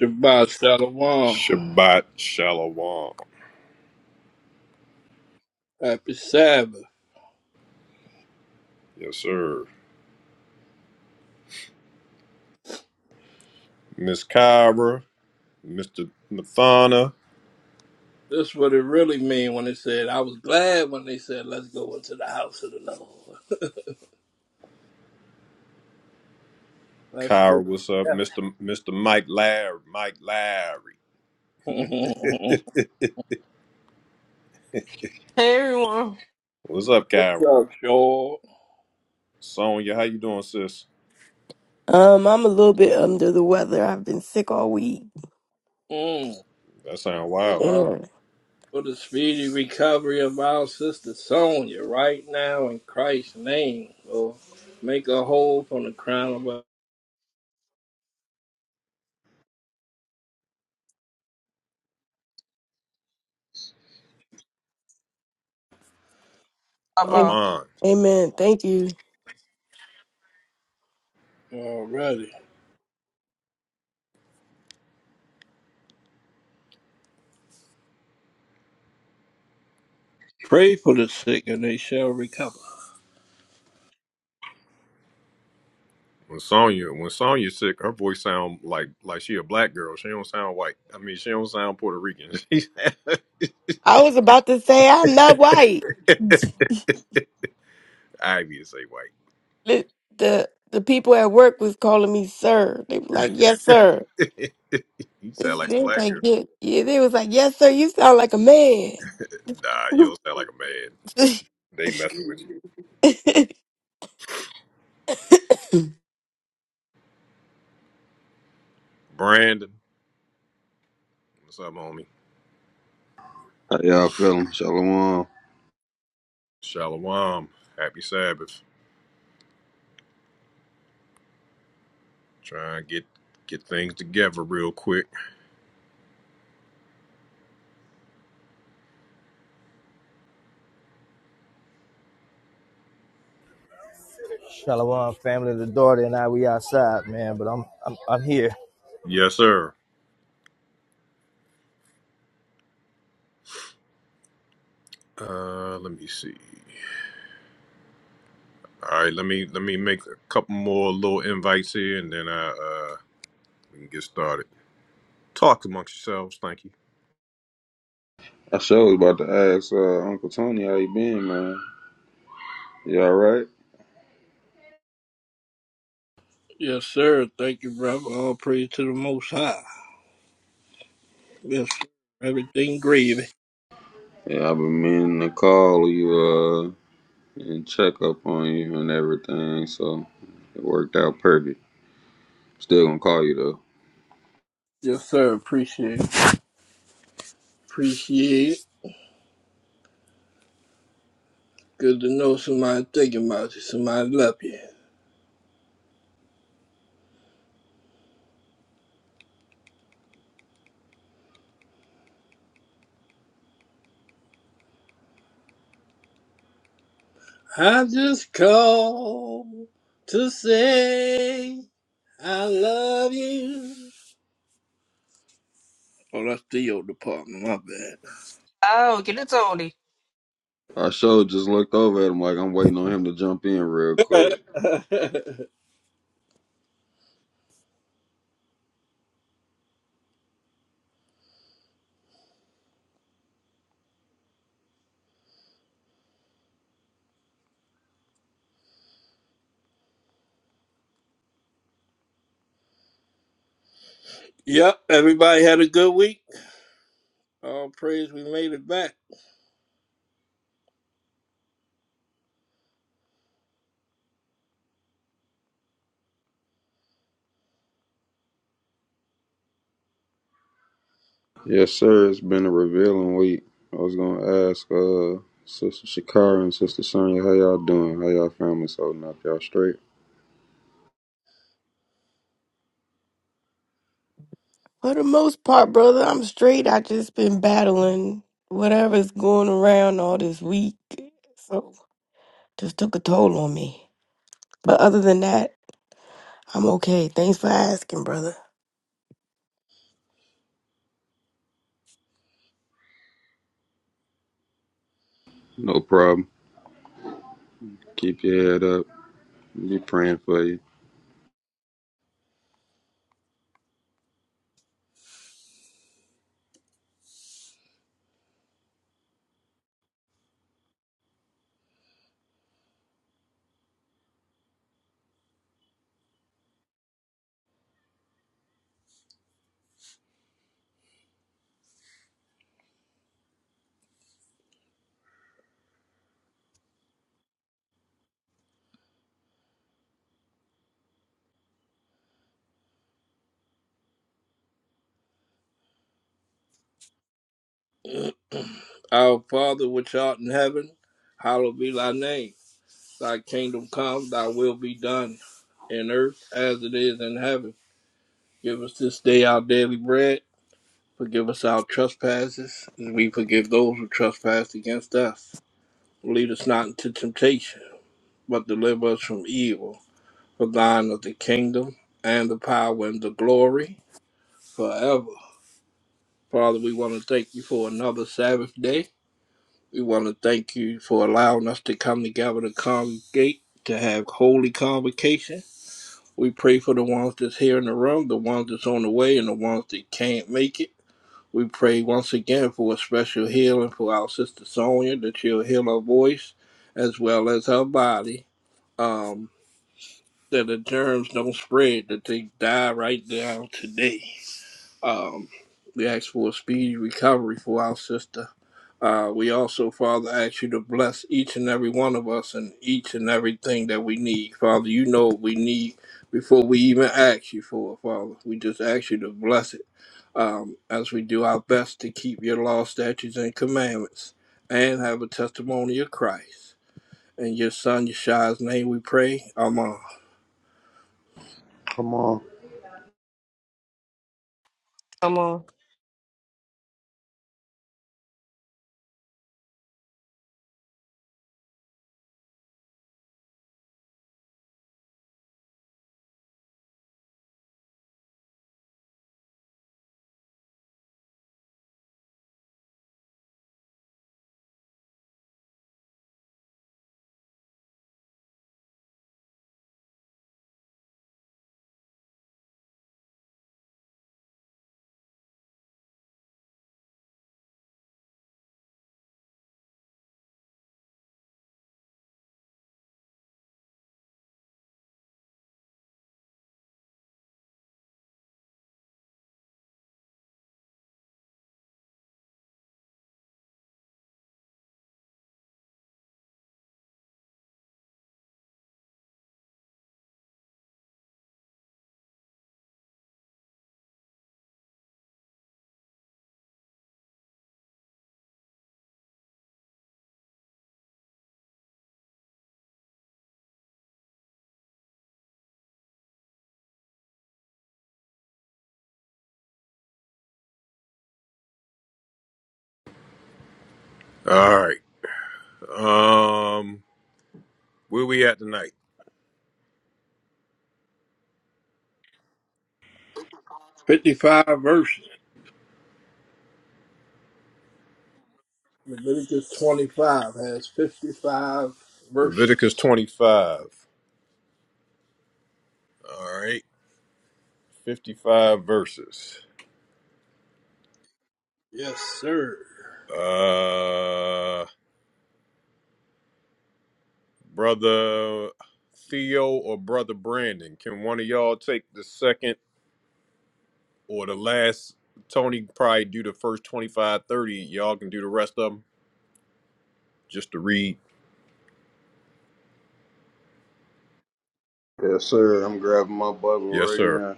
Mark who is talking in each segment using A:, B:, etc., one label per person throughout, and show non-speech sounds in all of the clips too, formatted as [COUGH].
A: Shabbat Shalom.
B: Shabbat Shalom.
A: Happy Sabbath.
B: Yes, sir. Miss Kyra, Mr. Mathana.
A: This what it really mean when it said, I was glad when they said, let's go into the house of the Lord. Let's get
B: Kyra, what's up? Mr. Mr. Mike Larry. Mike Larry.
A: it.
B: [LAUGHS]
C: Hey everyone.
B: What's up,
A: [LAUGHS] What's
B: Kyra?
A: up, Shaw? [LAUGHS]
B: Sonya, how you doing, sis?
D: Um, I'm a little bit under the weather. I've been sick all week.
A: Mm.
B: That sound wild.
A: Father,
D: Yeah.
A: for the speedy recovery of our sister Sonia right now in Christ's name, Lord. Make her whole from the crown of
C: I'm
B: I'm
D: Am-
C: About
B: on.
D: Amen. Thank you.
A: her already. Pray for the sick and they shall recover.
B: When Sonya, when Sonya's sick, her voice sound like like she a black girl. She don't sound white. I mean, she don't sound Puerto Rican. [LAUGHS] She
D: I was about to say I'm not white.
B: Ivy [LAUGHS] say white.
D: The the, the people at work was calling me sir. They were like, "Yes, sir."
B: [LAUGHS] you sound
D: This,
B: like a
D: they was
B: black
D: like,
B: girl.
D: yeah, yeah. They was like, "Yes, sir. You sound like a man."
B: Nah,
D: [LAUGHS]
B: you don't sound like a man. They messing with you. Brandon, what's up, homie?
E: How y'all feeling? Shalom.
B: Shalom. Happy Sabbath. Try and get get things together real quick.
F: Shalom, family. The daughter and I, we outside, man. But I'm, I'm, I'm here.
B: Yes, sir. Uh, let me see. All right, let me let me make a couple more little invites here, and then I uh we can get started. Talk amongst yourselves. Thank you.
E: I sure was about to ask uh, Uncle Tony how you been, man. You all right?
A: Yes, sir. Thank you, brother. All praise to the Most High. Yes, sir. everything gravy.
E: Yeah, I've been meaning to call you uh, and check up on you and everything, so it worked out perfect. Still gonna call you though.
A: Yes, sir. Appreciate it. Appreciate it. Good to know somebody thinking about you. Somebody love you. I just called to say I love you. Oh, that's the old department. My
C: oh, get it Tony.
E: I sure just looked over at him like I'm waiting on him to jump in real quick.
A: bad. [LAUGHS] yep. Everybody had a good week. All praise we made it back.
E: Yes, sir. It's been a revealing week. I was gonna ask uh, Sister Shakara and Sister Sonya how y'all doing? How y'all families holding up? Y'all straight?
D: For the most part, brother, I'm straight. I just been battling whatever's going around all this week, so just took a toll on me. But other than that. I'm okay. Thanks for asking, brother.
E: No problem. Keep your head up. Be praying for you.
A: Our Father which art in heaven, hallowed be thy name. Thy kingdom come, thy will be done in earth as it is in heaven. Give us this day our daily bread. Forgive us our trespasses, as we forgive those who trespass against us. Lead us not into temptation, but deliver us from evil. For thine is the kingdom, and the power, and the glory, forever. Father, we want to thank you for another Sabbath day. We want to thank you for allowing us to come together to congregate, to have holy convocation. We pray for the ones that's here in the room, the ones that's on the way, and the ones that can't make it. We pray once again for a special healing for our sister Sonia, that you'll heal her voice as well as her body. Um, that the germs don't spread, that they die right now today. Um, we ask for a speedy recovery for our sister. Uh, we also, Father, ask you to bless each and every one of us and each and everything that we need. Father, you know what we need before we even ask you for it, Father. We just ask you to bless it um, as we do our best to keep your law, statutes, and commandments and have a testimony of Christ. In your son, Yeshua's name, we pray. Amen.
E: Come on.
C: Come on.
B: All right. Um, where we at tonight?
A: 55 verses. Leviticus 25 has 55
B: Leviticus
A: verses.
B: twenty-five. All right, fifty-five verses.
A: Yes, sir.
B: Uh, Brother Theo or Brother Brandon, can one of y'all take the second or the last? Tony probably do the first twenty-five thirty. Y'all can do the rest of them just to read.
E: Yes, sir. I'm grabbing my Bible
B: Yes,
E: right
B: sir.
E: now.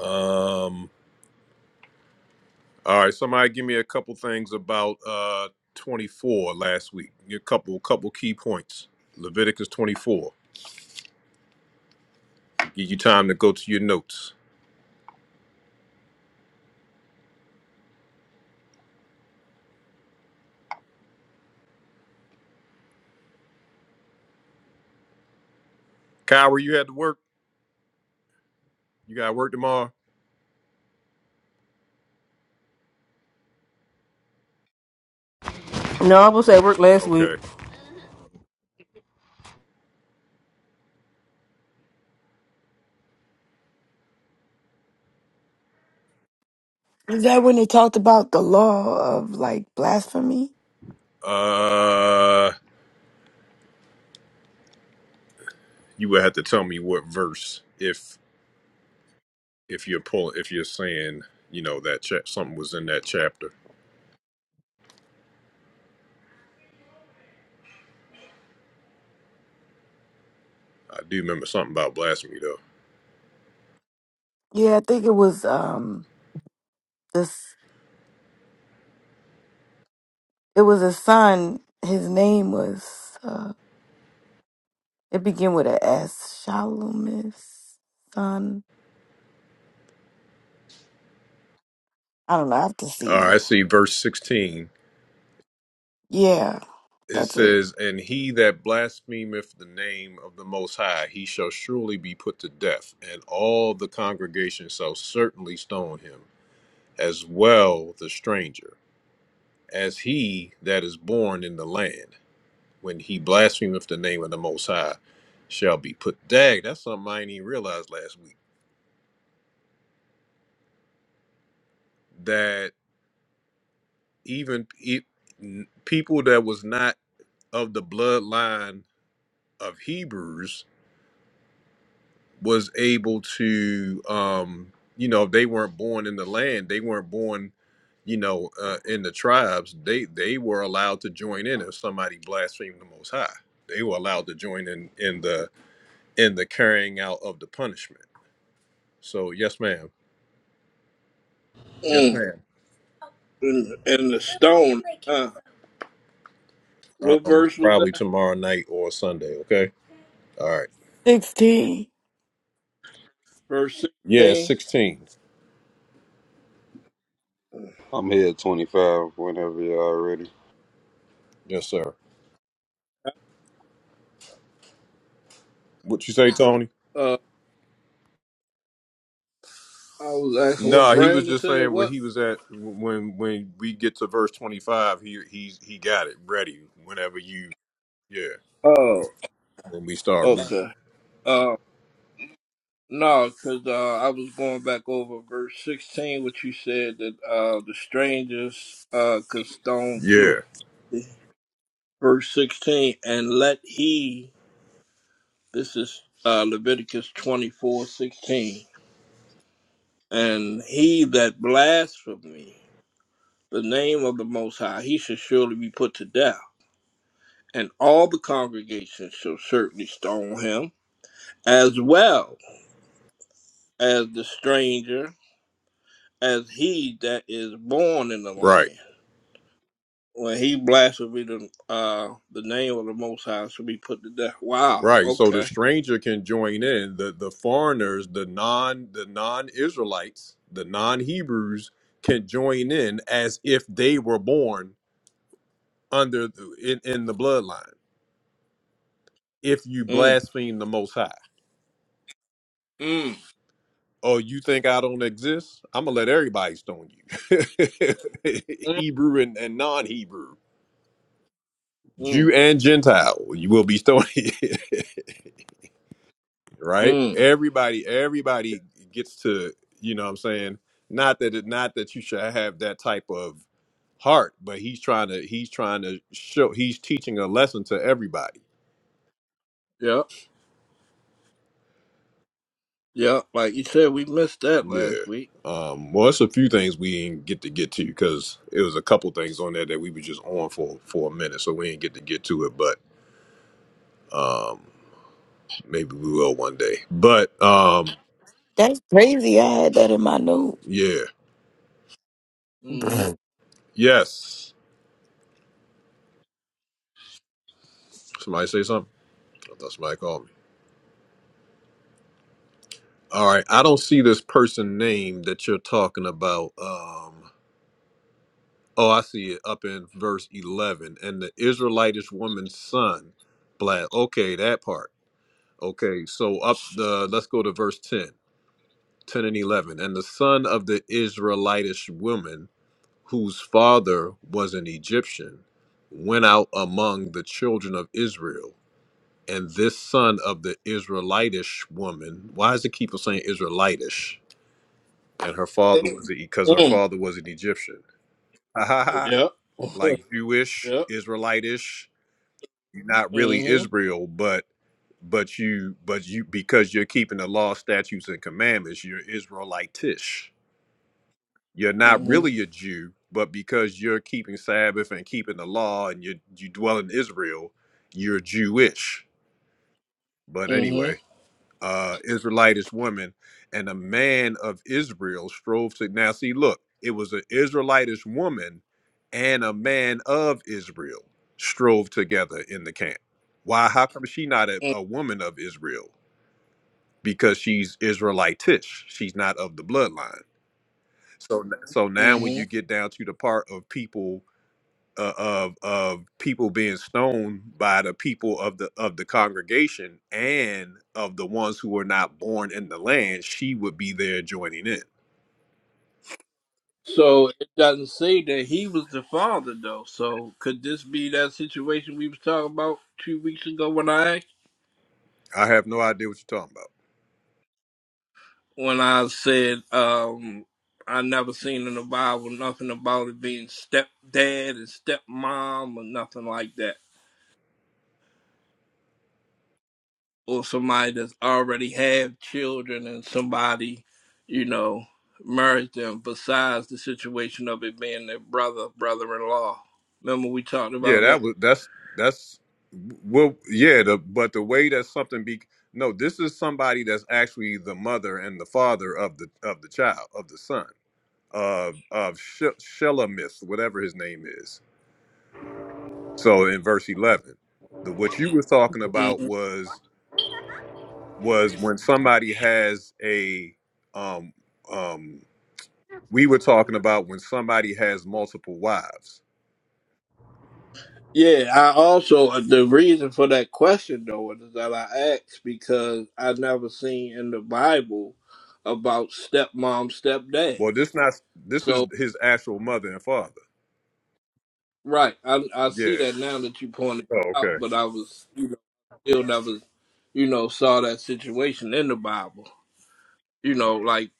B: Um. All right. Somebody give me a couple things about uh 24 last week. A couple, couple key points. Leviticus 24. Give you time to go to your notes. Kyra, you had to work. You got to work tomorrow.
C: No, I was at work last
B: Okay.
C: week.
D: Is that when they talked about the law of like blasphemy?
B: Uh. you would have to tell me what verse if if you're pulling if you're saying you know that cha- something was in that chapter i do remember something about blasphemy though
D: Yeah, I think it was um this it was a son. His name was uh it began with a S. Shalumis son. I don't know, I have to
B: all right i
D: see.
B: see verse 16
D: Yeah,
B: it
D: that's it.
B: says and he that blasphemeth the name of the most high he shall surely be put to death and all the congregation shall certainly stone him as well the stranger as he that is born in the land when he blasphemeth the name of the Most High, shall be put. Dag, that's something I didn't even realize last week. That even e- n- people that was not of the bloodline of Hebrews was able to, um, you know, they weren't born in the land. They weren't born, you know, uh, in the tribes. They they were allowed to join in if somebody blasphemed the Most High. They were allowed to join in in the in the carrying out of the punishment. So yes, ma'am.
A: Mm.
B: Yes, ma'am.
A: and, and the stone. Huh? What
B: Um,
A: verse was
B: probably
A: that?
B: tomorrow night or Sunday. Okay. All right.
D: Sixteen.
A: Verse
B: Yeah,
A: 16?
B: sixteen.
E: I'm here at 25 whenever y'all ready.
B: Yes, sir. What you say, Tony?
A: Uh, I was asking what
B: No, he was
A: Brandon
B: just
A: said.
B: saying where
A: What?
B: he was at when when we get to verse twenty five. He he he got it ready. Whenever you yeah,
A: Oh,
B: when we start reading.
A: okay. Uh, no, because uh, I was going back over verse 16, which you said that uh, the strangers uh, could stone too.
B: yeah
A: Verse 16, and let he, this is uh, Leviticus twenty four sixteen, and he that blasphemy the name of the Most High, he should surely be put to death and all the congregation shall certainly stone him, as well as the stranger, as he that is born in the
B: right
A: land. When he blasphemed the, uh, the name of the Most High shall be put to death. Wow,
B: right. So the
A: okay.
B: stranger can join in. the The foreigners, the non the non Israelites, the non Hebrews can join in as if they were born under the, in, in the bloodline if you
A: Mm,
B: blaspheme the most high
A: mm,
B: oh you think i don't exist i'm gonna let everybody stone you [LAUGHS]
A: mm,
B: hebrew and, and non-hebrew jew
A: mm,
B: and gentile you will be stoned [LAUGHS] right
A: mm.
B: everybody everybody gets to you know what i'm saying not that it not that you should have that type of heart but he's trying to he's trying to show he's teaching a lesson to everybody
A: Yep, yep. Like you said, we missed that
B: Yeah.
A: last week.
B: Um, well, it's a few things we didn't get to get to because it was a couple things on there that we were just on for for a minute, so we didn't get to get to it. But um, maybe we will one day. But um,
D: That's crazy. I had that in my note.
B: yeah,
A: Mm-hmm.
B: yes. Somebody say something. I thought somebody called me. All right, I don't see this person name that you're talking about. Um, oh, I see it up in verse eleven, and the Israelitish woman's son, black. Okay, that part. Okay, so up the let's go to verse 10. 10 and 11 and the son of the israelitish woman whose father was an egyptian went out among the children of israel and this son of the israelitish woman why does it keep on saying israelitish and her father was because her
A: Mm,
B: father was an egyptian [LAUGHS]
A: yep. [LAUGHS]
B: like jewish
A: yep.
B: israelitish you're not really
A: Mm-hmm.
B: israel but but you but you because you're keeping the law statutes and commandments you're israelitish you're not
A: Mm-hmm.
B: really a Jew, but because you're keeping Sabbath and keeping the law and you you dwell in Israel, you're Jewish. But anyway,
A: Mm-hmm.
B: uh Israelitish woman and a man of Israel strove to now see look, it was an Israelitish woman and a man of Israel strove together in the camp. Why how come she not a, a woman of Israel? Because she's Israelitish. She's not of the bloodline so so now when
A: Mm-hmm.
B: you get down to the part of people uh, of of people being stoned by the people of the of the congregation and of the ones who were not born in the land, she would be there joining in.
A: So it doesn't say that he was the father, though. So could this be that situation we was talking about two weeks ago when I asked-
B: I have no idea what you're talking about.
A: when I said um I never seen in the Bible nothing about it being stepdad and stepmom or nothing like that, or somebody that's already have children and somebody, you know, married them. Besides the situation of it being their brother, brother-in-law. Remember we talked
B: Yeah,
A: about that.
B: that was that's that's well yeah, the but the way that something be no, this is somebody that's actually the mother and the father of the of the child, of the son. of of Sh- Shelemith, whatever his name is. So in verse eleven, the what you were talking
A: Mm-hmm.
B: about was was when somebody has a um um we were talking about when somebody has multiple wives.
A: Yeah, I also uh, the reason for that question though is that I asked because I never seen in the Bible about stepmom, stepdad.
B: Well, this not this is
A: So
B: his actual mother and father.
A: right, I I see
B: Yeah.
A: that now that you pointed
B: Oh,
A: out,
B: okay.
A: but I was you know still never you know saw that situation in the Bible. You know, like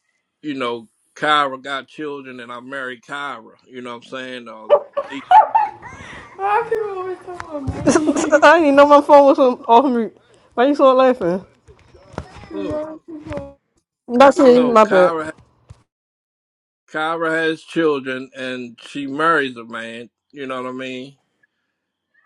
A: you know, Kyra got children and I married Kyra. You know what I'm saying? Or,
C: [LAUGHS] I didn't even know my phone was on, off mute. Why you so laughing?
A: huh.
C: That's me.
A: no,
C: My bad.
A: Kyra Kyra has children and she marries a man, you know what I mean?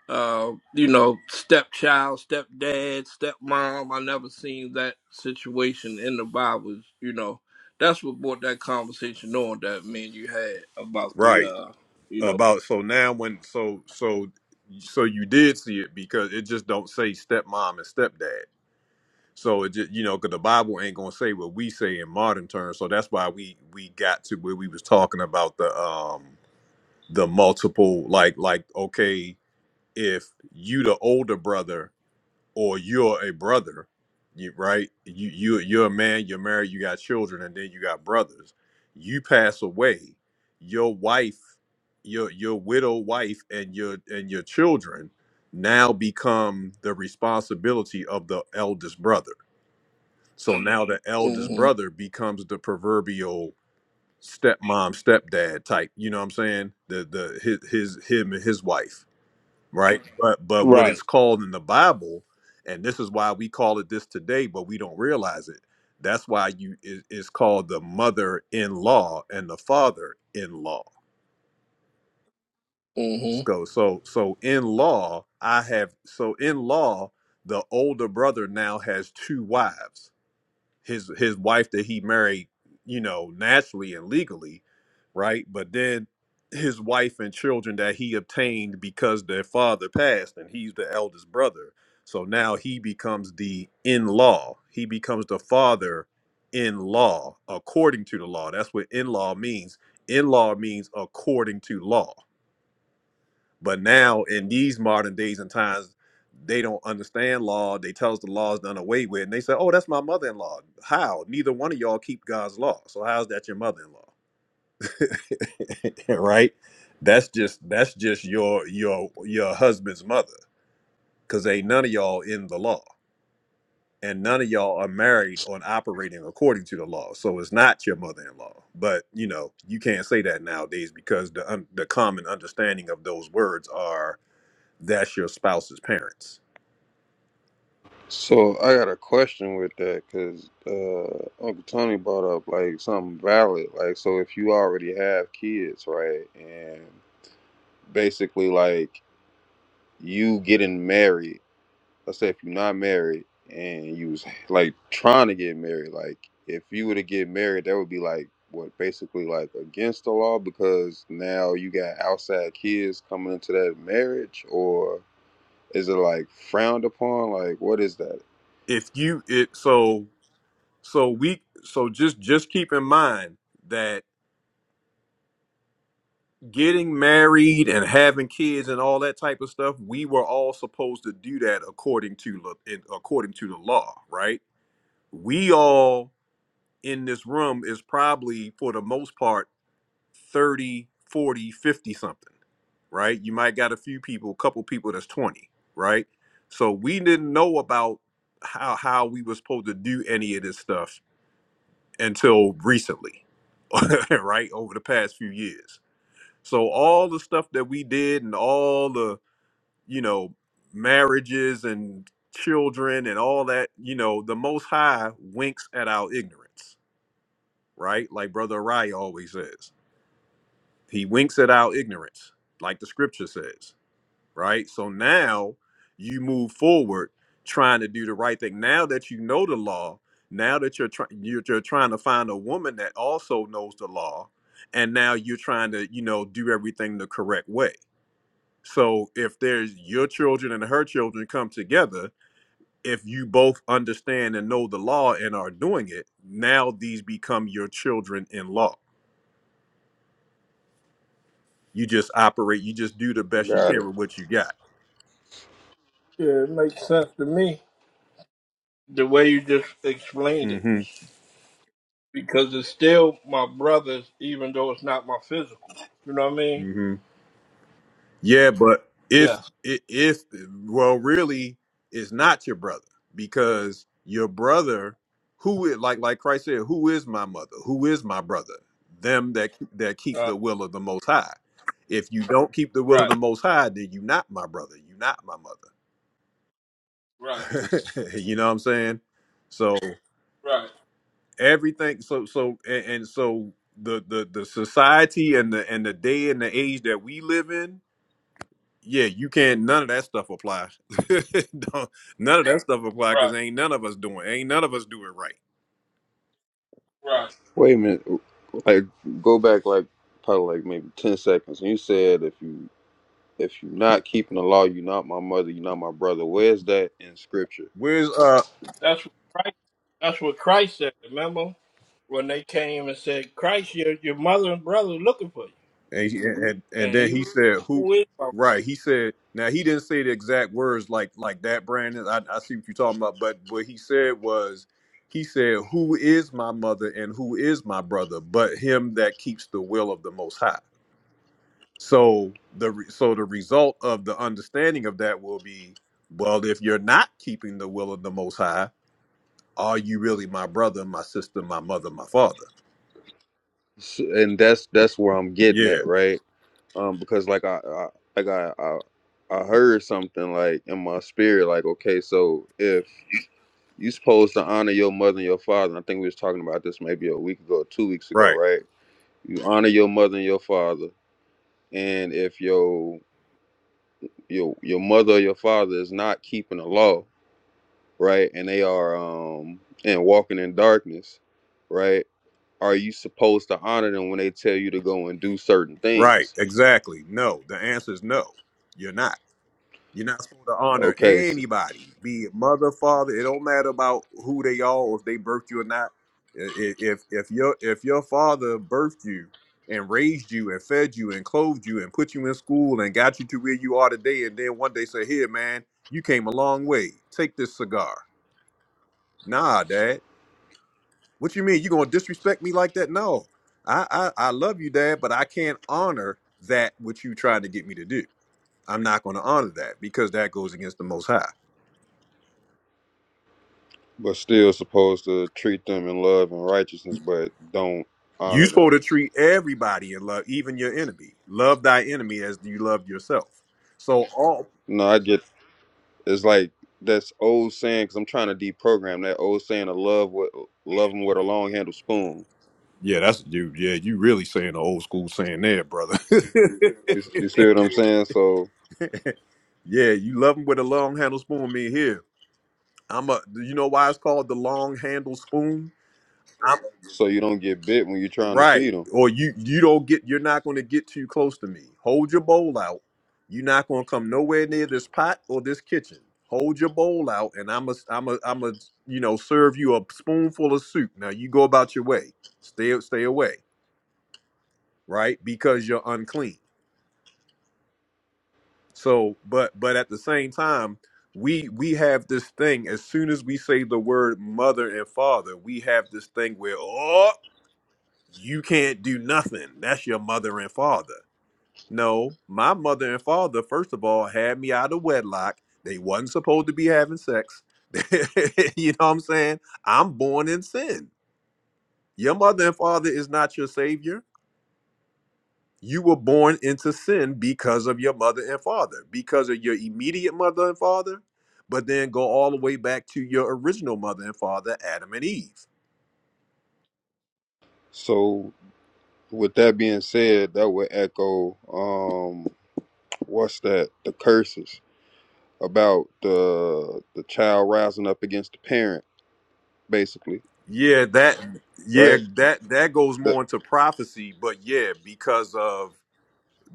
A: Uh, you know, stepchild, stepdad, stepmom. I never seen that situation in the Bible, you know. That's what brought that conversation on that me and you had about the
B: Right.
A: uh you know
B: About so now when so so so you did see it because it just don't say stepmom and stepdad. So it just you know, because the Bible ain't gonna say what we say in modern terms. So that's why we we got to where we was talking about the um the multiple like like okay if you the older brother or you're a brother, you right you you you're a man, you're married, you got children, and then you got brothers. You pass away, your wife, your your widow wife, and your and your children now become the responsibility of the eldest brother so now the eldest
A: hmm
B: brother becomes the proverbial stepmom, stepdad type. You know what I'm saying? The the his, his him and his wife, right? Okay. But but what
A: Right.
B: it's called in the Bible, and this is why we call it this today, but we don't realize it. That's why you it, it's called the mother-in-law and the father-in-law.
A: hmm
B: So so so in law, I have so in law, the older brother now has two wives his his wife that he married, you know, naturally and legally, right? But then his wife and children that he obtained because their father passed and he's the eldest brother. So now he becomes the in law. He becomes the father in law according to the law. That's what in law means. In law means according to law but now in these modern days and times, they don't understand law. They tell us the law is done away with, and they say, "Oh, that's my mother-in-law." How? Neither one of y'all keep God's law. So how's that your mother-in-law? [LAUGHS] right? That's just that's just your your your husband's mother, because ain't none of y'all in the law, and none of y'all are married or operating according to the law. So it's not your mother-in-law. But you know you can't say that nowadays because the un- the common understanding of those words are that's your spouse's parents.
E: So I got a question with that because uh, Uncle Tony brought up like something valid. Like, so if you already have kids, right, and basically like you getting married let's say if you're not married and you was like trying to get married, like if you were to get married, that would be like what basically like against the law because now you got outside kids coming into that marriage, or is it like frowned upon? Like what is that?
B: If you it so so we so just just keep in mind that getting married and having kids and all that type of stuff, we were all supposed to do that according to the in- according to the law, right? We all in this room is probably for the most part 30, 40, 50, something, right? You might got a few people, a couple people that's 20, right? So we didn't know about how how we was supposed to do any of this stuff until recently, [LAUGHS] right? Over the past few years. So all the stuff that we did and all the, you know, marriages and children and all that, you know, the most high winks at our ignorance, right? Like brother Rai always says. He winks at our ignorance, like the scripture says, right? So now you move forward trying to do the right thing. Now that you know the law, now that you're trying you're, you're trying to find a woman that also knows the law, and now you're trying to, you know, do everything the correct way. So if there's your children and her children come together, if you both understand and know the law and are doing it, now these become your children in law. You just operate, you just do the best you
E: Got
B: can
E: it.
B: with what you got.
A: Yeah, it makes sense to me. The way you just explained it.
B: hmm
A: Because it's still my brothers, even though it's not my physical. You know what I mean?
B: hmm Yeah, but if
A: Yes.
B: i- if well, really, it's not your brother because your brother, who is, like like Christ said, who is my mother? Who is my brother? Them that that keep
A: Uh,
B: the will of the Most High. If you don't keep the will of
A: right.
B: the Most High, then you're not my brother. You're not my mother.
A: Right.
B: [LAUGHS] you know what I'm saying? So
A: Right,
B: everything. So so and, and so the the the society and the and the day and the age that we live in yeah, you can't. None of that stuff apply. [LAUGHS] Don't- none of that stuff apply because
A: right,
B: ain't none of us doing. Ain't none of us do it right.
A: right.
E: Wait a minute. Like go back like probably like maybe ten seconds. And you said if you if you're not keeping the law, you're not my mother, you're not my brother. Where's that in scripture?
B: Where's uh?
A: That's what Christ, that's what Christ said. Remember when they came and said, "Christ, your your mother and brother are looking for you,"
B: And, he- and and
A: and
B: then
A: he was,
B: he
A: like,
B: said, "Who?"
A: "Who is my mother?"
B: Right? He said. Now he didn't say the exact words like like that, Brandon. I, I see what you're talking about, but what he said was, he said, "Who is my mother and who is my brother? But him that keeps the will of the Most High." So the re- so the result of the understanding of that will be, well, if you're not keeping the will of the Most High Are you really my brother, my sister, my mother, my father?
E: S- And that's that's where I'm getting
B: Yeah,
E: at, right? um because like I, I like I, I I heard something like in my spirit like okay so if you supposed to honor your mother and your father and I think we was talking about this maybe a week ago two weeks ago
B: right,
E: right you honor your mother and your father and if your your your mother or your father is not keeping the law right and they are um and walking in darkness right are you supposed to honor them when they tell you to go and do certain
B: right,
E: things
B: exactly. No, the answer is no. You're not. You're not supposed to honor
E: okay so
B: anybody, be it mother, father. It don't matter about who they are, or if they birthed you or not. I- i- If if your if your father birthed you and raised you and fed you and clothed you and put you in school and got you to where you are today, and then one day say, "Here, man, you came a long way. Take this cigar." Nah, dad. What you mean? You gonna disrespect me like that? No. I, I I love you, Dad, but I can't honor that what you tried to get me to do. I'm not gonna honor that because that goes against the most high.
E: but still supposed to treat them in love and righteousness, but don't
B: You
E: honor
B: supposed
E: them.
B: to treat everybody in love, even your enemy. Love thy enemy as you love yourself. So all
E: No, I get it's like that's old saying because I'm trying to deprogram that old saying of love with love them with a long handled spoon.
B: Yeah, that's you yeah, you really saying the old school saying there, brother. [LAUGHS]
E: You, you see what I'm saying? So
B: yeah, you love them with a long handle spoon, me here. I'm a Do you know why it's called the long handle spoon?
E: so you don't get bit when you're trying to
B: Right.
E: feed them.
B: Or you you don't get you're not going to get too close to me. Hold your bowl out. You're not going to come nowhere near this pot or this kitchen. Hold your bowl out and I'm a I'm a I'm a you know serve you a spoonful of soup. Now you go about your way. Stay stay away, right? Because you're unclean. So, but but at the same time, we we have this thing as soon as we say the word mother and father, we have this thing where oh, you can't do nothing. That's your mother and father No, my mother and father, first of all, had me out of wedlock. They wasn't supposed to be having sex. [LAUGHS] you know what I'm saying? I'm born in sin. Your mother and father is not your savior. You were born into sin because of your mother and father, because of your immediate mother and father, but then go all the way back to your original mother and father, Adam and Eve.
E: So with that being said, that would echo um what's that the curses about the the child rising up against the parent basically,
B: Yeah, that yeah,
E: right?
B: that that goes
E: That
B: more into prophecy, but yeah, because of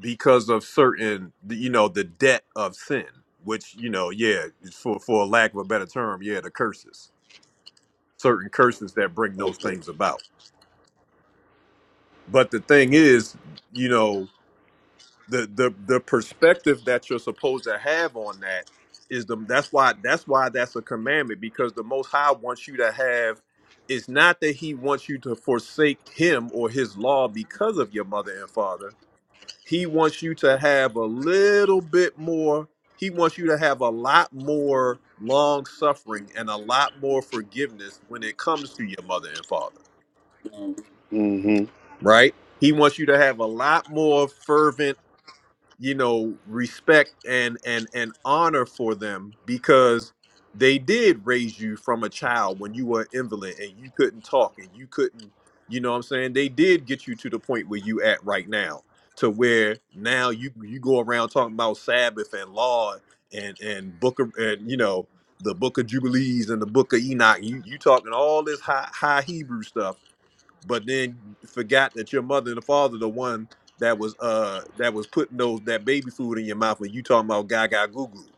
B: because of certain you know the debt of sin which you know yeah for for lack of a better term yeah the curses certain curses that bring those
E: okay.
B: things about but the thing is you know the the the perspective that you're supposed to have on that is the that's why that's why that's a commandment because the most high wants you to have it's not that he wants you to forsake him or his law because of your mother and father He wants you to have a little bit more. He wants you to have a lot more long suffering and a lot more forgiveness when it comes to your mother and father,
E: Mm-hmm.
B: right? He wants you to have a lot more fervent you know respect and and and honor for them because they did raise you from a child when you were an invalid and you couldn't talk and you couldn't you know what i'm saying they did get you to the point where you at right now to where now you you go around talking about sabbath and law and and book of and you know the book of jubilees and the book of enoch you you talking all this high high hebrew stuff but then forgot that your mother and the father the one that was uh that was putting those that baby food in your mouth when you talking about gaga goo goo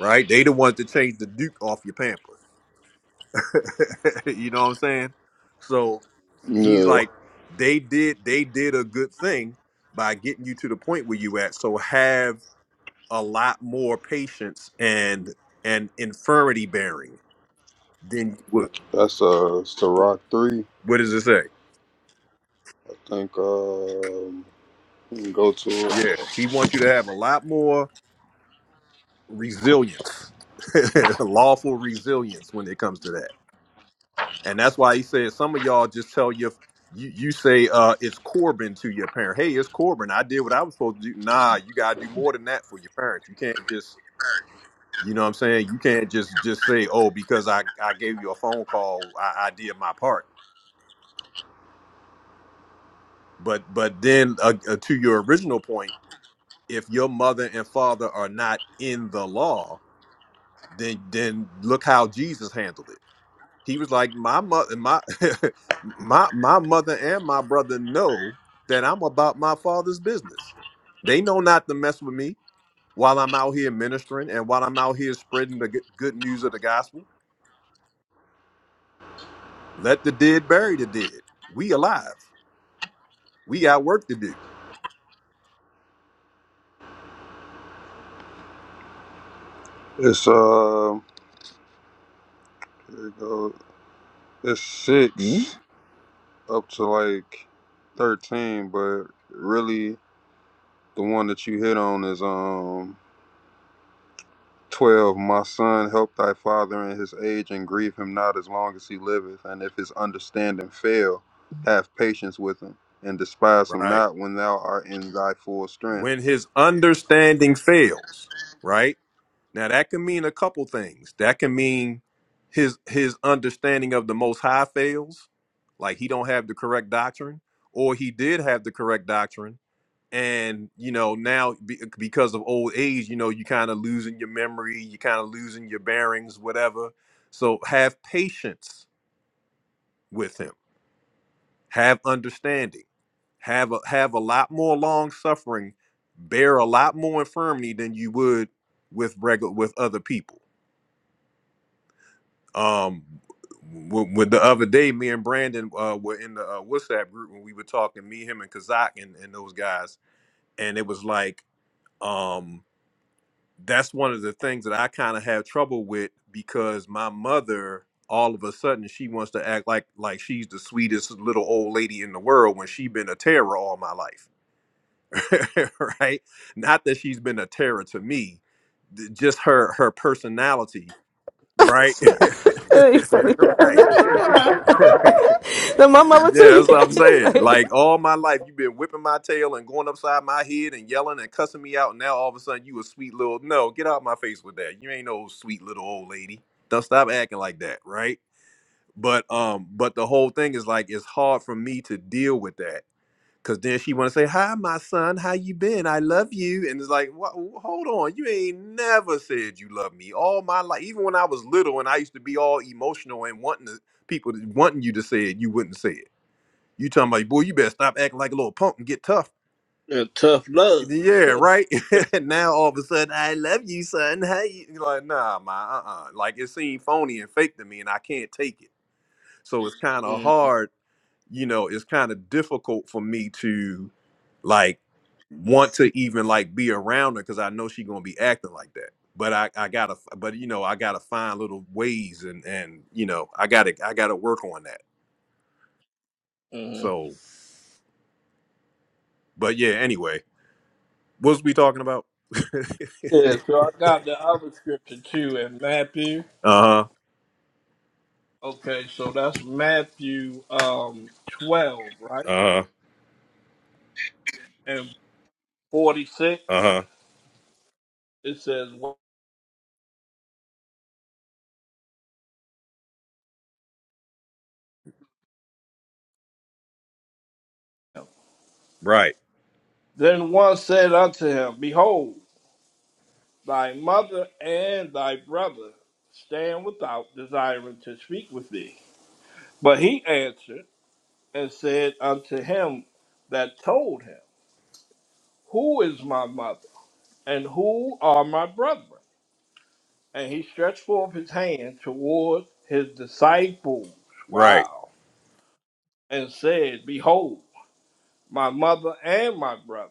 B: right they the ones to change the duke off your pamper [LAUGHS] you know what i'm saying so he's
E: Yeah,
B: like they did they did a good thing by getting you to the point where you at so have a lot more patience and and infirmity bearing than you
E: that's uh Ciroc three.
B: what does it say
E: I think um you can go to it.
B: yeah he wants you to have a lot more resilience, [LAUGHS] lawful resilience when it comes to that. And that's why he said some of y'all just tell your you you say uh it's Corbin to your parent. Hey, it's Corbin. I did what I was supposed to do. Nah, you gotta do more than that for your parents. You can't just you know what I'm saying? You can't just just say, oh, because I I gave you a phone call, I, I did my part. But but then uh, uh, to your original point, if your mother and father are not in the law, then then look how Jesus handled it he was like my mother my [LAUGHS] my my mother and my brother know that i'm about my father's business they know not to mess with me while i'm out here ministering and while i'm out here spreading the good good news of the gospel let the dead bury the dead we alive we got work to do
E: It's um here you go. It's
G: Hmm?
E: six up to like thirteen, but really the one that you hit on is um twelve. My son, help thy father in his age and grieve him not as long as he liveth, and if his understanding fail, have patience with him and despise him
B: right
E: not when thou art in thy full strength.
B: when his understanding fails right Now that can mean a couple things. That can mean his his understanding of the most high fails, like he don't have the correct doctrine, or he did have the correct doctrine, and you know now be, because of old age, you know you kind of losing your memory, you kind of losing your bearings, whatever. So have patience with him. Have understanding. Have a, have a lot more long suffering. Bear a lot more infirmity than you would with regular with other people um w- when the other day me and brandon uh were in the uh, whatsapp group when we were talking me him and kazak and, and those guys and it was like um that's one of the things that i kind of have trouble with because my mother all of a sudden she wants to act like like she's the sweetest little old lady in the world when she been a terror all my life [LAUGHS] right not that she's been a terror to me th- just her her personality right
C: Hey, sorry. [LAUGHS]
B: [LAUGHS] right [LAUGHS]
C: Then my mama
B: Yeah,
C: too.
B: that's
C: [LAUGHS]
B: what I'm saying.
C: It's
B: Like all my life, you've been whipping my tail and going upside my head and yelling and cussing me out. And now all of a sudden, you a sweet little no. Get out my face with that. You ain't no sweet little old lady. Don't stop acting like that, right? But um, but the whole thing is like it's hard for me to deal with that because then she want to say, "Hi, my son. How you been? I love you." And it's like, what? Hold on, you ain't never said you love me all my life. Even when I was little and I used to be all emotional and wanting to, people to- wanting you to say it, you wouldn't say it you talking about, boy, you better stop acting like a little punk and get tough.
A: Yeah, tough love.
B: Yeah, right. [LAUGHS] And now all of a sudden, I love you, son. Hey, you like, nah, my, uh, uh Like it seemed phony and fake to me, and I can't take it. So it's kind
A: [LAUGHS]
B: of hard, you know. It's kind of difficult for me to, like, want to even like be around her because I know she gonna be acting like that. But I, I gotta, but you know, I gotta find little ways, and and you know, I gotta, I gotta work on that.
A: mm-hmm.
B: So, but yeah. Anyway, what was we talking about? [LAUGHS]
A: Yeah, so I got the other scripture too in Matthew.
B: Uh huh.
A: Okay, so that's Matthew um twelve, right?
B: Uh huh.
A: And forty six.
B: Uh huh.
A: It says, "Well,
B: Right.
A: "Then one said unto him, Behold." Thy mother and thy brother stand without, desiring to speak with thee. But he answered and said unto him that told him, Who is my mother, and who are my brethren? And he stretched forth his hand toward his disciples,
B: Right.
A: wow, and said, Behold, my mother and my brother.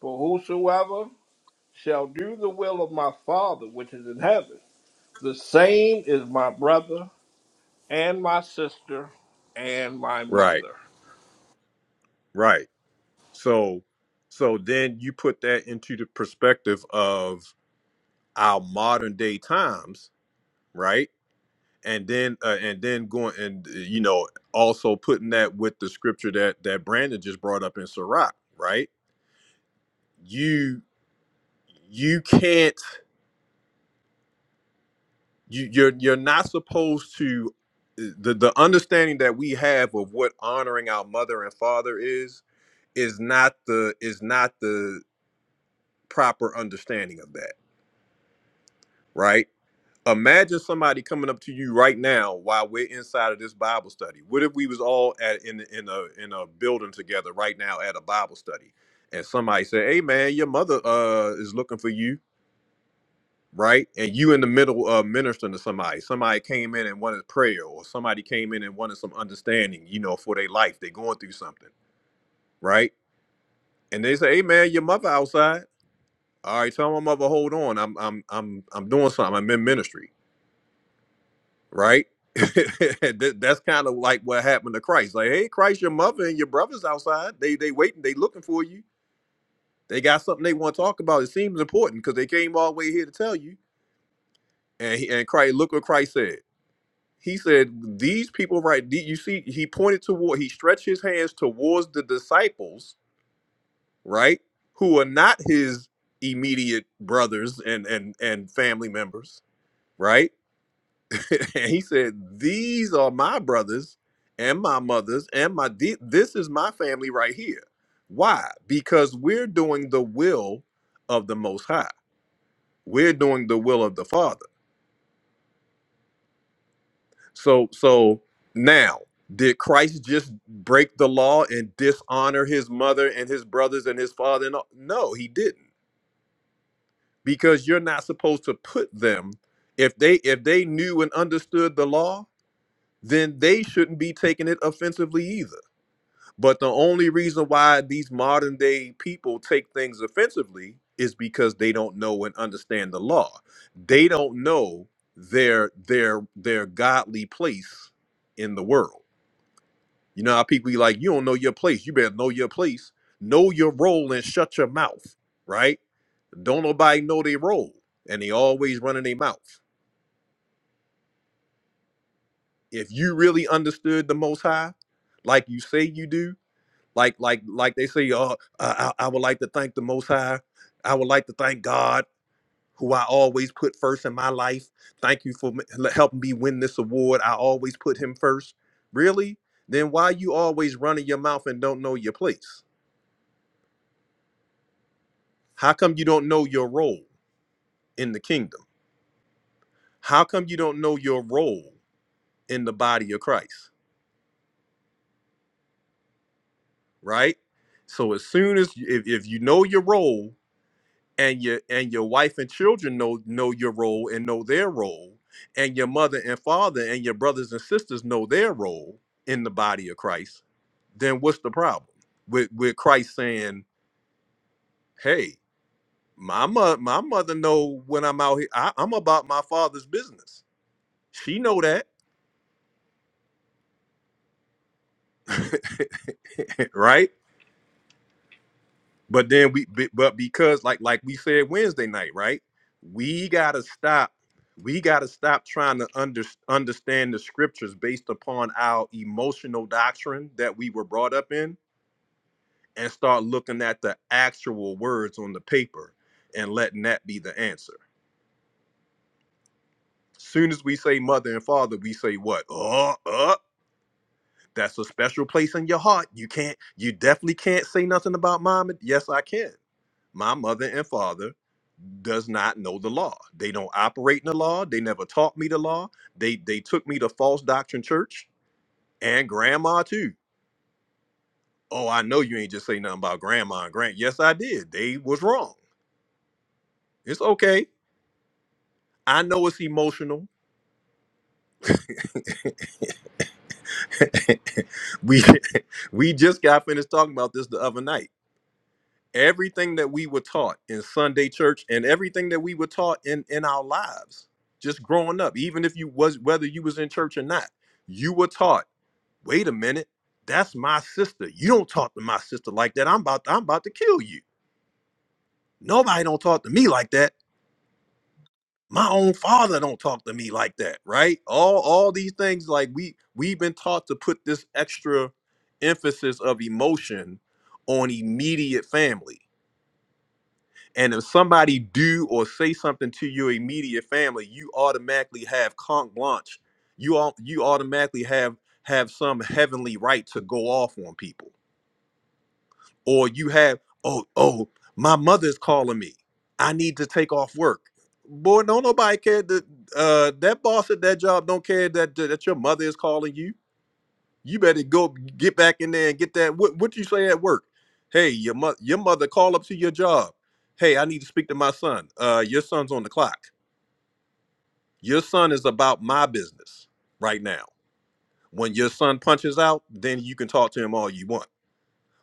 A: For whosoever shall do the will of my Father which is in heaven, the same is my brother and my sister and my
B: Right.
A: mother.
B: Right. So, so then you put that into the perspective of our modern day times, right? And then, uh, and then going and uh, you know also putting that with the scripture that that Brandon just brought up in Sirach, right? You you can't you you're you're not supposed to uh, the the understanding that we have of what honoring our mother and father is is not the is not the proper understanding of that, right? Imagine somebody coming up to you right now while we're inside of this Bible study. What if we was all at in in a in a building together right now at a Bible study, and somebody said, "Hey man, your mother uh is looking for you," right? And you in the middle of ministering to somebody. Somebody came in and wanted prayer, or somebody came in and wanted some understanding, you know, for their life. They're going through something, right? And they say, "Hey man, your mother outside." All right, tell my mother, hold on. I'm I'm I'm I'm doing something. I'm in ministry, right? [LAUGHS] That- That's kind of like what happened to Christ. Like, hey, Christ, your mother and your brothers outside. They they waiting. They looking for you. They got something they want to talk about. It seems important because they came all the way here to tell you. And he, and Christ, look what Christ said. He said, these people, right? the- You see, he pointed toward. He stretched his hands towards the disciples, right? Who are not his immediate brothers and and and family members, right? [LAUGHS] and he said, "These are my brothers and my mothers and my de- this is my family right here." Why? Because we're doing the will of the Most High. We're doing the will of the Father. So, so now, did Christ just break the law and dishonor his mother and his brothers and his father? And all? No, he didn't, because you're not supposed to put them. If they if they knew and understood the law, then they shouldn't be taking it offensively either But the only reason why these modern day people take things offensively is because they don't know and understand the law. They don't know their their their godly place in the world. You know how people be like, you don't know your place. You better know your place. Know your role and shut your mouth, right? Don't nobody know their role. And they always running their mouth. If you really understood the most high, like you say you do, like like like they say uh, I, I would like to thank the most high i would like to thank god who i always put first in my life thank you for m- helping me win this award i always put him first really then why you always running your mouth and don't know your place how come you don't know your role in the kingdom how come you don't know your role in the body of christ right so as soon as if, if you know your role and your and your wife and children know know your role and know their role and your mother and father and your brothers and sisters know their role in the body of christ then what's the problem with with christ saying hey my mother my mother know when i'm out here I, i'm about my father's business she know that [LAUGHS] right But then we, be- but because like like we said Wednesday night, right? We gotta stop. We gotta stop trying to under, understand the scriptures based upon our emotional doctrine that we were brought up in, and start looking at the actual words on the paper, and letting that be the answer. Soon as we say mother and father, we say what? Oh, uh, that's a special place in your heart. You can't. You definitely can't say nothing about mom. and- Yes, I can. My mother and father does not know the law. They don't operate in the law. They never taught me the law. They they took me to false doctrine church and grandma too. Oh, I know you ain't just say nothing about grandma and grand. Yes, I did. They was wrong. It's okay. I know it's emotional. [LAUGHS] we [LAUGHS] we just got finished talking about this the other night. Everything that we were taught in Sunday church and everything that we were taught in in our lives just growing up, even if you was whether you was in church or not, you were taught wait a minute that's my sister you don't talk to my sister like that i'm about to, i'm about to kill you nobody don't talk to me like that my own father don't talk to me like that right all all these things like we we've been taught to put this extra emphasis of emotion on immediate family and if somebody do or say something to your immediate family you automatically have conk blanche you all you automatically have have some heavenly right to go off on people or you have oh oh my mother's calling me i need to take off work boy don't nobody care that uh that boss at that job don't care that that your mother is calling you you better go get back in there and get that what what you say at work hey your mother your mother call up to your job hey i need to speak to my son uh your son's on the clock your son is about my business right now when your son punches out then you can talk to him all you want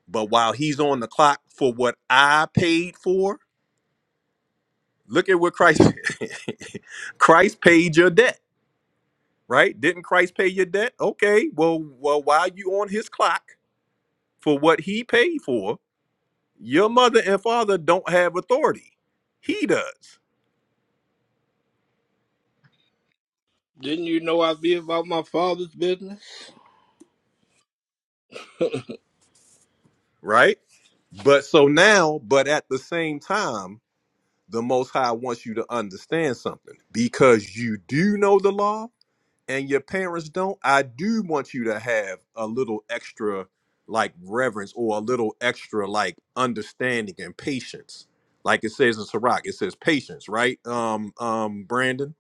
B: but while he's on the clock for what i paid for Look at what Christ [LAUGHS] Christ paid your debt, right? Didn't Christ pay your debt? Okay, well, well, while you on his clock for what he paid for, your mother and father don't have authority. He does,
A: Didn't you know I'd be about my father's business?
B: right? But so now, but at the same time, the Most High wants you to understand something because you do know the law and your parents don't, I do want you to have a little extra like reverence or a little extra like understanding and patience. Like it says in Sirach, it says patience, right? Um, um, Brandon,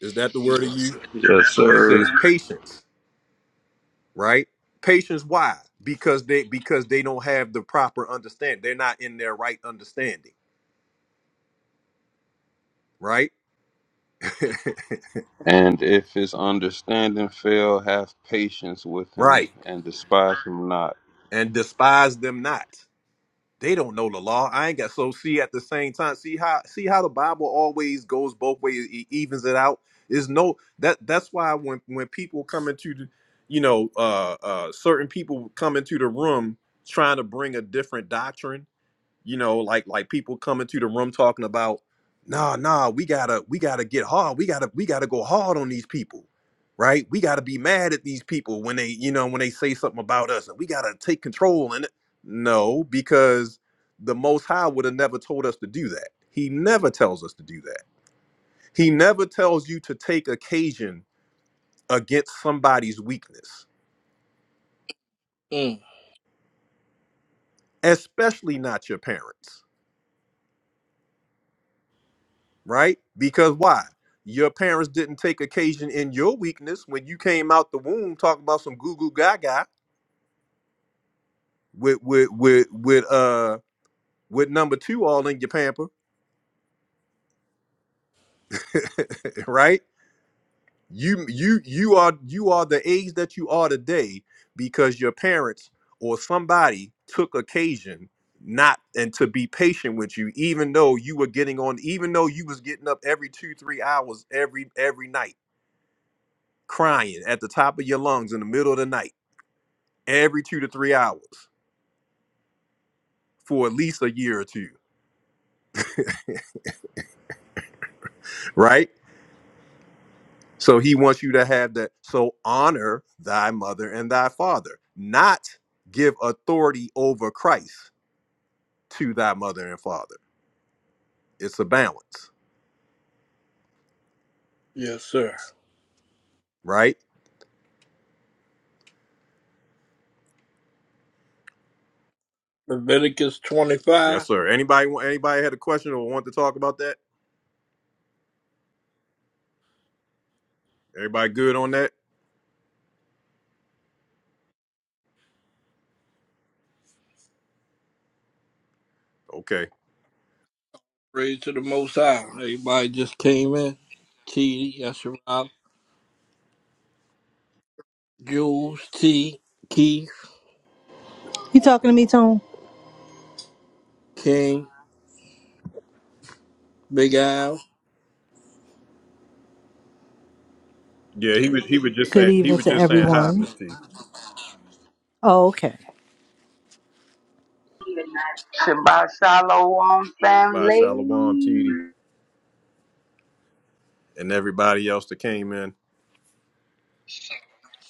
B: is that the word of you?
E: Yes,
B: It
E: sir.
B: says patience, right? Patience, why? Because they because they don't have the proper understanding. They're not in their right understanding, right? [LAUGHS]
E: And if his understanding fail, have patience with him,
B: right.
E: and despise him not.
B: And despise them not. They don't know the law. I ain't got so see at the same time. See how see how the Bible always goes both ways, it evens it out. Is no that that's why when when people come into the, you know uh uh certain people come into the room trying to bring a different doctrine you know like like people coming to the room talking about nah nah we gotta we gotta get hard we gotta we gotta go hard on these people right we gotta be mad at these people when they you know when they say something about us and we gotta take control and no because the most high would have never told us to do that he never tells us to do that he never tells you to take occasion against somebody's weakness
A: Mm.
B: especially not your parents right? Because why? Your parents didn't take occasion in your weakness when you came out the womb talking about some goo goo gaga with with with with uh with number two all in your pamper, [LAUGHS] right? You you you are you are the age that you are today because your parents or somebody took occasion not and to be patient with you even though you were getting on even though you was getting up every two three hours every every night crying at the top of your lungs in the middle of the night every two to three hours for at least a year or two, right? So he wants you to have that. So honor thy mother and thy father, not give authority over Christ to thy mother and father. It's a balance,
A: Yes, sir.
B: right?
A: Leviticus 25.
B: Yes, sir. Anybody want anybody had a question or want to talk about that? Everybody good on that? Okay.
A: Praise to the Most High. Everybody just came in. T, Yasharal, Jules, T, Keith,
H: You talking to me, Tone?
A: King, Big Al.
B: Yeah, he was he was just
H: Good
B: saying he
H: evening
B: was
H: to
B: just saying hi,
H: everyone.
B: Miss T.
H: Oh, okay.
I: Shabbat Shalom,
B: By
I: family.
B: Shalom TD and everybody else that came in.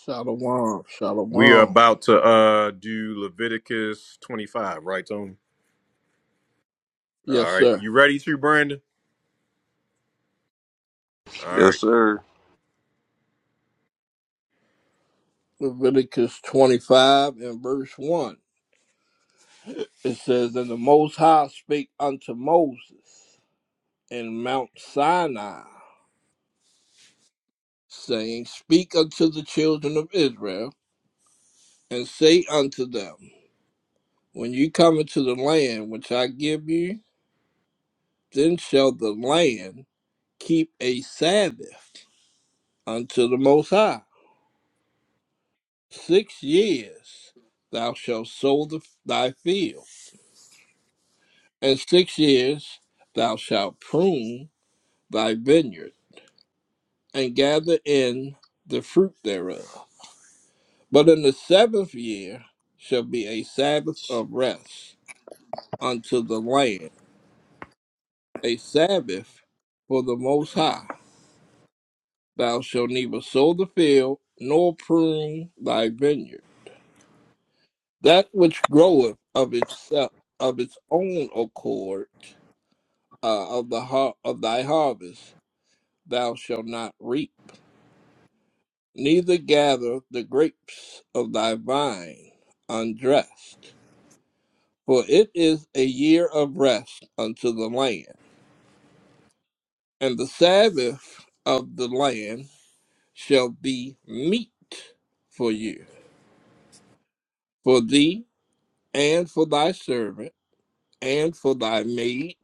A: Shalom,
B: We are
A: shalom.
B: about to uh do Leviticus 25, right, Tony?
A: Yes,
B: All right.
A: sir.
B: You ready to, Brandon? All
E: Yes,
B: right.
E: sir.
A: Leviticus 25 and verse 1. It says, And the Most High spake unto Moses in Mount Sinai saying, Speak unto the children of Israel, and say unto them, When you come into the land which I give you, then shall the land keep a Sabbath unto the Most High. Six years thou shalt sow the, thy field, and six years thou shalt prune thy vineyard, and gather in the fruit thereof. But in the seventh year shall be a Sabbath of rest unto the land a Sabbath for the Most High. Thou shalt neither sow the field nor prune thy vineyard. That which groweth of itself of its own accord uh, of the har- of thy harvest thou shalt not reap, neither gather the grapes of thy vine undressed. For it is a year of rest unto the land, and the Sabbath of the land shall be meat for you for thee and for thy servant and for thy maid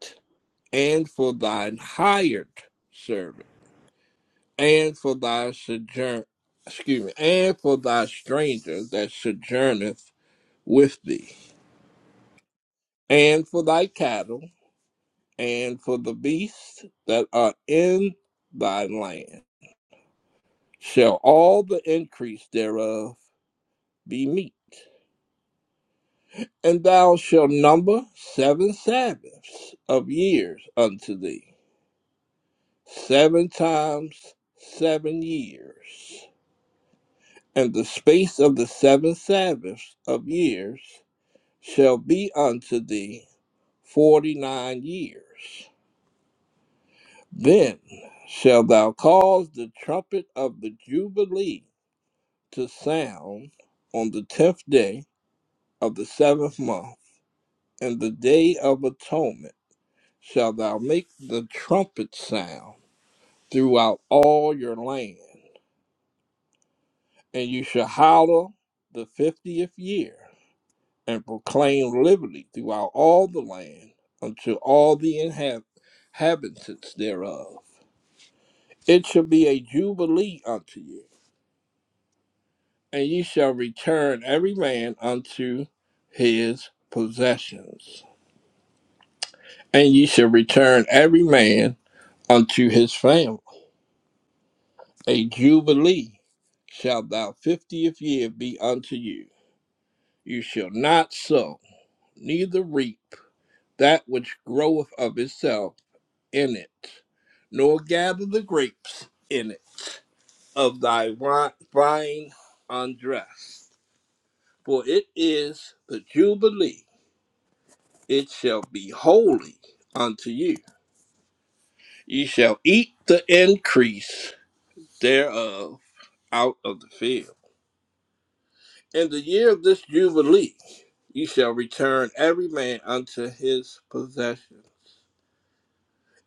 A: and for thine hired servant and for thy sojourn excuse me and for thy stranger that sojourneth with thee and for thy cattle and for the beasts that are in thy land shall all the increase thereof be meat and thou shalt number seven sabbaths of years unto thee seven times seven years. And the space of the seven Sabbaths of years shall be unto thee forty nine years. Then shalt thou cause the trumpet of the Jubilee to sound on the tenth day of the seventh month, and the day of atonement shalt thou make the trumpet sound throughout all your land. and you shall hallow the fiftieth year, and proclaim liberty throughout all the land unto all the inhab- inhabitants thereof. It shall be a jubilee unto you, and ye shall return every man unto his possessions, and ye shall return every man unto his family. A jubilee shall thy fiftieth year be unto you. You shall not sow, neither reap that which groweth of itself in it, nor gather the grapes in it of thy vine undressed. For it is the Jubilee, it shall be holy unto you. Ye shall eat the increase thereof out of the field. In the year of this Jubilee, ye shall return every man unto his possession.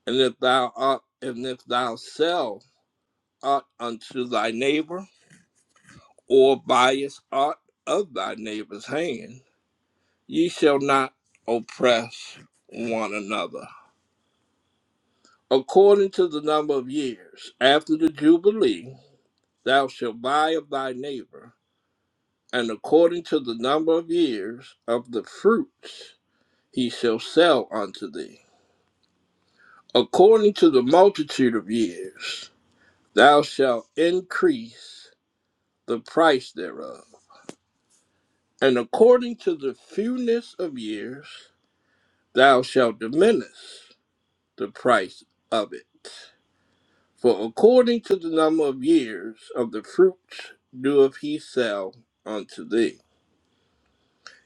A: And if thou art, and if thou sell aught unto thy neighbor, or bias aught of thy neighbor's hand. Ye shall not oppress one another. According to the number of years after the Jubilee, thou shalt buy of thy neighbor, and according to the number of years of the fruits he shall sell unto thee. According to the multitude of years, thou shalt increase the price thereof And according to the fewness of years, thou shalt diminish the price of it. For according to the number of years of the fruits doeth he sell unto thee.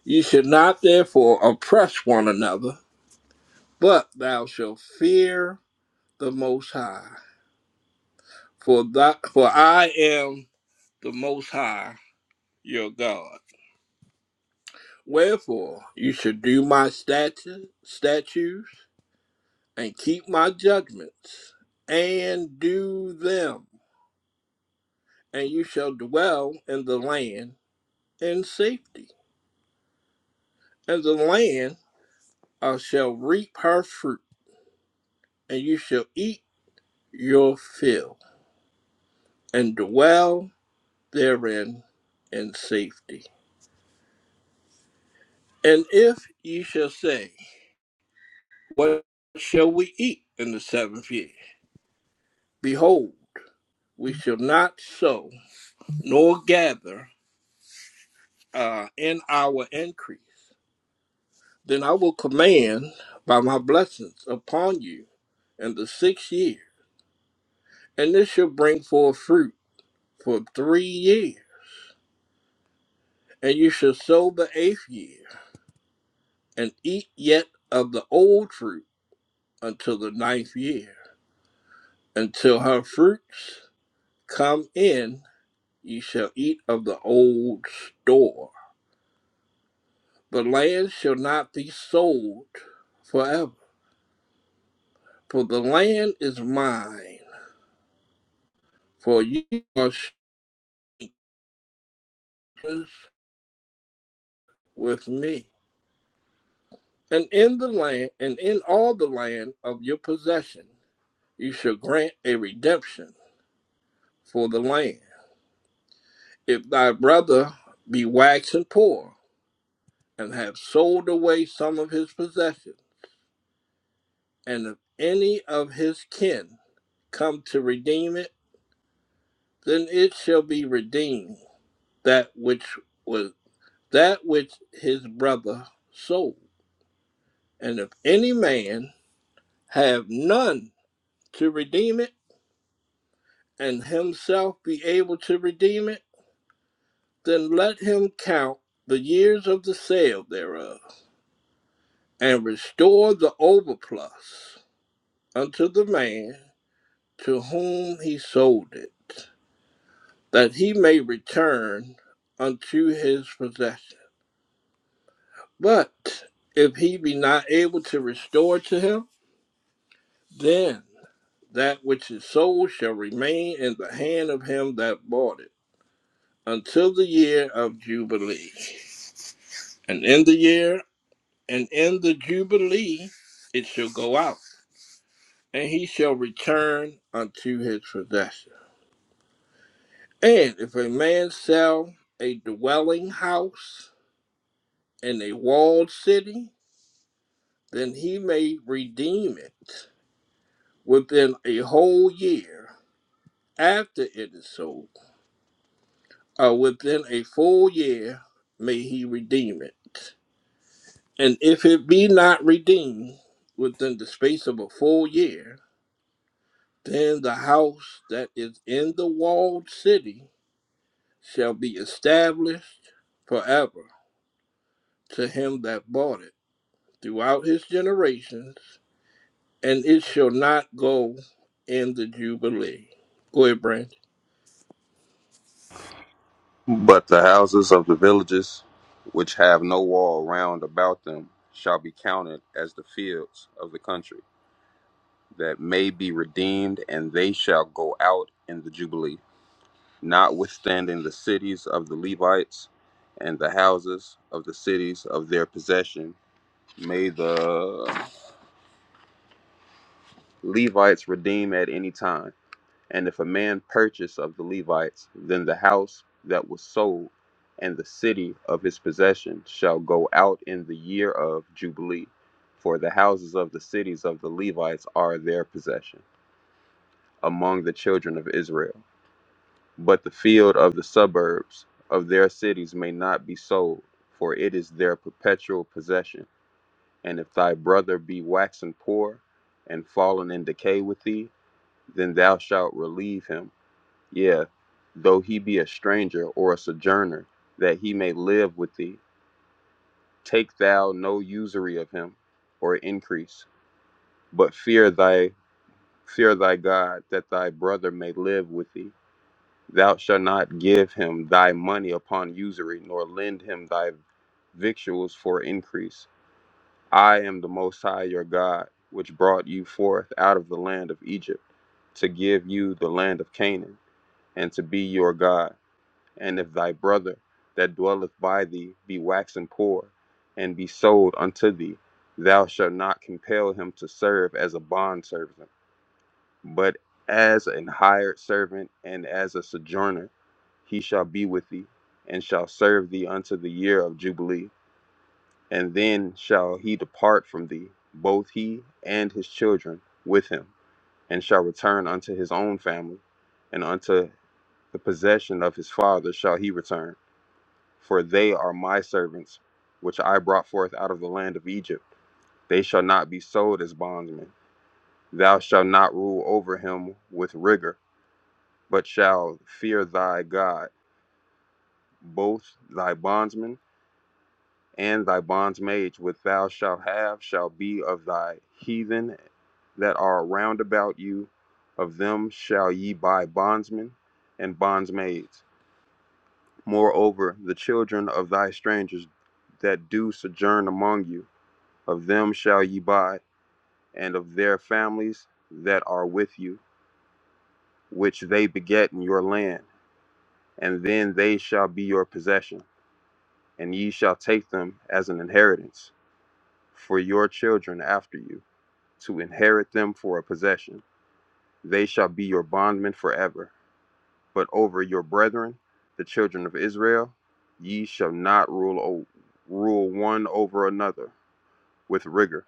A: Ye should not therefore oppress one another, but thou shalt fear the Most High. For, thy, for I am the Most High your God. Wherefore you should do my statu- statutes and keep my judgments and do them, and you shall dwell in the land in safety. And the land uh, shall reap her fruit, and you shall eat your fill and dwell therein in safety. And if ye shall say, What shall we eat in the seventh year? Behold, we shall not sow nor gather uh, in our increase Then I will command by my blessings upon you in the sixth year, and this shall bring forth fruit for three years. And you shall sow the eighth year, and eat yet of the old fruit until the ninth year. Until her fruits come in, ye shall eat of the old store. The land shall not be sold forever, for the land is mine, for you are strangers with me. And in the land, and in all the land of your possession, you shall grant a redemption for the land. If thy brother be waxen poor, and have sold away some of his possession, and if any of his kin come to redeem it, then it shall be redeemed that which was that which his brother sold. And if any man have none to redeem it, and himself be able to redeem it, then let him count the years of the sale thereof, and restore the overplus unto the man to whom he sold it, that he may return unto his possession. But if he be not able to restore to him, then that which is sold shall remain in the hand of him that bought it until the year of Jubilee. And in the year and in the Jubilee it shall go out and he shall return unto his possession. And if a man sell a dwelling house in a walled city, then he may redeem it within a whole year after it is sold, or within a full year may he redeem it. And if it be not redeemed within the space of a full year, then the house that is in the walled city shall be established forever to him that bought it throughout his generations, and it shall not go in the Jubilee. Go ahead, Brandon.
E: But the houses of the villages, which have no wall round about them, shall be counted as the fields of the country, that may be redeemed, and they shall go out in the Jubilee. Notwithstanding the cities of the Levites and the houses of the cities of their possession, may the Levites redeem at any time And if a man purchase of the Levites, then the house that was sold and the city of his possession shall go out in the year of Jubilee, for the houses of the cities of the Levites are their possession among the children of Israel. But the field of the suburbs of their cities may not be sold, for it is their perpetual possession. And if thy brother be waxen poor and fallen in decay with thee, then thou shalt relieve him yeah, though he be a stranger or a sojourner, that he may live with thee. Take thou no usury of him, or increase, but fear thy fear thy God, that thy brother may live with thee. Thou shalt not give him thy money upon usury, nor lend him thy victuals for increase. I am the Most High your God, which brought you forth out of the land of Egypt, to give you the land of Canaan, and to be your God. And if thy brother that dwelleth by thee be waxen poor, and be sold unto thee, thou shalt not compel him to serve as a bondservant, but as an hired servant and as a sojourner, he shall be with thee, and shall serve thee unto the year of Jubilee. And then shall he depart from thee, both he and his children with him, and shall return unto his own family, and unto the possession of his father shall he return for they are my servants, which I brought forth out of the land of Egypt. They shall not be sold as bondsmen. Thou shalt not rule over him with rigor, but shalt fear thy God. Both thy bondsmen and thy bondsmaids, which thou shalt have, shall be of thy heathen that are round about you. Of them shall ye buy bondsmen and bondsmaids. Moreover, the children of thy strangers that do sojourn among you. Of them shall ye buy, and of their families that are with you, which they beget in your land, and then they shall be your possession, and ye shall take them as an inheritance for your children after you, to inherit them for a possession. They shall be your bondmen forever. But over your brethren, the children of Israel, ye shall not rule o- rule one over another with rigor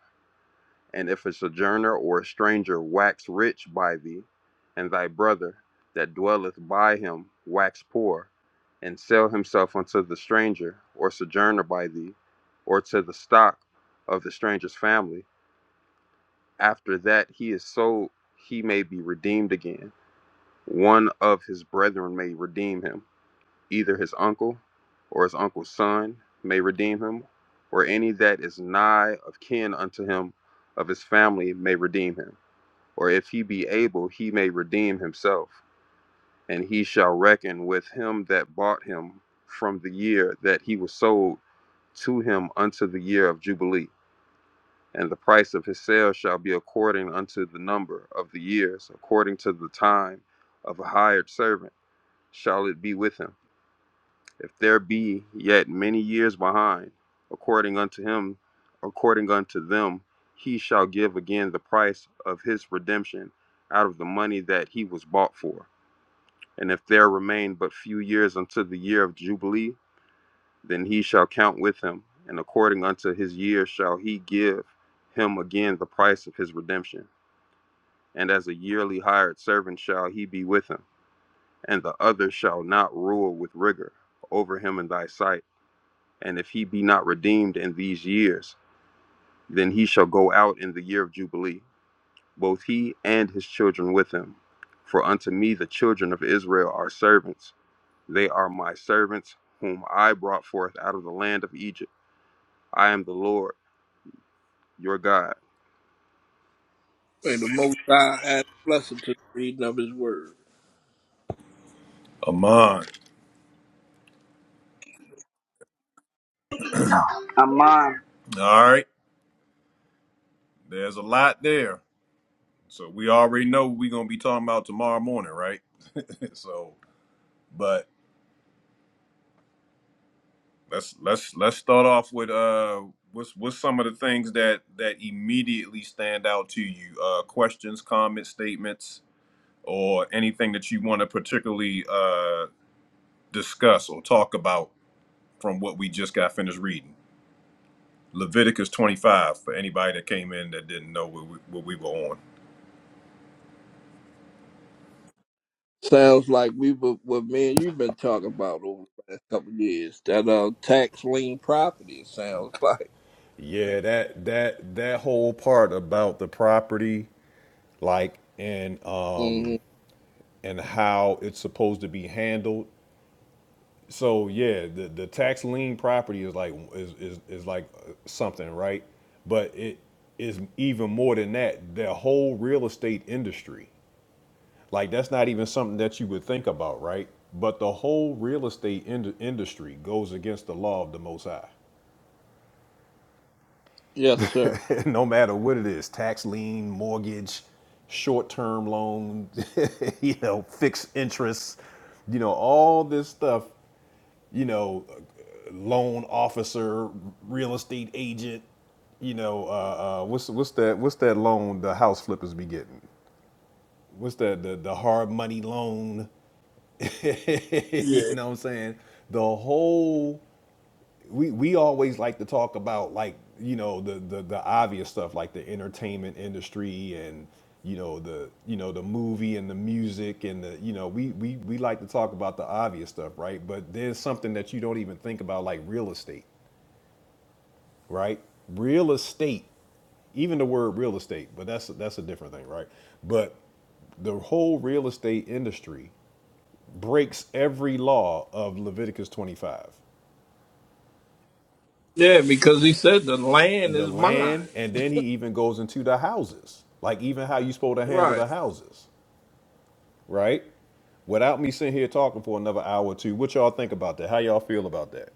E: And if a sojourner or a stranger wax rich by thee, and thy brother that dwelleth by him wax poor, and sell himself unto the stranger or sojourner by thee, or to the stock of the stranger's family, after that he is sold, he may be redeemed again. One of his brethren may redeem him, either his uncle or his uncle's son may redeem him, or any that is nigh of kin unto him of his family may redeem him or if he be able, he may redeem himself, and he shall reckon with him that bought him from the year that he was sold to him unto the year of Jubilee. And the price of his sale shall be according unto the number of the years, according to the time of a hired servant shall it be with him if there be yet many years behind, according unto him, according unto them, he shall give again the price of his redemption out of the money that he was bought for. And if there remain but few years unto the year of Jubilee, then he shall count with him, and according unto his years shall he give him again the price of his redemption. And as a yearly hired servant shall he be with him, and the other shall not rule with rigor over him in thy sight And if he be not redeemed in these years, then he shall go out in the year of Jubilee, both he and his children with him. For unto me the children of Israel are servants. They are my servants, whom I brought forth out of the land of Egypt. I am the Lord your God.
A: May the Most High add a blessing to the reading of his word.
B: Amon.
I: Aman,
B: All right. There's a lot there. So we already know what we're gonna be talking about tomorrow morning, right? [LAUGHS] so but let's let's let's start off with uh what's what's some of the things that that immediately stand out to you? Uh questions, comments, statements, or anything that you want to particularly uh discuss or talk about from what we just got finished reading. Leviticus 25 for anybody that came in that didn't know what we, what we were on.
A: Sounds like we were, what me and you've been talking about over the last couple of years. That uh, tax lien property, it sounds [LAUGHS] like.
B: Yeah, that that that whole part about the property, like and um
A: Mhm.
B: and how it's supposed to be handled. So yeah, the the tax lien property is like is is, is like uh, something, right? But it is even more than that. The whole real estate industry, like that's not even something that you would think about, right? But the whole real estate ind- industry goes against the law of the Most High.
A: Yes, sir.
B: [LAUGHS] no matter what it is tax lien mortgage short-term loan [LAUGHS] you know fixed interest you know all this stuff you know loan officer real estate agent you know uh, uh, what's what's that what's that loan the house flippers be getting what's that the, the hard money loan [LAUGHS] you
A: Yeah.
B: know what i'm saying the whole we we always like to talk about like you know the the the obvious stuff like the entertainment industry and you know the you know the movie and the music and the you know we we we like to talk about the obvious stuff right but there's something that you don't even think about like real estate right real estate even the word real estate but that's that's a different thing right but the whole real estate industry breaks every law of Leviticus 25
A: Yeah, because he said the land
B: the
A: is mine.
B: land, and then he even goes into the houses. Like even how you supposed to handle
A: Right.
B: the houses, right? Without me sitting here talking for another hour or two, what y'all think about that? How y'all feel about that?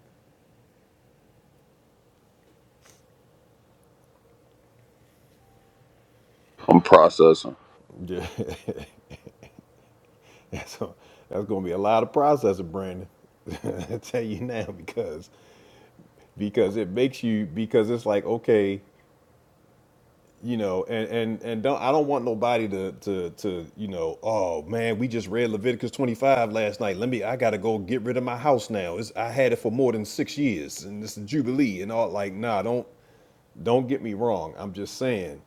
E: I'm processing.
B: Yeah, [LAUGHS] so that's gonna be a lot of processing, Brandon. [LAUGHS] I tell you now because because it makes you because it's like okay. you know and and and don't i don't want nobody to to to you know oh man we just read leviticus 25 last night let me i gotta go get rid of my house now it's, i had it for more than six years and it's a jubilee and all like nah don't don't get me wrong i'm just saying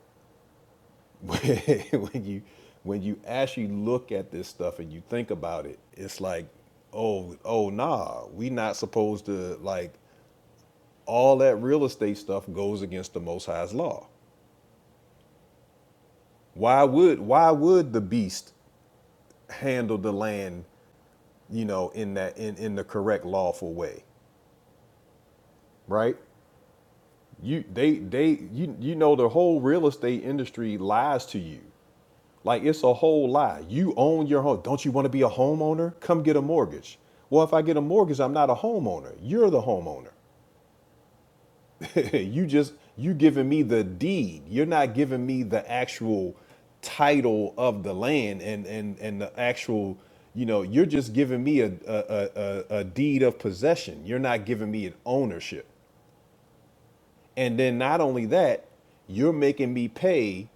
B: [LAUGHS] when you when you actually look at this stuff and you think about it it's like oh oh nah we not supposed to like all that real estate stuff goes against the most high's law why would why would the beast handle the land, you know, in that in, in the correct lawful way, right? You they they you you know the whole real estate industry lies to you. Like it's a whole lie. You own your home. Don't you want to be a homeowner? Come get a mortgage. Well, if I get a mortgage, I'm not a homeowner. You're the homeowner. [LAUGHS] you just you giving me the deed. You're not giving me the actual title of the land and and and the actual you know you're just giving me a a, a, a deed of possession. You're not giving me an ownership. And then not only that, you're making me pay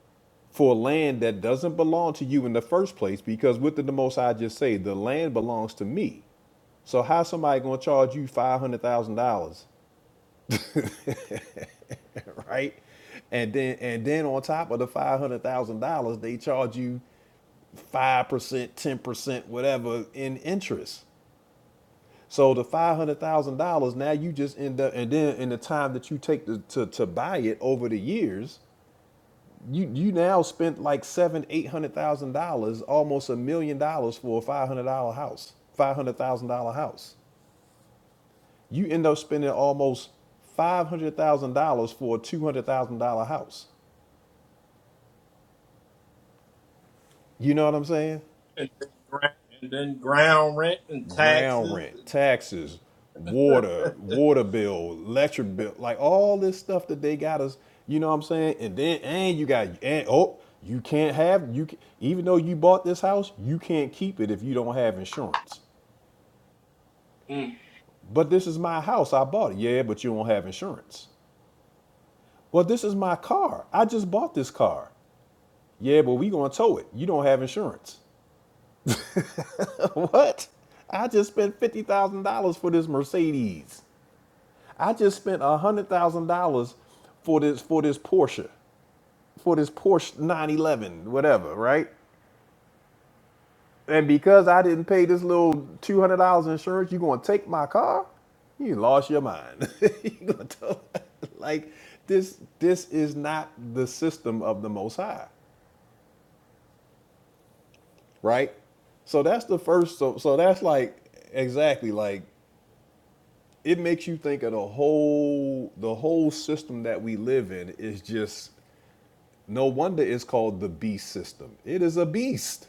B: for land that doesn't belong to you in the first place because what did the most I just say? The land belongs to me. So how's somebody gonna charge you five hundred thousand dollars [LAUGHS] right? And then and then on top of the five hundred thousand dollars, they charge you five percent, ten percent, whatever in interest. So the five hundred thousand dollars now you just end up and then in the time that you take to to, to buy it over the years, you you now spent like seven, eight hundred thousand dollars, almost a million dollars for a five hundred dollar house, five hundred thousand dollar house. You end up spending almost five hundred thousand dollars for a two hundred thousand dollar house. You know what I'm saying?
A: and then ground, and then ground rent and
B: ground
A: taxes.
B: rent, taxes, water,
A: [LAUGHS]
B: water bill, electric bill, like all this stuff that they got us, you know what I'm saying? And then and you got and oh, you can't have you ca- even though you bought this house, you can't keep it if you don't have insurance.
A: Mm.
B: But this is my house, I bought it. Yeah, but you don't have insurance. Well, this is my car. I just bought this car. Yeah, but we gonna tow it. You don't have insurance. [LAUGHS] what? I just spent fifty thousand dollars for this Mercedes. I just spent a hundred thousand dollars for this for this Porsche, for this Porsche 911, whatever, right? And because I didn't pay this little two hundred dollars insurance, you gonna take my car? You lost your mind. [LAUGHS] you gonna tell [LAUGHS] like this? This is not the system of the Most High, right? So that's the first. So so that's like exactly like it makes you think of the whole the whole system that we live in is just No wonder it's called the beast system. It is a beast.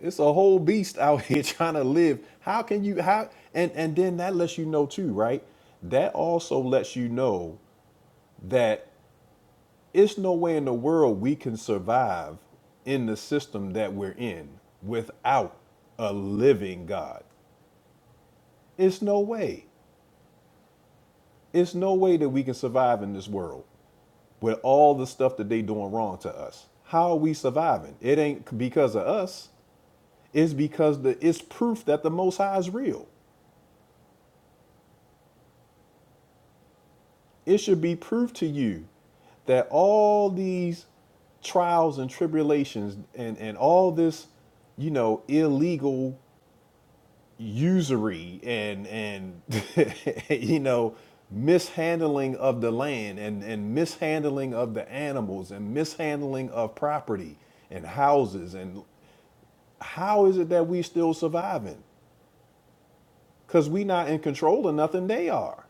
B: It's a whole beast out here [LAUGHS] trying to live. How can you how and and then that lets you know too, right? That also lets you know that it's no way in the world we can survive in the system that we're in without a living God. It's no way. It's no way that we can survive in this world with all the stuff that they doing wrong to us. How are we surviving? It ain't because of us. is because the, it's proof that the Most High is real. It should be proof to you that all these trials and tribulations and, and all this, you know, illegal usury and and [LAUGHS] you know mishandling of the land and, and mishandling of the animals and mishandling of property and houses and how is it that we still surviving? Because we not in control of nothing they are.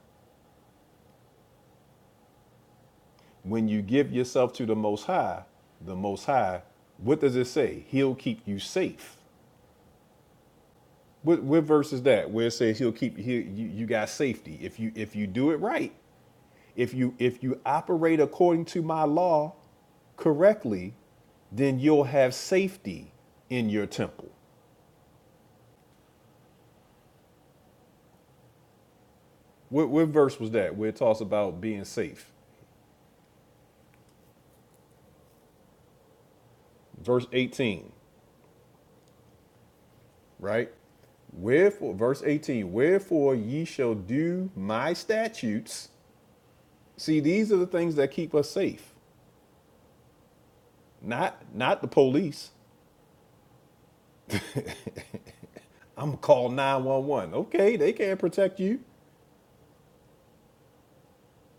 B: When you give yourself to the Most High, the Most High, what does it say? He'll keep you safe. What, what verse is that? Where it says He'll keep he, you. You got safety if you if you do it right. If you if you operate according to my law correctly, then you'll have safety in your temple. What, what verse was that? Where it talks about being safe? Verse 18, right? Wherefore, verse 18, wherefore ye shall do my statutes See, these are the things that keep us safe. Not not the police. I'm gonna call 911. Okay, they can't protect you.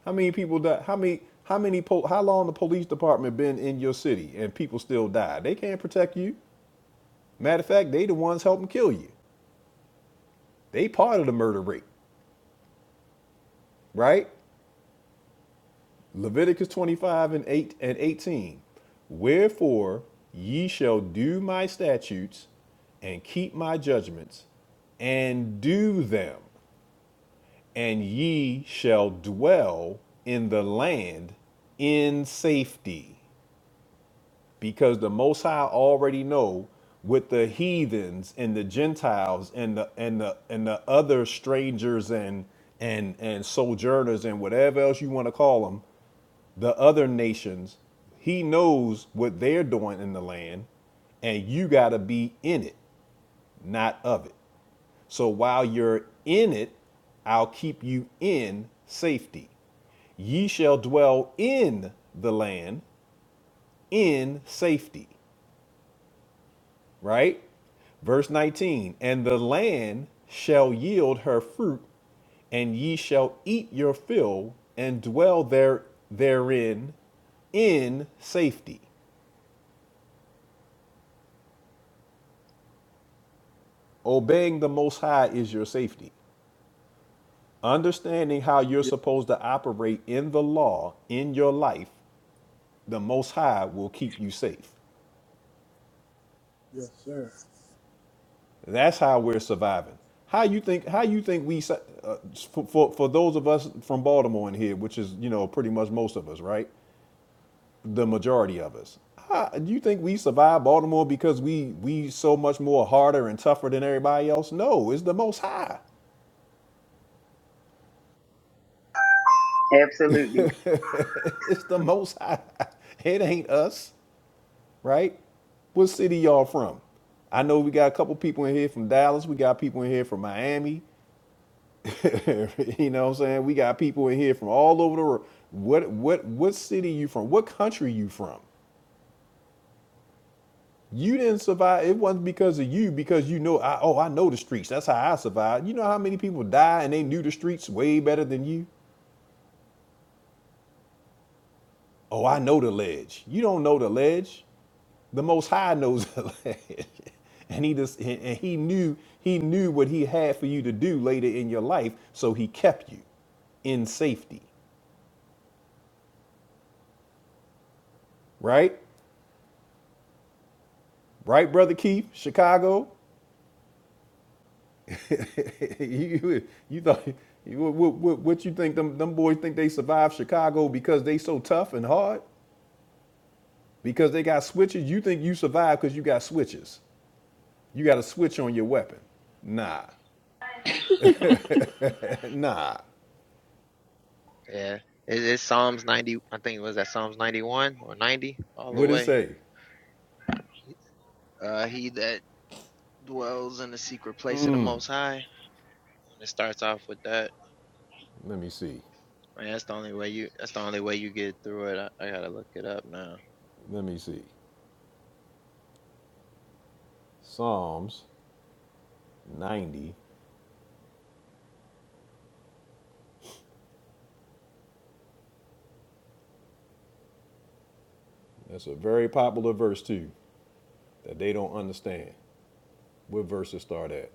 B: How many people die? How many how many po- how long the police department been in your city and people still die? They can't protect you. Matter of fact, they the ones helping kill you. They part of the murder rate, right? Leviticus 25 and 8 and 18. Wherefore ye shall do my statutes and keep my judgments and do them. and ye shall dwell in the land in safety because the most high already know with the heathens and the gentiles and the and the and the other strangers and and and sojourners and whatever else you want to call them the other nations he knows what they're doing in the land and you got to be in it not of it so while you're in it I'll keep you in safety. Ye shall dwell in the land in safety, right? Verse 19, and the land shall yield her fruit, and ye shall eat your fill and dwell there therein in safety. Obeying the Most High is your safety. Understanding how you're
A: Ye-
B: supposed to operate in the law in your life, the Most High will keep you safe.
A: Yes, sir.
B: That's how we're surviving. How you think? How you think we su- uh, for, for for those of us from Baltimore in here, which is you know pretty much most of us, right? The majority of us. How do you think we survive Baltimore because we we so much more harder and tougher than everybody else? No, it's the Most High.
I: Absolutely.
B: [LAUGHS] it's the Most High. It ain't us, right? What city y'all from? I know we got a couple people in here from Dallas. We got people in here from Miami. [LAUGHS] you know what I'm saying? We got people in here from all over the world. What what what city you from? What country you from? You didn't survive. It wasn't because of you, because you know I oh I know the streets. That's how I survived. You know how many people die and they knew the streets way better than you? Oh, I know the ledge. You don't know the ledge. The most high knows the [LAUGHS] ledge. And he just and and he knew he knew what he had for you to do later in your life, so he kept you in safety, right? Right, brother Keith, Chicago. [LAUGHS] you, you thought you, what, what, what you think them, them boys think they survived Chicago because they so tough and hard? Because they got switches? You think you survived because you got switches? You got a switch on your weapon? Nah, [LAUGHS] nah.
J: Yeah, it, it's Psalms ninety. I think it was that Psalms ninety-one or ninety, all the
B: What it
J: way.
B: say?
J: Uh, he that dwells in the secret place of the Most High. And it starts off with that.
B: Let me see.
J: Man, that's the only way you. That's the only way you get through it. I, I gotta look it up now.
B: Let me see. Psalms 90. That's a very popular verse too that they don't understand. What verse it start at?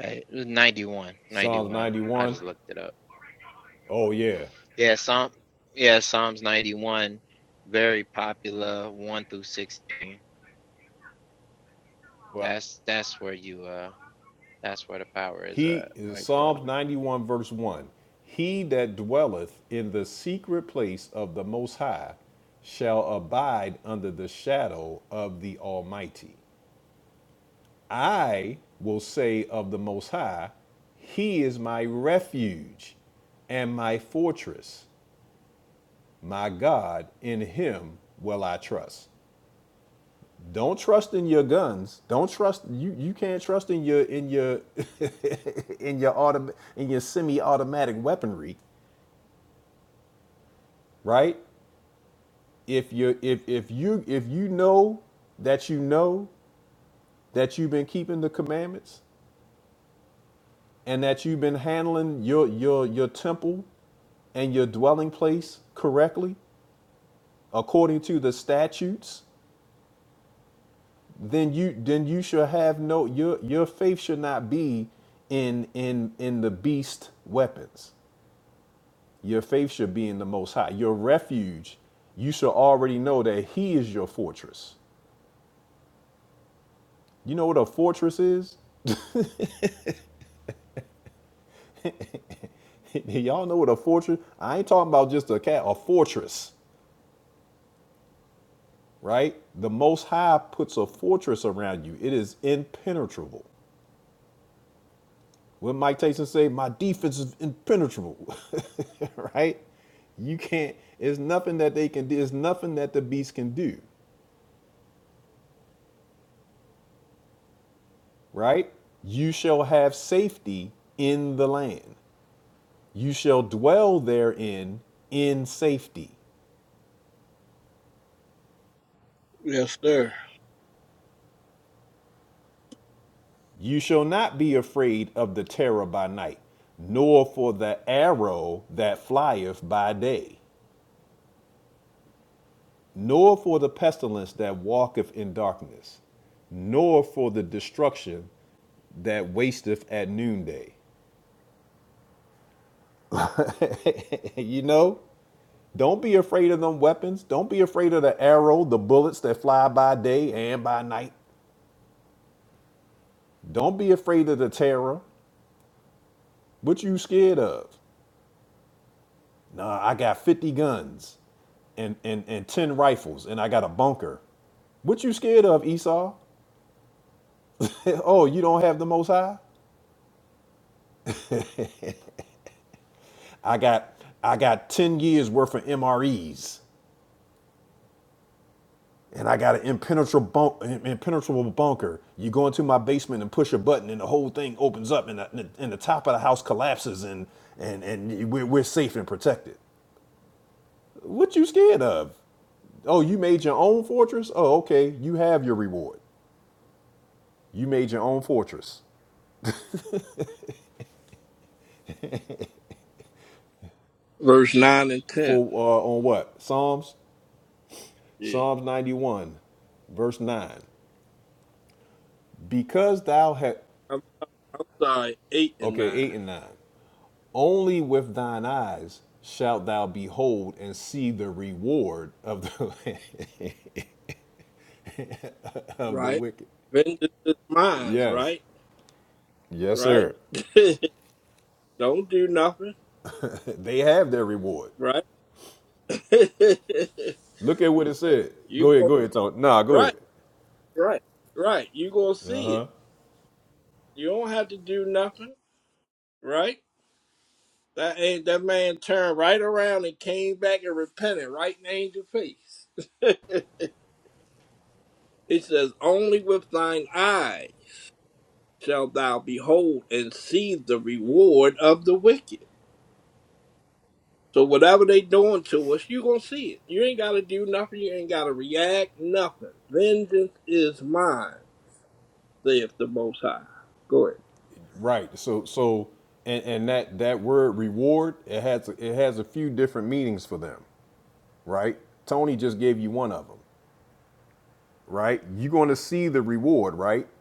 J: Hey, it was 91,
B: Psalms
J: 91. I
B: 91.
J: just looked it up.
B: Oh yeah.
J: Yeah, Psalm. Yeah, Psalms ninety-one, very popular, one through sixteen.
B: Well,
J: That's that's where you. Uh, that's where the power is
B: he
J: at,
B: is
J: right there.
B: Psalms 91, verse 1. He that dwelleth in the secret place of the Most High shall abide under the shadow of the Almighty. I will say of the Most High, He is my refuge and my fortress, my God, in Him will I trust. Don't trust in your guns. Don't trust you. You can't trust in your in your [LAUGHS] in your autom- in your semi-automatic weaponry, right? If you if if you if you know that you know that you've been keeping the commandments and that you've been handling your your your temple and your dwelling place correctly according to the statutes, then you then you should have no your your faith should not be in in in the beast weapons Your faith should be in the Most High. Your refuge, you should already know that He is your fortress. You know what a fortress is? [LAUGHS] Y'all know what a fortress? I ain't talking about just a cat, a fortress, right? The Most High puts a fortress around you. It is impenetrable. What Mike Tyson say? My defense is impenetrable, [LAUGHS] right? You can't. It's nothing that they can do. It's nothing that the beast can do, right? You shall have safety in the land. You shall dwell therein in safety.
A: Yes, sir.
B: You shall not be afraid of the terror by night, nor for the arrow that flieth by day, nor for the pestilence that walketh in darkness, nor for the destruction that wasteth at noonday. [LAUGHS] you know, don't be afraid of them weapons. Don't be afraid of the arrow, the bullets that fly by day and by night. Don't be afraid of the terror. What you scared of? Nah, I got 50 guns and, and, and 10 rifles, and I got a bunker. What you scared of, Esau? [LAUGHS] oh, you don't have the most high? I got I got 10 years worth of MREs, and I got an impenetrable, bunk, impenetrable bunker. You go into my basement and push a button, and the whole thing opens up, and the, and the top of the house collapses, and, and, and we're, we're safe and protected. What you scared of? Oh, you made your own fortress? Oh, okay. You have your reward. You made your own fortress.
A: Verse nine and ten.
B: For uh, on what? Psalms,
A: Yeah.
B: Psalms 91, verse 9. Because thou had
A: I'm, I'm sorry, eight and
B: okay,
A: nine.
B: 8 and 9. Only with thine eyes shalt thou behold and see the reward of the [LAUGHS] of the
A: Right.
B: wicked.
A: Vengeance is mine.
B: Yes.
A: Right.
B: Yes,
A: Right.
B: sir.
A: [LAUGHS] Don't do nothing.
B: [LAUGHS] they have their reward.
A: Right. [LAUGHS]
B: Look at what it said.
A: you
B: Go ahead,
A: go.
B: go ahead, Tony. Nah, go ahead.
A: Right. Right. Right. You gonna see it. You don't have to do nothing. Right. That ain't that man turned right around and came back and repented right in angel face. It says, Only with thine eye shalt thou behold and see the reward of the wicked. So whatever they doing to us, you gonna see it. You ain't gotta do nothing, you ain't gotta react, nothing. Vengeance is mine, saith the most high. Go ahead.
B: Right. So so and, and that that word reward, it has it has a few different meanings for them. right? Tony just gave you one of them, right? You're going to see the reward, right?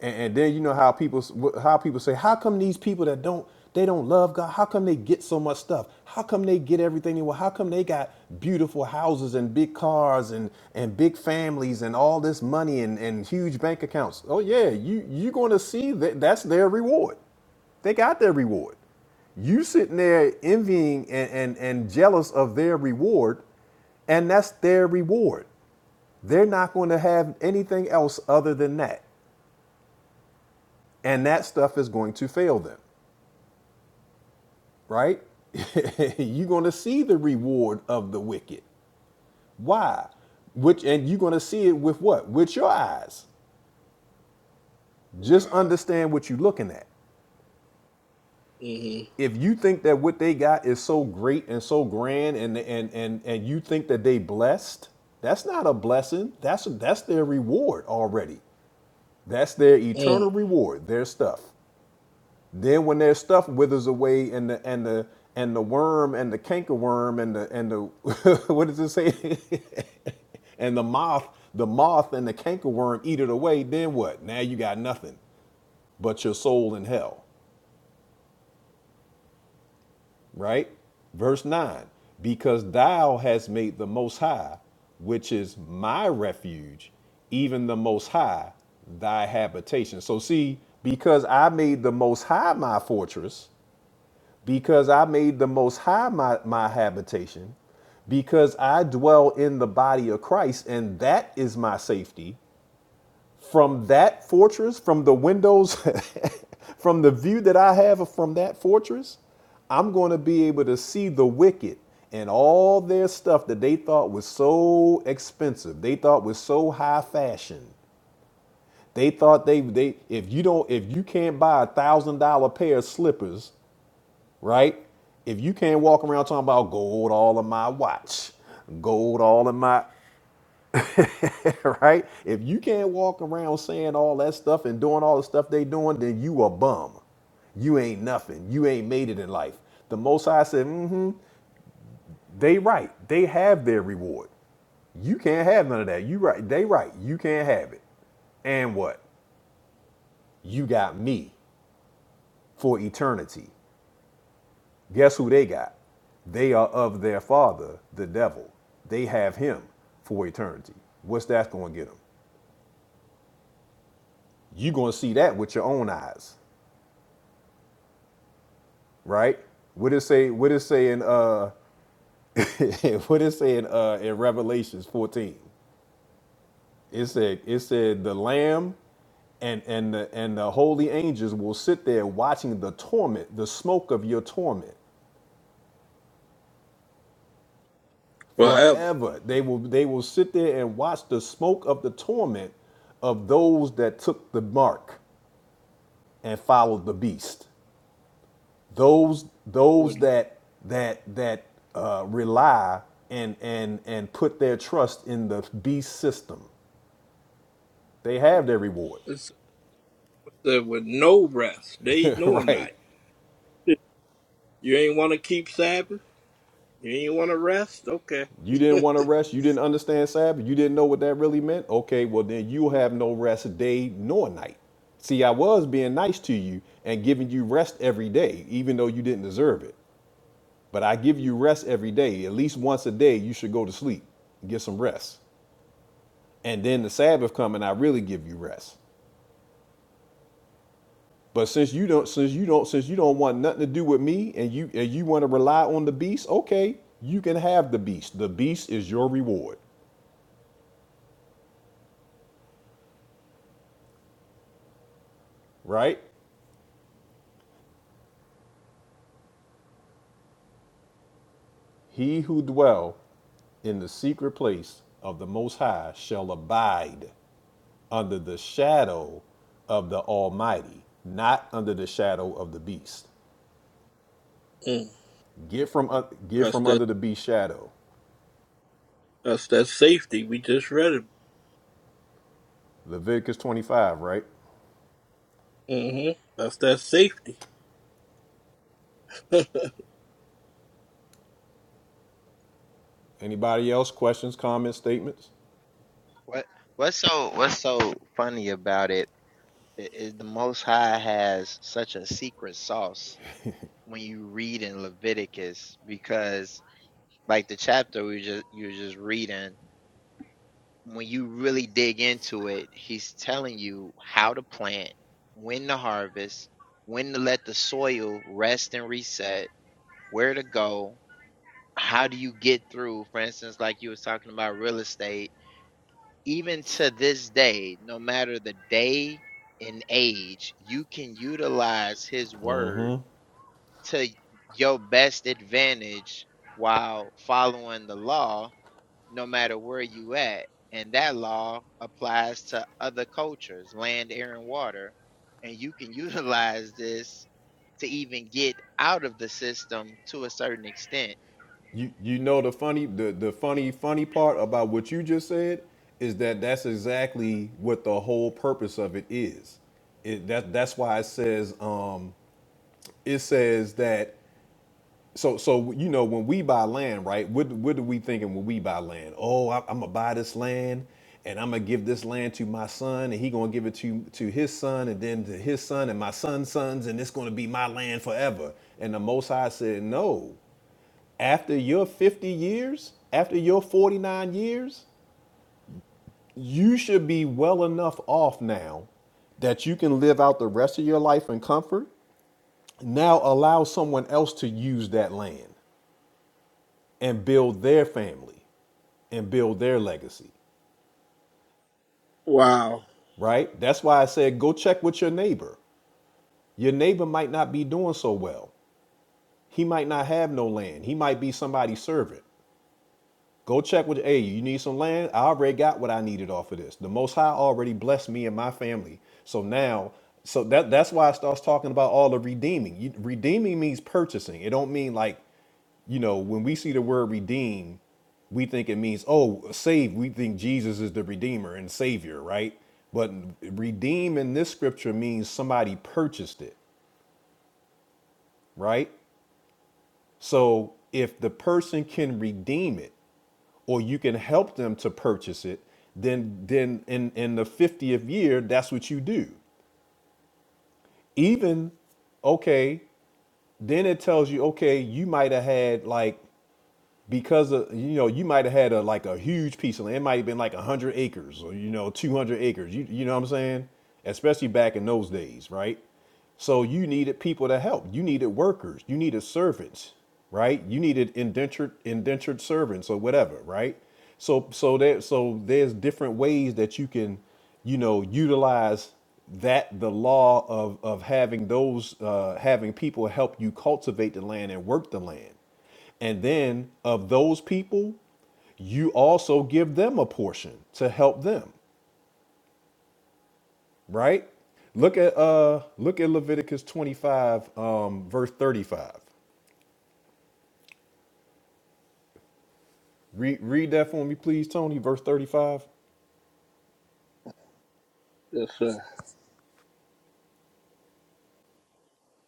B: and, and then you know how people how people say how come these people that don't they don't love god how come they get so much stuff how come they get everything they want how come they got beautiful houses and big cars and and big families and all this money and and huge bank accounts oh yeah you you're going to see that that's their reward they got their reward you sitting there envying and, and and jealous of their reward and that's their reward they're not going to have anything else other than that and that stuff is going to fail them, right? [LAUGHS] you're going to see the reward of the wicked. Why? Which and you're going to see it with what? With your eyes. Just
A: Wow.
B: understand what you're looking at.
A: Mm-hmm.
B: If you think that what they got is so great and so grand and and and and you think that they blessed, that's not a blessing. That's that's their reward already. That's their eternal
A: Mm.
B: reward, their stuff. Then when their stuff withers away and the and the and the worm and the cankerworm and the and the [LAUGHS] what does it say? [LAUGHS] and the moth, the moth and the cankerworm eat it away, then what? Now you got nothing but your soul in hell. Right? Verse 9. Because thou hast made the most high, which is my refuge, even the most high, thy habitation. So see, because I made the most high my fortress because I made the Most High my, my habitation, because I dwell in the body of Christ, and that is my safety. From that fortress, from the windows, [LAUGHS] from the view that I have from that fortress, I'm going to be able to see the wicked and all their stuff that they thought was so expensive, they thought was so high fashion. They thought they they if you don't if you can't buy a thousand dollar pair of slippers right? If you can't walk around talking about gold all in my watch, gold all in my, [LAUGHS] right? If you can't walk around saying all that stuff and doing all the stuff they doing, then you a bum. You ain't nothing. You ain't made it in life. The Most High said, mm-hmm, they right. They have their reward. You can't have none of that. You right. They right. You can't have it. And what? You got me for eternity. Guess who they got? They are of their father, the devil. They have him for eternity. What's that going to get them? You're going to see that with your own eyes, right? What it say? What it say in uh? [LAUGHS] what it say in uh in Revelations 14? It said it said the Lamb and and the and the holy angels will sit there watching the torment, the smoke of your torment.
A: Forever.
B: forever. They will they will sit there and watch the smoke of the torment of those that took the mark and followed the beast. Those
A: With,
B: those that that that uh, rely and and and put their trust in the beast system. They have their reward.
A: it said, with no rest, day
B: [LAUGHS]
A: nor
B: right.
A: night. You ain't wanna keep Sabbath? You ain't wanna rest? Okay.
B: You
A: [LAUGHS]
B: didn't want to rest. You didn't understand Sabbath. You didn't know what that really meant. Okay, well, then you have no rest day nor night. See, I was being nice to you and giving you rest every day, even though you didn't deserve it. But I give you rest every day. At least once a day, you should go to sleep, get some rest. And then the Sabbath come and I really give you rest. But since you don't, since you don't, since you don't want nothing to do with me, and you and you want to rely on the beast, okay, you can have the beast. The beast is your reward, right? He who dwell in the secret place of the Most High shall abide under the shadow of the Almighty, not under the shadow of the beast.
A: Mm.
B: Get from un- get
A: That's
B: from
A: that.
B: under the beast shadow.
A: That's that safety. We just read it.
B: Leviticus 25, right?
A: hmm That's that safety. [LAUGHS]
B: Anybody else? Questions, comments, statements?
J: What what's so what's so funny about it i- is the Most High has such a secret sauce when you read in Leviticus because like the chapter we just you were just reading when you really dig into it he's telling you how to plant when to harvest when to let the soil rest and reset where to go how do you get through for instance like you was talking about real estate even to this day, no matter the day and age, you can utilize his word to your best advantage while following the law, no matter where you at. And that law applies to other cultures, land, air, and water. And you can [LAUGHS] utilize this to even get out of the system to a certain extent.
B: You you know the funny the, the funny funny part about what you just said is that that's exactly what the whole purpose of it is. It, that that's why it says um, it says that So, so you know, when we buy land, right? What what are we thinking when we buy land? Oh, I, I'm gonna buy this land, and I'm gonna give this land to my son, and he gonna give it to to his son, and then to his son, and my son's sons, and it's gonna be my land forever. And the Most High said, No. After your 50 years, after your 49 years, you should be well enough off now that you can live out the rest of your life in comfort. Now allow someone else to use that land. and build their family and build their legacy,
A: wow.
B: right? That's why I said go check with your neighbor. Your neighbor might not be doing so well. He might not have no land. He might be somebody's servant. Go check with, hey, you need some land? I already got what I needed off of this. The Most High already blessed me and my family. So now, so that that's why I starts talking about all the redeeming. You, redeeming means purchasing. It don't mean like, you know, when we see the word redeem, we think it means oh save we think jesus is the redeemer and savior right but redeem in this scripture means somebody purchased it right so if the person can redeem it or you can help them to purchase it, then then in in the 50th year, that's what you do. Even okay, then it tells you okay, you might have had like because of you know you might have had a like a huge piece of land. It might have been like one hundred acres or you know two hundred acres. You you know what I'm saying? Especially back in those days, right? So you needed people to help. You needed workers. You needed servants, right? You needed indentured indentured servants or whatever, right? So so there so there's different ways that you can you know utilize that the law of of having those uh, having people help you cultivate the land and work the land and then of those people, you also give them a portion to help them, right? Look at uh look at Leviticus 25 um verse 35. Read read that for me please Tony verse 35.
A: Yes, sir.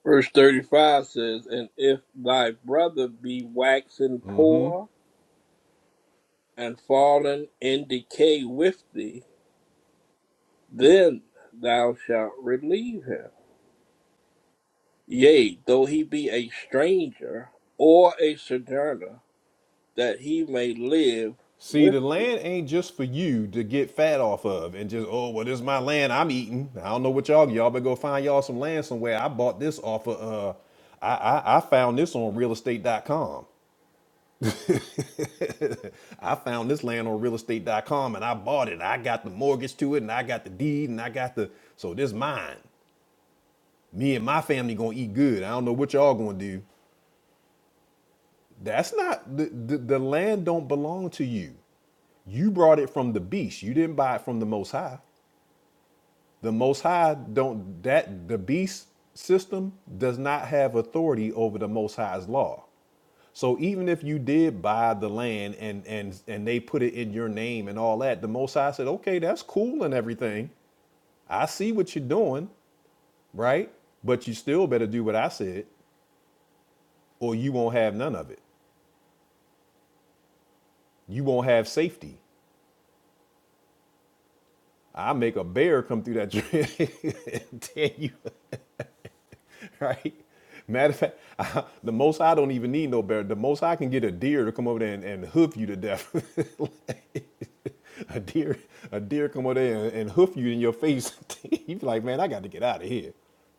A: Verse 35 says, And if thy brother be waxen poor and fallen in decay with thee, then thou shalt relieve him. Yea, though he be a stranger or a sojourner, that he may live
B: See
A: with
B: the
A: thee.
B: land ain't just for you to get fat off of and just oh well this is my land I'm eating. I don't know what y'all y'all better go find y'all some land somewhere. I bought this off of uh I I, I found this on real estate dot com. [LAUGHS] I found this land on real estate dot com and I bought it. I got the mortgage to it and I got the deed and I got the so this is mine. Me and my family gonna eat good. I don't know what y'all gonna do. That's not the, the, the land don't belong to you. You brought it from the beast. You didn't buy it from the most high. The most high don't that the beast system does not have authority over the most high's law. So even if you did buy the land and and and they put it in your name and all that, the Most High said, "Okay, that's cool and everything. I see what you're doing, right? But you still better do what I said, or you won't have none of it. You won't have safety. I make a bear come through that tree [LAUGHS] and tear you. [LAUGHS] right? Matter of fact, I, the most I don't even need no bear. The most I can get a deer to come over there and, and hoof you to death. [LAUGHS] a deer, a deer come over there and, and hoof you in your face. [LAUGHS] you be like, man, I got to get out of here.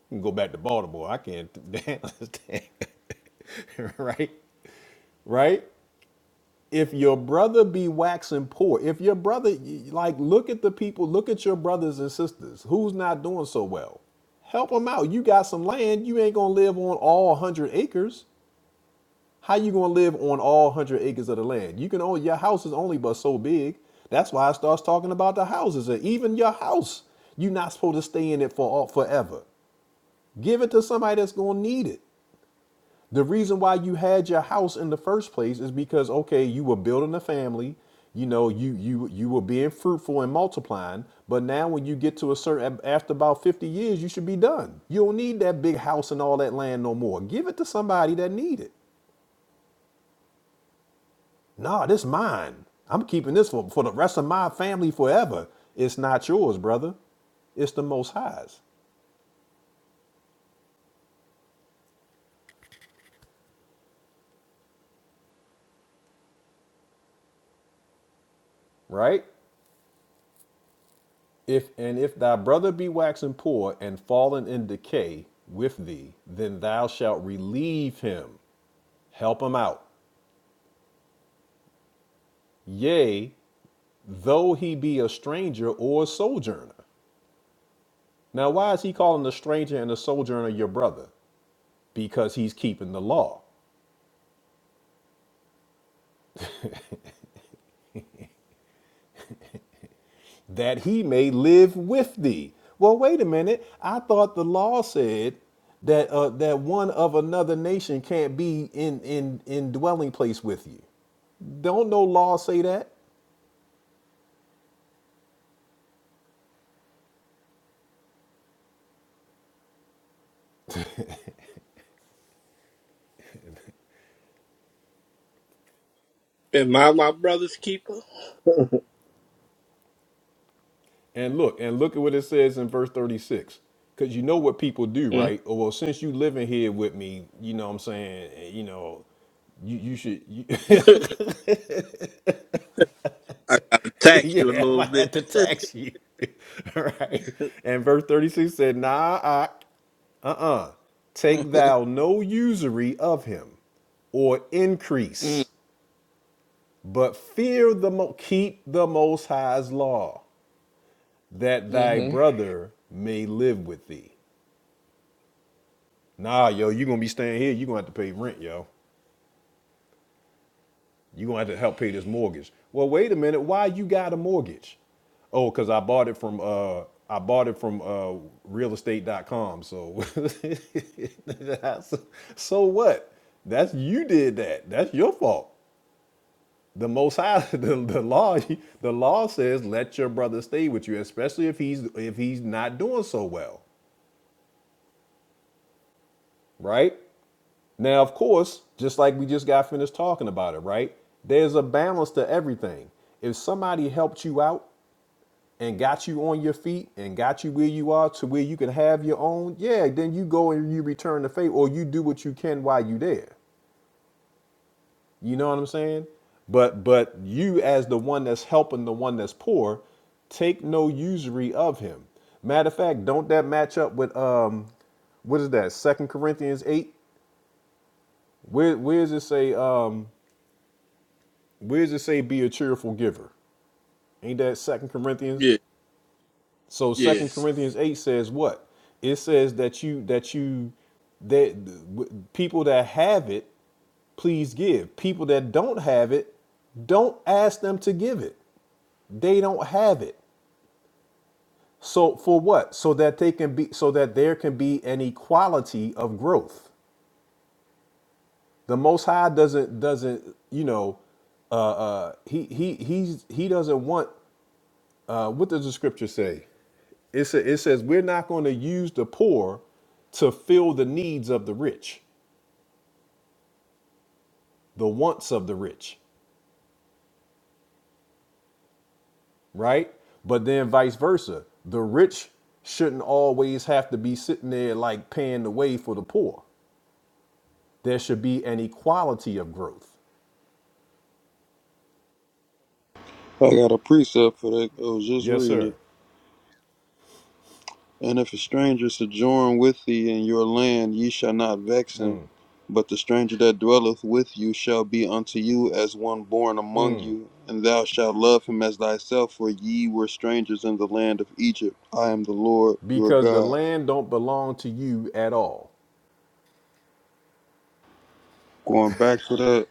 B: You can go back to Baltimore. I can't. [LAUGHS] Damn, [LAUGHS] right, right if your brother be waxing poor, if your brother, like, look at the people, look at your brothers and sisters who's not doing so well. Help them out. You got some land. You ain't gonna live on all 100 acres. How you gonna live on all 100 acres of the land? You can only your house is only but so big. That's why it starts talking about the houses. And even your house, you're not supposed to stay in it for all, forever. Give it to somebody that's gonna need it. The reason why you had your house in the first place is because okay, you were building a family, you know, you you you were being fruitful and multiplying, but now when you get to a certain after about 50 years, you should be done. You don't need that big house and all that land no more. Give it to somebody that need it. Nah, this mine. I'm keeping this for, for the rest of my family forever. It's not yours, brother. It's the most highs, right? If and if thy brother be waxen poor and fallen in decay with thee, then thou shalt relieve him, help him out. Yea, though he be a stranger or a sojourner. Now, why is he calling a stranger and a sojourner your brother? Because he's keeping the law, that he may live with thee. Well, wait a minute. I thought the law said that uh, that one of another nation can't be in in in dwelling place with you. Don't no law say that?
A: Am I my brother's keeper? [LAUGHS]
B: And look, and look at what it says in verse 36. Because you know what people do,
A: I
B: right? Oh, well, since you living here with me, you know what I'm saying, eh, you know, you, you should, you, [LAUGHS]
A: gotta tax you a
B: yeah, i had
A: little
B: to
A: bit.
B: to
A: [LAUGHS]
B: tax you. [LAUGHS] right? And verse 36 said, nah, I, uh-uh,
A: Mm,
B: take thou no usury of him or
A: mm
B: increase, but fear the, mo- keep the Most High's law, that thy
A: mhm.
B: brother may live with thee. Nah, yo, you gonna be staying here. you gonna have to pay rent, yo. you gonna have to help pay this mortgage. Well, wait a minute. Why you got a mortgage? Oh, because I bought it from uh I bought it from uh real estate dot com. So [LAUGHS] that's, so what? That's you did that. That's your fault. The most high [LAUGHS] the, the law the law says let your brother stay with you, especially if he's if he's not doing so well, right? Now, of course, just like we just got finished talking about it, right? There's a balance to everything. If somebody helped you out and got you on your feet and got you where you are to where you can have your own, yeah, then you go and you return the favor or you do what you can while you are there. You know what I'm saying? But but you as the one that's helping the one that's poor, take no usury of him. Matter of fact, don't that match up with um what is that? Second Corinthians eight? Where where does it say um Where does it say be a cheerful giver? Ain't that Second Corinthians?
A: Yeah,
B: So
A: yeah.
B: Second Corinthians eight says what? It says that you that you that w- people that have it, please give. People that don't have it, don't ask them to give it. They don't have it. So for what? So that they can be so that there can be an equality of growth. The Most High doesn't doesn't you know uh, uh, he he he's he doesn't want Uh, what does the scripture say? It, sa- it says we're not going to use the poor to fill the needs of the rich, the wants of the rich, right? But then vice versa, the rich shouldn't always have to be sitting there like paying the way for the poor. There should be an equality of growth.
E: I got a precept for that. I was just
B: Yes,
E: reading it.
B: sir.
E: And if a stranger sojourn with thee in your land, ye shall not vex him. But the stranger that dwelleth with you shall be unto you as one born among you, and thou shalt love him as thyself, for ye were strangers in the land of Egypt. I am the Lord your
B: Because the
E: God.
B: land don't belong to you at all.
E: Going back to that,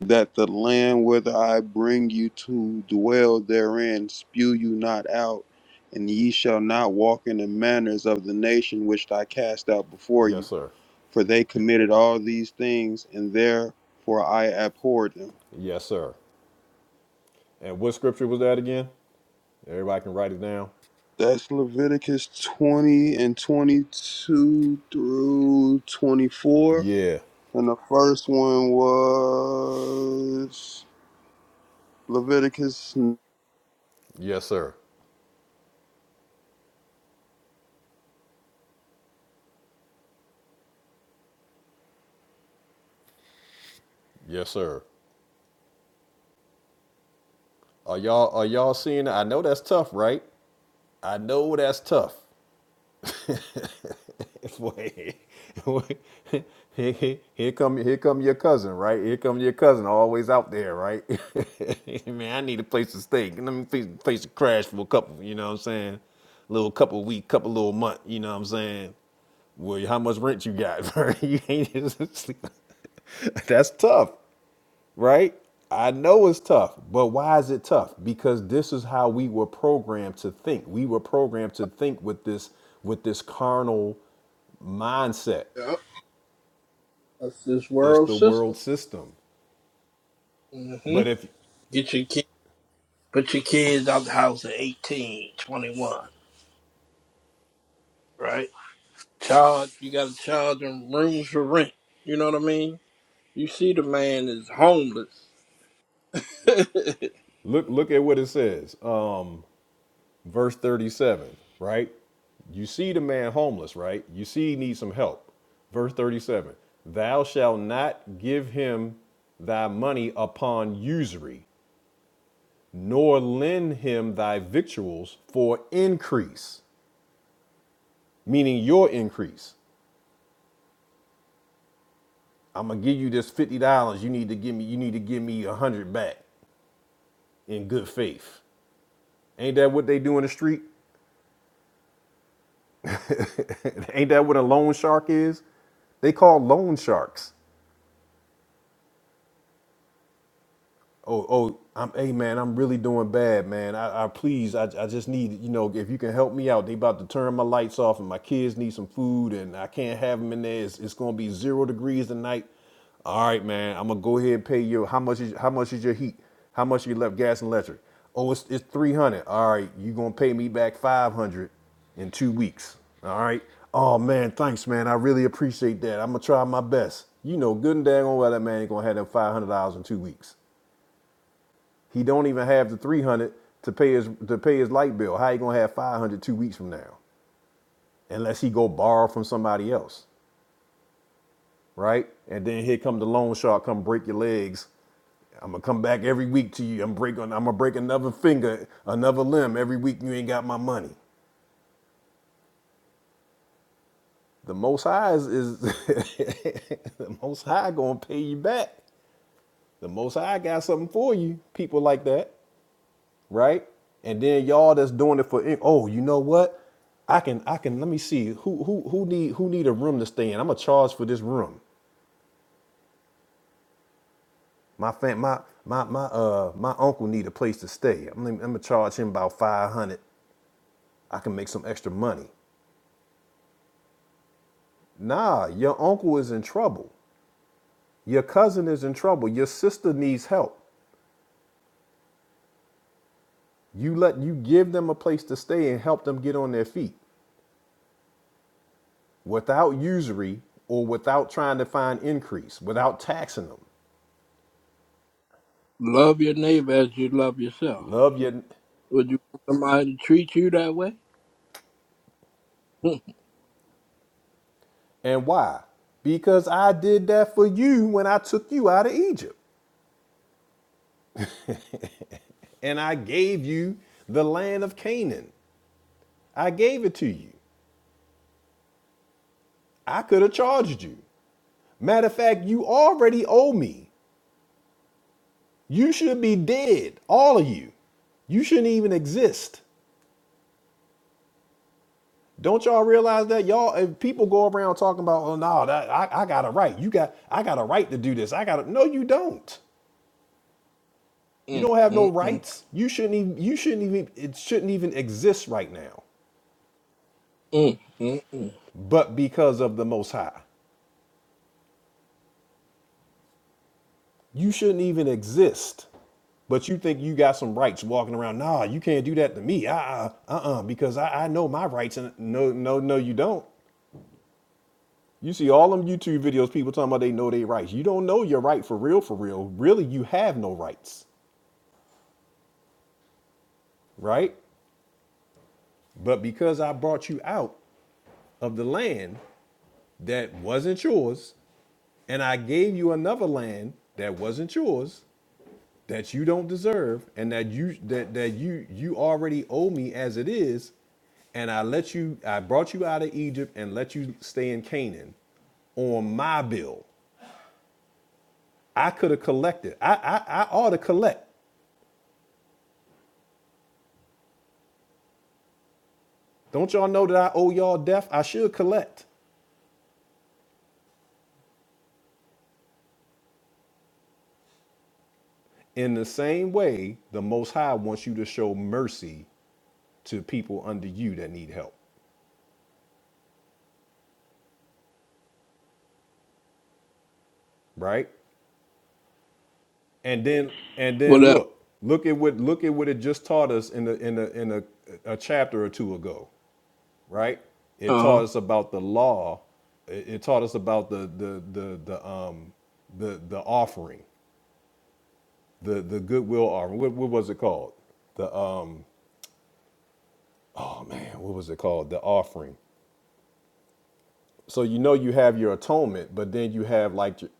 E: that the land whither I bring you to dwell therein, spew you not out, and ye shall not walk in the manners of the nation which I cast out before you.
B: Yes, sir.
E: for they committed all these things, and therefore I abhorred them.
B: Yes, sir. And what scripture was that again? Everybody can write it down.
E: That's Leviticus 20 and 22 through 24.
B: Yeah.
E: And the first one was Leviticus.
B: Yes, sir. Yes, sir. Are y'all are y'all seeing? that? I know that's tough, right? I know that's tough. [LAUGHS] Wait, wait. here, here come here come your cousin, right? Here come your cousin, always out there, right? [LAUGHS] Man, I need a place to stay. Let me face, face a crash for a couple. You know what I'm saying? Little couple week, couple little month. You know what I'm saying? Well, how much rent you got? [LAUGHS] you ain't [LAUGHS] That's tough. right? I know it's tough, but why is it tough? Because this is how we were programmed to think. We were programmed to think with this with this carnal mindset.
A: Yep. That's this
B: It's
A: world
B: the world
A: system.
B: system. But
A: Mhm.
B: if
A: Get your kid, put your kids out the house at 18, 21. right? Charge, you gotta charge them rooms for rent. You know what I mean? You see, the man is homeless. [LAUGHS]
B: look look at what it says, um, verse 37, right? You see the man homeless, right? You see he needs some help. Verse 37, thou shalt not give him thy money upon usury nor lend him thy victuals for increase, meaning your increase. I'm gonna give you this fifty dollars. You need to give me. You need to give me a hundred back in good faith. Ain't that what they do in the street? [LAUGHS] Ain't that what a loan shark is? They call loan sharks. oh, oh, I'm, hey man, I'm really doing bad, man. I, I please, I, I just need, you know, if you can help me out. They about to turn my lights off, and my kids need some food, and I can't have them in there. It's, it's gonna be zero degrees tonight. All right, man, I'm gonna go ahead and pay you. How much is how much is your heat? How much you left gas and electric? Oh, it's it's three hundred. All right, you gonna pay me back five hundred in two weeks. All right. Oh man, thanks, man. I really appreciate that. I'm gonna try my best. You know, good and dang on well that man ain't gonna have that five hundred dollars in two weeks. He don't even have the 300 to pay his to pay his light bill. How he gonna have five hundred two weeks from now? Unless he go borrow from somebody else, right? And then here come the loan shark, come break your legs. I'm gonna come back every week to you. I'm break I'm gonna break another finger, another limb every week. You ain't got my money. The Most High is, is [LAUGHS] the Most High gonna pay you back. The Most High got something for you. People like that. right? And then y'all that's doing it for oh, you know what? I can I can let me see who who who need who need a room to stay in. I'm gonna charge for this room. My fam, my my my uh my uncle need a place to stay. I'm, I'm gonna charge him about five hundred. I can make some extra money. Nah, your uncle is in trouble. Your cousin is in trouble. Your sister needs help. You let you give them a place to stay and help them get on their feet without usury or without trying to find increase, without taxing them.
A: love your neighbor as you love yourself.
B: Love you.
A: Would you want somebody to treat you that way? Mm,
B: And why? Because I did that for you when I took you out of Egypt and I gave you the land of Canaan. I gave it to you. I could have charged you. Matter of fact, you already owe me. You should be dead, all of you. You shouldn't even exist. Don't y'all realize that y'all? If people go around talking about, oh no, that, I, I got a right. You got, I got a right to do this. I got a no, you don't. You
A: mm,
B: don't have no
A: mm, mm,
B: rights. You shouldn't even you shouldn't even it shouldn't even exist right now.
A: mm, mm, mm.
B: But because of the most high. You shouldn't even exist. But you think you got some rights walking around. Nah, you can't do that to me. Uh uh uh because I, I know my rights and no no no you don't. You see all them YouTube videos people talking about they know their rights. You don't know your right for real for real. Really you have no rights, right? But because I brought you out of the land that wasn't yours, and I gave you another land that wasn't yours, that you don't deserve, and that you that that you you already owe me as it is, and I let you I brought you out of Egypt and let you stay in Canaan on my bill. I could have collected. I, I I ought to collect. Don't y'all know that I owe y'all death? I should collect. In the same way, the Most High wants you to show mercy to people under you that need help, right? and then and
A: What
B: then
A: else?
B: look look at what look at what it just taught us in the in the in a, a chapter or two ago right it
A: Uh
B: taught
A: huh.
B: us about the law it it taught us about the the the, the um the the offering the the goodwill offering what, what was it called the um oh man what was it called the offering so you know you have your atonement, but then you have like your-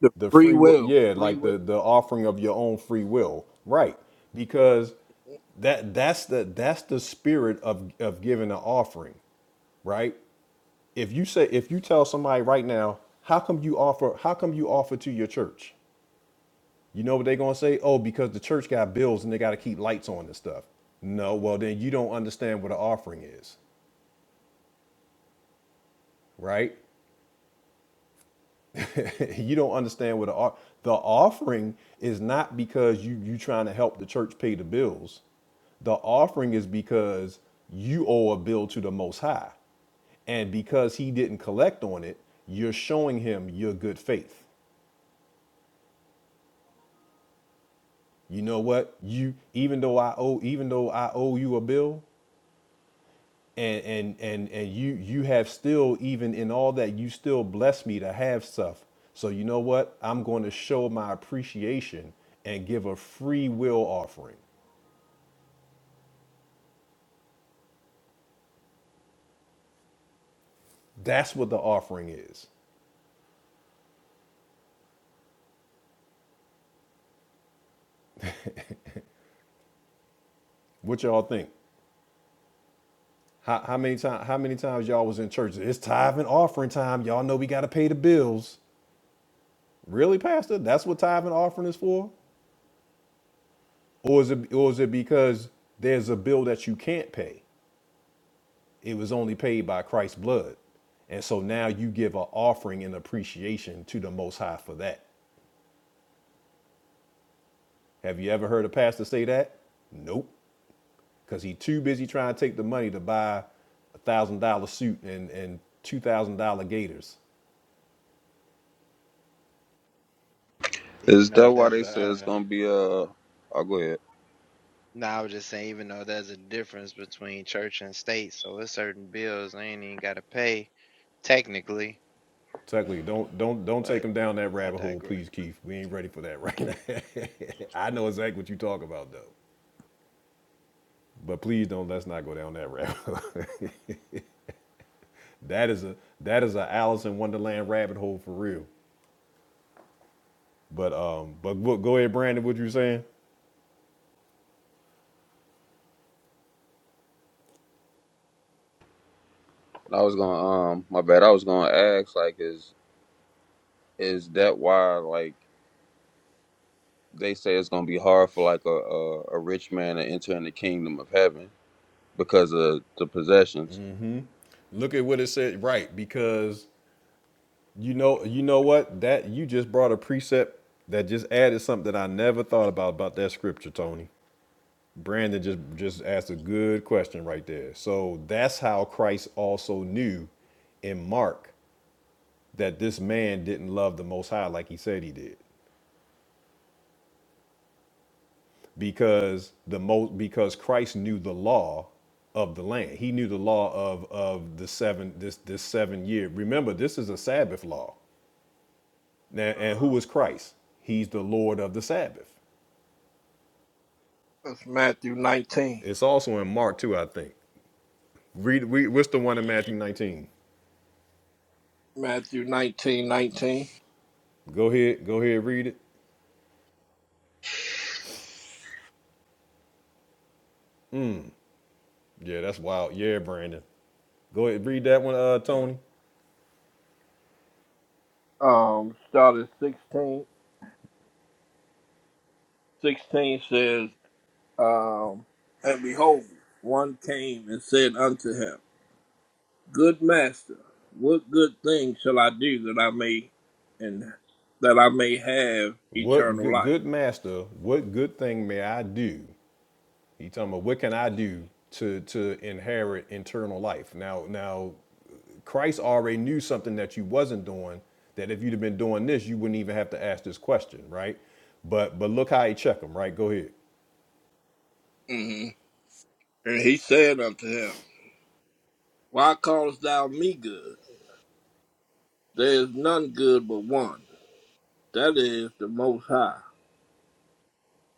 A: The
B: the
A: free
B: free will,
A: will,
B: yeah,
A: free
B: like
A: will.
B: the the offering of your own free will, right? Because that that's the that's the spirit of of giving an offering, right? If you say if you tell somebody right now, how come you offer how come you offer to your church? You know what they're gonna say? Oh, because the church got bills and they gotta keep lights on and stuff. No, well then you don't understand what an offering is, right? [LAUGHS] you don't understand what the, the offering is not because you you trying to help the church pay the bills. The offering is because you owe a bill to the Most High, and because He didn't collect on it, you're showing Him your good faith. You know what? You even though I owe even though I owe you a bill, and and and and you you have still even in all that you still bless me to have stuff so you know what i'm going to show my appreciation and give a free will offering that's what the offering is what y'all think how, how many times how many times y'all was in church it's tithe and offering time y'all know we got to pay the bills really pastor that's what tithe and offering is for or is it or is it because there's a bill that you can't pay It was only paid by Christ's blood. And so now you give an offering in appreciation to the Most High for that. Have you ever heard a pastor say that? Nope. Because he too busy trying to take the money to buy a thousand dollar suit and, and two thousand dollar gaiters.
E: Is
J: Even
E: that
J: though
E: why
J: there's
E: they said
J: a
E: it's gonna be uh oh go ahead.
J: No, I was just saying, even though there's a difference between church and state, so there's certain bills I ain't even gotta pay technically,
B: Technically, don't don't don't take
J: but
B: him down that
J: I
B: rabbit hole,
J: digress.
B: please, Keith. We ain't ready for that right now. [LAUGHS] I know exactly what you talk about though. But please don't let's not go down that rabbit hole. [LAUGHS] that is a that is a Alice in Wonderland rabbit hole for real. But um, but go ahead, Brandon. What you saying?
E: I was gonna um my bad, I was gonna ask like is is that why like they say it's gonna be hard for like a, a, a rich man to enter in the kingdom of heaven because of the possessions?
B: Look at what it said, right? Because you know, you know what? That you just brought a precept that just added something that I never thought about about that scripture, Tony. Brandon just just asked a good question right there. So that's how Christ also knew in Mark that this man didn't love the Most High like he said he did. because the most because Christ knew the law of the land. He knew the law of of the seven this this seven year. Remember, this is a Sabbath law. Now, and
A: Uh-huh.
B: who is Christ? He's the Lord of the Sabbath.
A: That's Matthew 19.
B: It's also in Mark too, I think. Read, read what's the one in Matthew 19?
A: Matthew 19, 19.
B: Go ahead, go ahead, read it. Yeah, that's wild. Yeah, Brandon. Go ahead, read that one, uh, Tony.
A: Um, start at 16. 16 says, um, And behold, one came and said unto him, Good master, what good thing shall I do that I may and that I may have
B: What
A: eternal
B: good,
A: life?
B: good master, what good thing may I do He talking about what can I do to to inherit eternal life? Now now Christ already knew something that you wasn't doing, that if you'd have been doing this, you wouldn't even have to ask this question, right? But but look how he check them, right? Go ahead.
A: hmm And he said unto him, Why callest thou me good? There is none good but one, that is the Most High.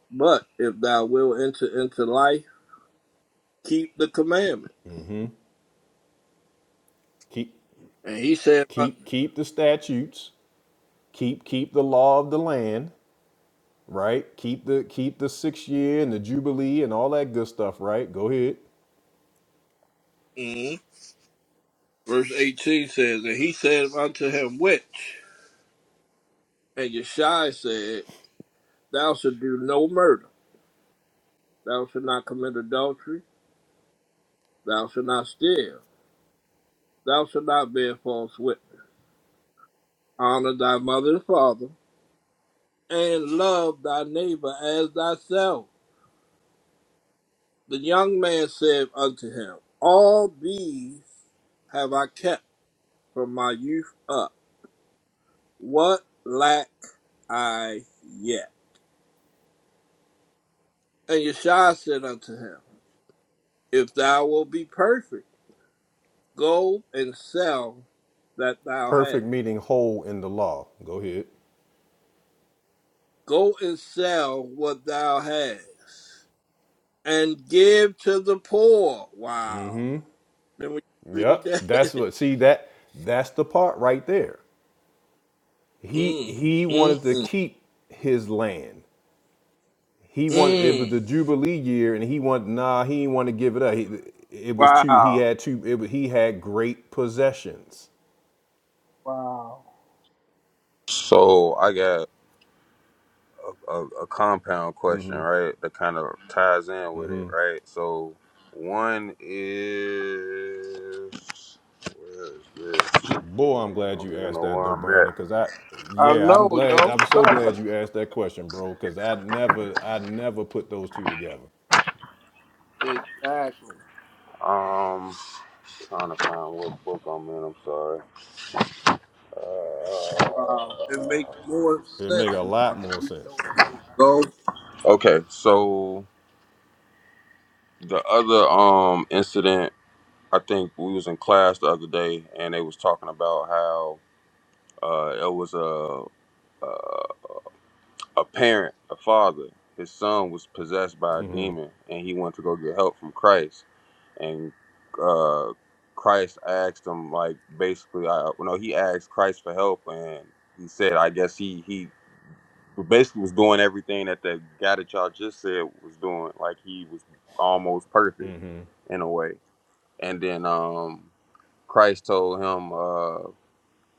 A: But if thou wilt enter into life, keep the commandment.
B: Keep
A: And he said, uh,
B: keep keep the statutes, keep keep the law of the land, right? Keep the keep the sixth year and the jubilee and all that good stuff, right? Go ahead.
A: mhm. verse 18 says, And he said unto him, Which? And Yeshai said, Thou shalt do no murder. Thou shalt not commit adultery. Thou shalt not steal. Thou shalt not bear false witness. Honor thy mother and father, and love thy neighbor as thyself. The young man said unto him, All these have I kept from my youth up. What lack I yet? And Yeshua said unto him, If thou wilt be perfect, go and sell that thou hast.
B: Perfect meaning whole in the law. Go ahead.
A: Go and sell what thou hast, and give to the poor. Wow. Then we read
B: Yep. That's
A: that.
B: what see that that's the part right there.
A: [LAUGHS]
B: he
A: mm,
B: he
A: mm,
B: wanted to
A: mm,
B: keep his land. He wanted it was
A: mm.
B: the Jubilee year, and he wanted nah. He didn't want to give it up. He, it was too. He
A: Wow.
B: had too. It was, he had great possessions.
A: Wow.
E: So I got a, a, a compound question, right? That kind of ties in with it, right? So one is where is this?
B: Boy, I'm
E: I
B: glad
E: don't
B: you
E: even
B: asked
E: know
B: that
E: where
B: though,
E: I'm at.
B: Brandon. Cause I,
A: I
B: yeah, I'm
A: know,
B: glad.
A: yo.
B: I'm so glad you asked that question, bro. Cause I never, I never put those two together.
A: Exactly.
E: Um, trying to find what book I'm in. I'm sorry.
A: Wow. It makes
E: Uh,
A: more
B: It make a
A: sense now
B: lot
A: that
B: more
A: you
B: sense.
A: told him to go.
E: okay, so the other um incident, I think we was in class the other day, and they was talking about how uh it was a uh, a parent, a father, his son was possessed by a demon, and he went to go get help from Christ. And uh, Christ asked him, like, basically, I you know he asked Christ for help, and he said, I guess he he basically was doing everything that the guy that y'all just said was doing, like he was almost perfect in a way. And then um, Christ told him uh,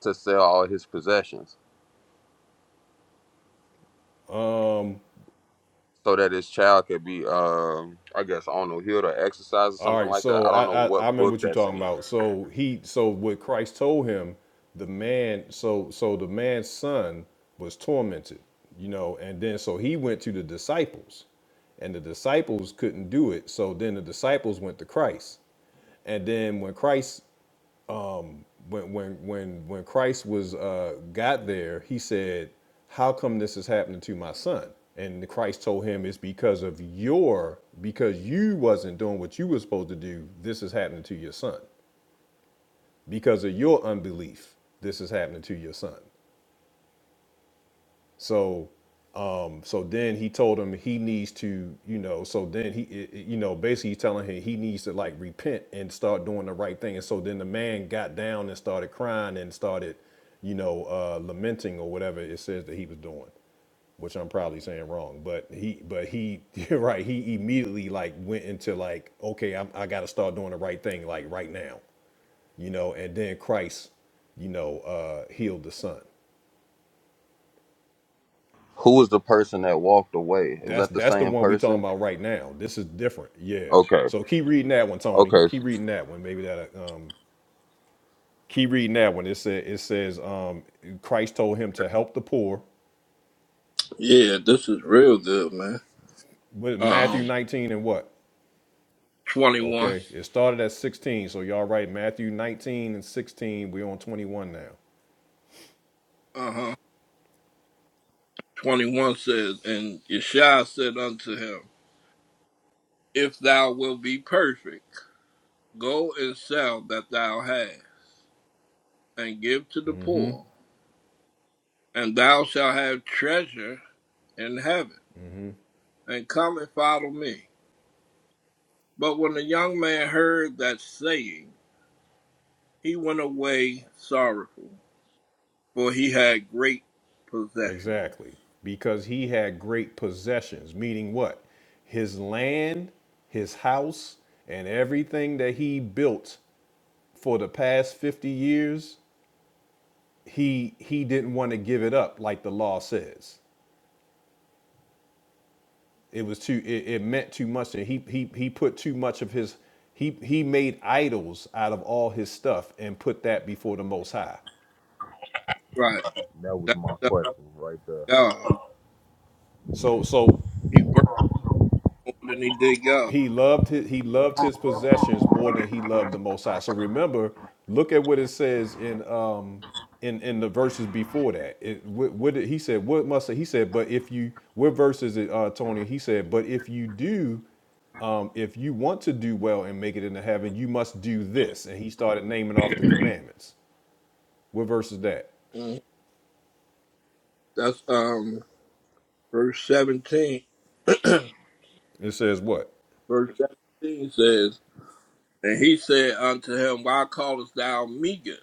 E: to sell all his possessions so that his child could be, um, I guess, I don't know, healed or exercised or
B: All
E: something
B: right,
E: like that.
B: so
E: I don't know
B: I, I I
E: what
B: remember
E: book
B: what you're
E: that's
B: talking
E: in.
B: about. So he so what Christ told him, the man so so the man's son was tormented, you know, and then so he went to the disciples, and the disciples couldn't do it. So then the disciples went to Christ, and then when Christ when when when when Christ was uh, got there, he said, "How come this is happening to my son?" And Christ told him, "It's because of your because you wasn't doing what you were supposed to do. This is happening to your son because of your unbelief. This is happening to your son." So, um, so then he told him he needs to, you know, so then he, it- it- you know, basically he's telling him he needs to like repent and start doing the right thing. And so then the man got down and started crying and started, you know, uh, lamenting or whatever it says that he was doing, which I'm probably saying wrong, but he, but he, [LAUGHS] you're right. He immediately like went into like, okay, I'm, I got to start doing the right thing like right now, you know, and then Christ, you know, uh, healed the son.
E: Who was the person that walked away? Is
B: That's
E: that the
B: that's the
E: same
B: one we talking
E: person?
B: about right now. This is different. Yeah.
E: Okay,
B: So keep reading that one, Tony.
E: okay.
B: Keep reading that one. Maybe that. uh, Um, keep reading that one. It said it says um, Christ told him to help the poor.
A: Yeah, this is real good, man.
B: With
A: Um,
B: Matthew 19 and what?
A: 21.
B: Okay, it started at 16. So y'all right, Matthew 19 and 16. We're on 21 now.
A: Uh huh. 21 says, And Yeshua said unto him, If thou wilt be perfect, go and sell that thou hast, and give to the poor, and thou shalt have treasure in heaven, and come and follow me. But when the young man heard that saying, he went away sorrowful, for he had great possessions.
B: Exactly. Because he had great possessions, meaning what? His land, his house, and everything that he built for the past 50 years he he didn't want to give it up like the law says. It was too it, it meant too much and he he he put too much of his he he made idols out of all his stuff and put that before the most high.
A: Right.
E: That was my
A: That's
E: question right there.
A: God.
B: So so
A: He worked more than he did God.
B: He loved his, he loved his possessions more than he loved the Most High. So remember, look at what it says in um in in the verses before that. It, what, what did, he said? What must he said? But if you what verse is it, uh, Tony? He said, but if you do, um, if you want to do well and make it into heaven, you must do this. And he started naming off the commandments. What verse is that?
A: Mm. That's um verse seventeen. [CLEARS THROAT]
B: It says what?
A: verse seventeen says, And he said unto him, Why callest thou me good?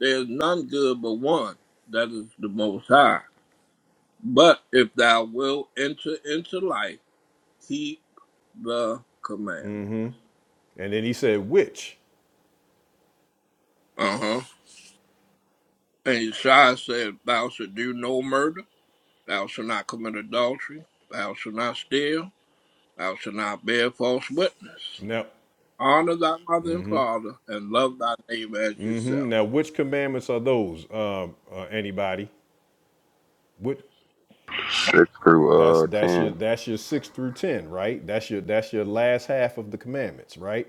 A: There is none good but one, that is the most high. But if thou wilt enter into life, keep the commandment.
B: And then he said which.
A: Uh huh. And Isaiah said, Thou shalt do no murder, thou shalt not commit adultery, thou shalt not steal, thou shalt not bear false witness.
B: Now,
A: Honor thy mother and father, and love thy neighbor as
B: mhm,
A: yourself.
B: now which commandments are those? Um, uh, anybody? What?
E: Six
B: That's
E: through uh
B: that's your
E: ten.
B: that's your six through ten, right? That's your that's your last half of the commandments, right?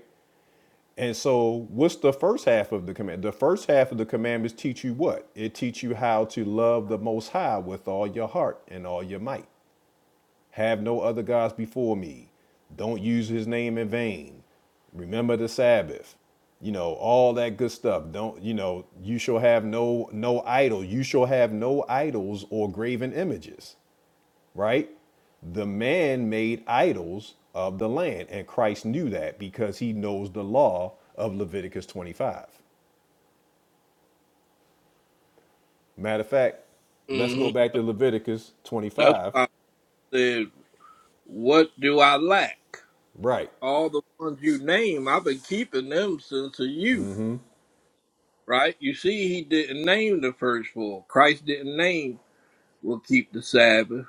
B: And so what's the first half of the command? The first half of the commandments teach you what? It teach you how to love the most high with all your heart and all your might. Have no other gods before me. Don't use his name in vain. Remember the Sabbath. You know, all that good stuff. Don't, you know, you shall have no no idol. You shall have no idols or graven images right? The man made idols of the land, and Christ knew that because he knows the law of Leviticus 25. Matter of fact, let's go
A: hmm
B: back to Leviticus
A: That's
B: 25.
A: why I said, What do I lack?
B: Right,
A: All the ones you name, I've been keeping them since the youth, right? You see, he didn't name the first four. Christ didn't name, will keep the Sabbath,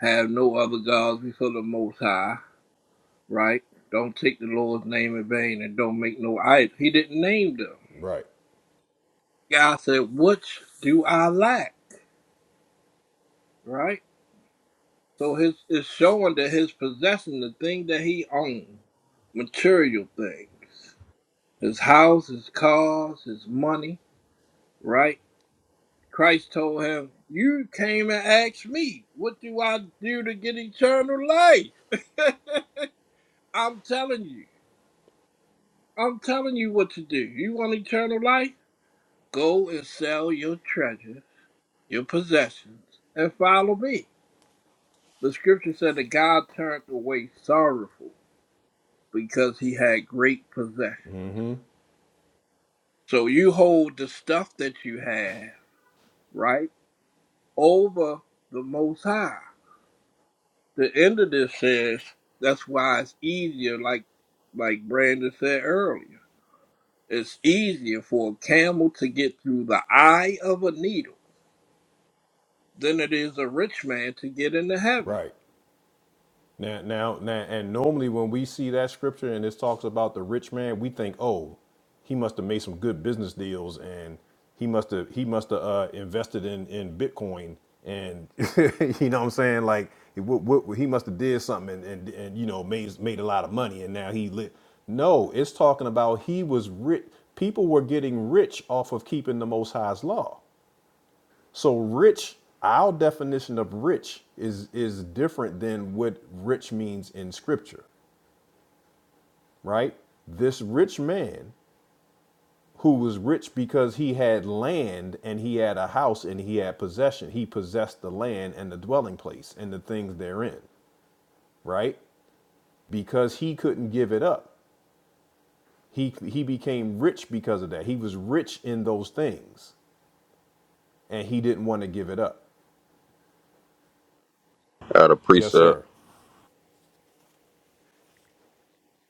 A: have no other gods before the Most High right? Don't take the Lord's name in vain and don't make no idol. He didn't name them.
B: right,
A: God said, Which do I lack? Right? So his it's showing that his possessing the thing that he owned, material things. His house, his cars, his money, right? Christ told him, You came and asked me, what do I do to get eternal life? [LAUGHS] I'm telling you. I'm telling you what to do. You want eternal life? Go and sell your treasures, your possessions, and follow me. The scripture said that God turned away sorrowful because he had great possessions. So you hold the stuff that you have, right, over the most high. The end of this says that's why it's easier, like like Brandon said earlier. It's easier for a camel to get through the eye of a needle than it is a rich man to get into heaven.
B: right. Now, now, now, and normally when we see that scripture and this talks about the rich man, we think, oh, he must have made some good business deals and he must have he must have uh, invested in in Bitcoin and [LAUGHS] you know what I'm saying like he, wo- he must have did something and, and and you know made made a lot of money and now he lit. No, it's talking about he was rich. People were getting rich off of keeping the Most High's law. So rich, our definition of rich is is different than what rich means in scripture, right? This rich man who was rich because he had land and he had a house and he had possession. He possessed the land and the dwelling place and the things therein, right? Because he couldn't give it up. He he became rich because of that. He was rich in those things and he didn't want to give it up.
E: Out of
B: Yes,
E: precept
B: sir.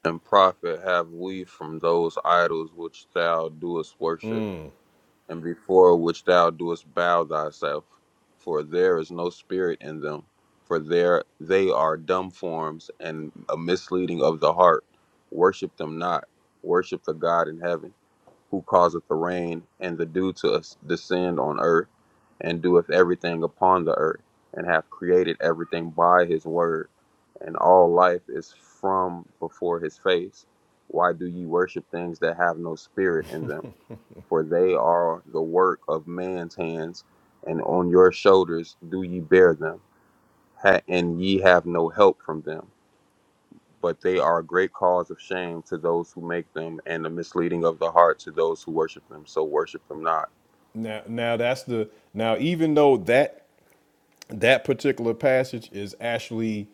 E: and profit have we from those idols which thou doest worship. and before which thou doest bow thyself, for there is no spirit in them, for there they are dumb forms and a misleading of the heart. Worship them not, worship the God in heaven who causeth the rain and the dew to descend on earth, and doeth everything upon the earth, and hath created everything by his word, and all life is from before his face. Why do ye worship things that have no spirit in them? For they are the work of man's hands, and on your shoulders do ye bear them, ha- and ye have no help from them but they are a great cause of shame to those who make them, and a misleading of the heart to those who worship them. So worship them not.
B: Now, now that's the now even though that that particular passage is actually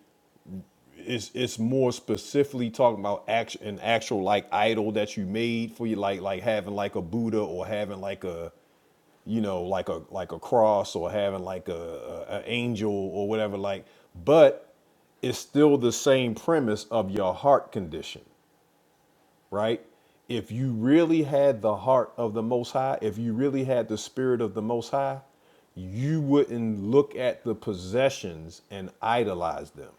B: it's it's more specifically talking about action an actual like idol that you made for you like like having like a Buddha or having like a you know like a like a cross or having like a, a, a angel or whatever like but it's still the same premise of your heart condition right? If you really had the heart of the Most High, if you really had the spirit of the Most High, you wouldn't look at the possessions and idolize them.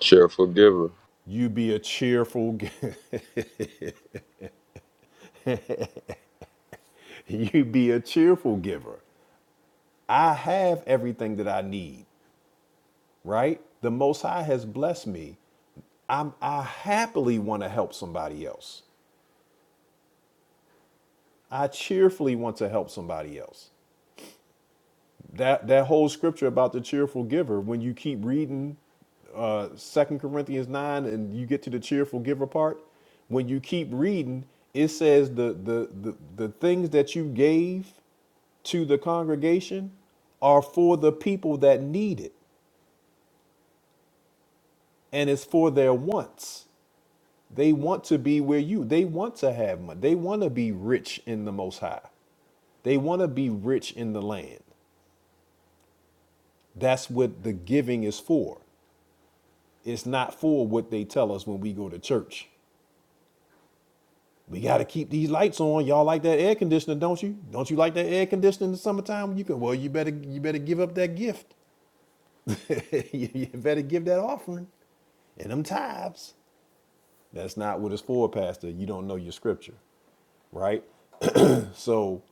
E: Cheerful giver.
B: You'd be a cheerful, [LAUGHS] you'd be a cheerful giver. I have everything that I need, right? The Most High has blessed me. I'm, I happily want to help somebody else. I cheerfully want to help somebody else. that that whole scripture about the cheerful giver when you keep reading uh second corinthians 9 and you get to the cheerful giver part when you keep reading it says the the the, the things that you gave to the congregation are for the people that need it and it's for their wants they want to be where you they want to have money they want to be rich in the most high they want to be rich in the land that's what the giving is for it's not for what they tell us when we go to church. We got to keep these lights on. Y'all like that air conditioner, don't you? Don't you like that air conditioner in the summertime? You can. Well, you better you better give up that gift. [LAUGHS] you better give that offering and them tithes. That's not what it's for, Pastor. You don't know your scripture, right? So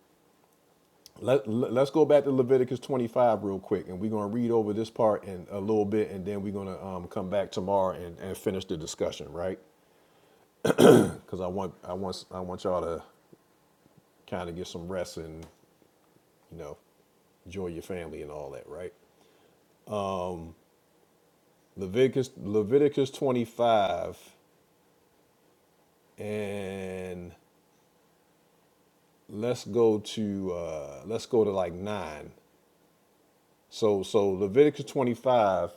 B: let, let- let's go back to Leviticus 25 real quick, and we're going to read over this part in a little bit, and then we're going to um, come back tomorrow and, and finish the discussion, right? Because I want I want I want y'all to kind of get some rest and you know enjoy your family and all that, right? Leviticus Leviticus 25 and let's go to uh let's go to like 9. So so Leviticus 25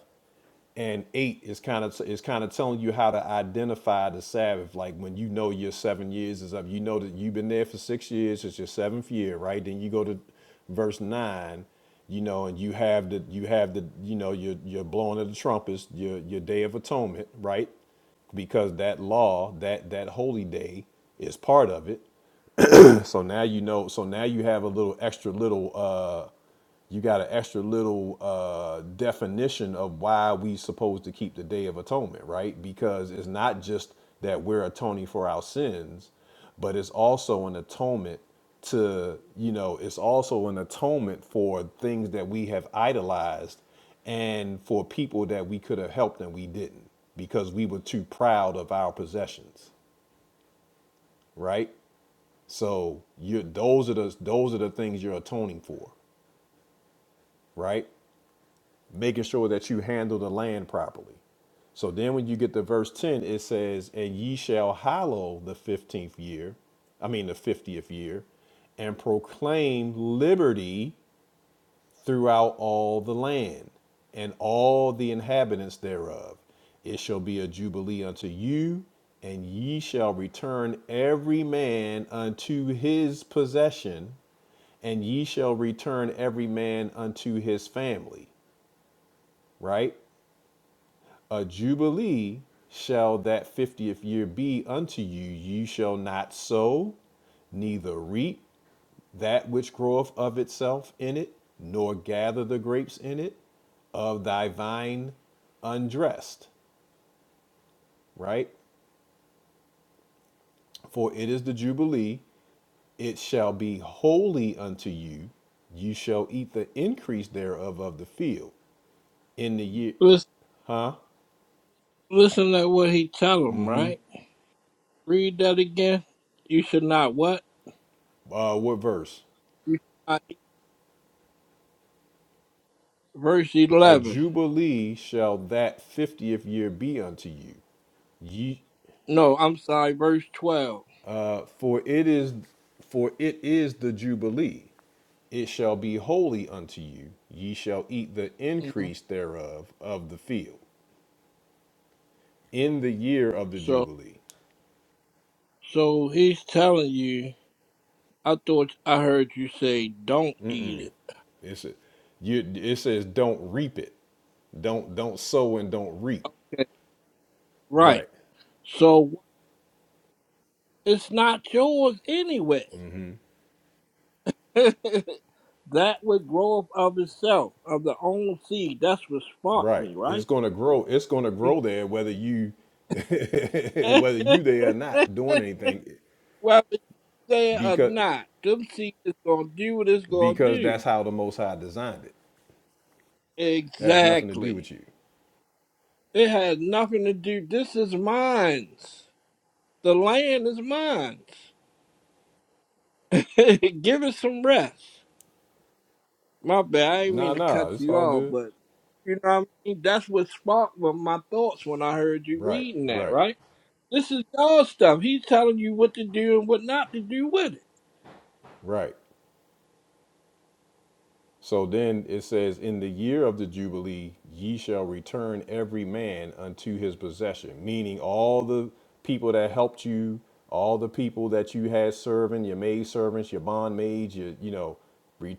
B: and eight is kind of is kind of telling you how to identify the Sabbath. Like when you know your seven years is up, you know that you've been there for six years. It's your seventh year, right? Then you go to verse nine, you know, and you have the you have the you know your your blowing of the trumpets, your your day of atonement, right? Because that law, that that holy day, is part of it. So now you know. So now you have a little extra little. Uh, you got an extra little uh, definition of why we supposed to keep the Day of Atonement, right? Because it's not just that we're atoning for our sins, but it's also an atonement to you know. It's also an atonement for things that we have idolized and for people that we could have helped and we didn't because we were too proud of our possessions, right? So you those are the those are the things you're atoning for, right? Making sure that you handle the land properly. So then when you get to verse 10, it says, And ye shall hallow the fifteenth year, I mean the fiftieth year, and proclaim liberty throughout all the land, and all the inhabitants thereof. It shall be a jubilee unto you, and ye shall return every man unto his possession and ye shall return every man unto his family, right? A jubilee shall that 50th year be unto you. You shall not sow, neither reap that which groweth of itself in it, nor gather the grapes in it of thy vine undressed, right? For it is the Jubilee, it shall be holy unto you. You shall eat the increase thereof of the field in the year,
A: It's
B: huh?
A: Listen to what he tell them, right? Read that again. You should not what?
B: Uh, what verse?
A: You should not eat. Verse
B: A
A: 11.
B: jubilee shall that fiftieth year be unto you. Ye,
A: No, I'm sorry, verse 12.
B: uh, for it is, for it is the jubilee. It shall be holy unto you. Ye shall eat the
A: hmm
B: increase thereof of the field in the year of the
A: So,
B: jubilee.
A: so he's telling you, I thought I heard you say don't eat it.
B: It's a, you, it says don't reap it, don't don't sow and don't reap.
A: Okay. Right.
B: Right.
A: So it's not yours anyway. [LAUGHS] that would grow up of itself, of the own seed. That's what sparked
B: Right.
A: me,
B: It's
A: right?
B: going to grow. It's going to grow there whether you [LAUGHS] whether you there or not
A: [LAUGHS]
B: doing anything
A: Whether you say it or
B: because
A: not, them seeds is gonna do what it's gonna
B: because that's
A: do.
B: how the most high designed it. That has nothing to do
A: Exactly.
B: with you.
A: It has nothing to do. This is mine. The land is mine. [LAUGHS] Give it some rest. My bad. I didn't
B: Nah,
A: mean to
B: nah,
A: cut
B: it's
A: you
B: all
A: off,
B: good.
A: but you know what I mean. That's what sparked my my thoughts when I heard you
B: Right,
A: reading that.
B: right,
A: Right. This is y'all stuff. He's telling you what to do and what not to do with it.
B: right. So then it says, In the year of the Jubilee, ye shall return every man unto his possession, meaning all the people that helped you, all the people that you had serving, your maid servants, your bondmaids, your, you know, re,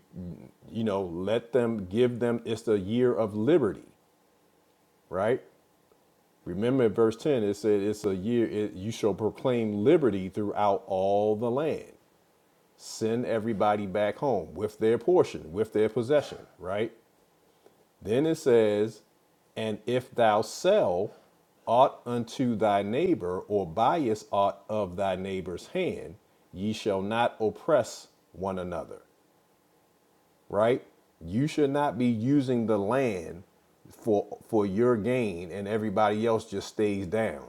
B: you know, let them give them. It's the year of liberty, right? Remember in verse 10, it said, It's a year, it, you shall proclaim liberty throughout all the land. Send everybody back home with their portion, with their possession, right? Then it says, And if thou sell aught unto thy neighbor, or buyest aught of thy neighbor's hand, ye shall not oppress one another. Right? You should not be using the land for for your gain and everybody else just stays down.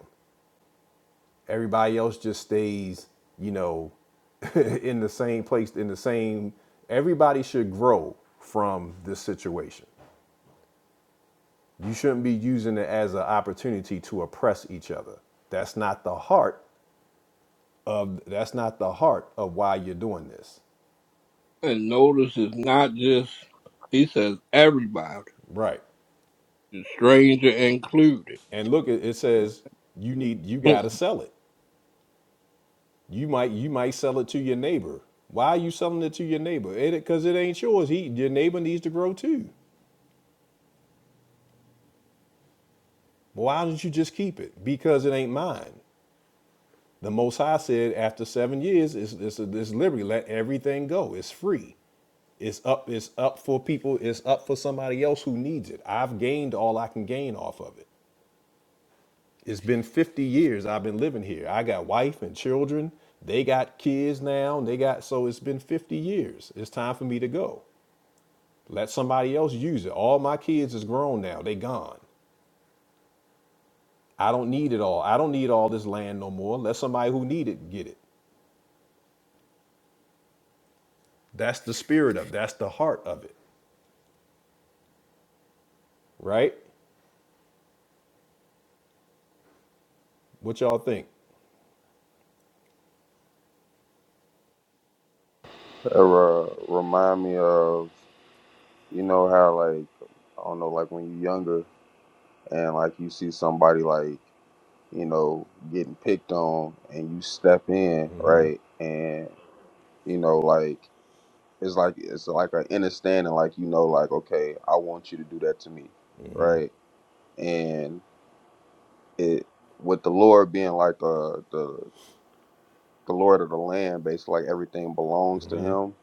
B: Everybody else just stays, you know, [LAUGHS] in the same place, in the same everybody should grow from this situation. You shouldn't be using it as an opportunity to oppress each other. That's not the heart of that's not the heart of why you're doing this.
A: And notice it's not just. He says everybody.
B: Right.
A: the stranger included.
B: And look it, says you need you
A: [LAUGHS]
B: got
A: wow,
B: to sell it. You might you might sell it to your neighbor. Why are you selling it to your neighbor? It cuz it ain't yours. He your neighbor needs to grow too. Why don't you just keep it? Because it ain't mine. The Most High said after seven years, it's, it's, it's liberty. Let everything go. It's free. It's up. It's up for people. It's up for somebody else who needs it. I've gained all I can gain off of it. It's been 50 years I've been living here. I got wife and children. They got kids now. and They got so it's been 50 years. It's time for me to go. Let somebody else use it. All my kids is grown now. They gone. I don't need it all. I don't need all this land no more. Let somebody who need it get it. That's the spirit of. it. That's the heart of it. Right? What y'all think?
E: That, uh, remind me of you know how like I don't know like when you're younger and like you see somebody like you know getting picked on and you step in right and you know like it's like it's like an understanding like you know like okay I want you to do that to me right And. it with the Lord being like uh the the Lord of the land, basically like everything belongs to him.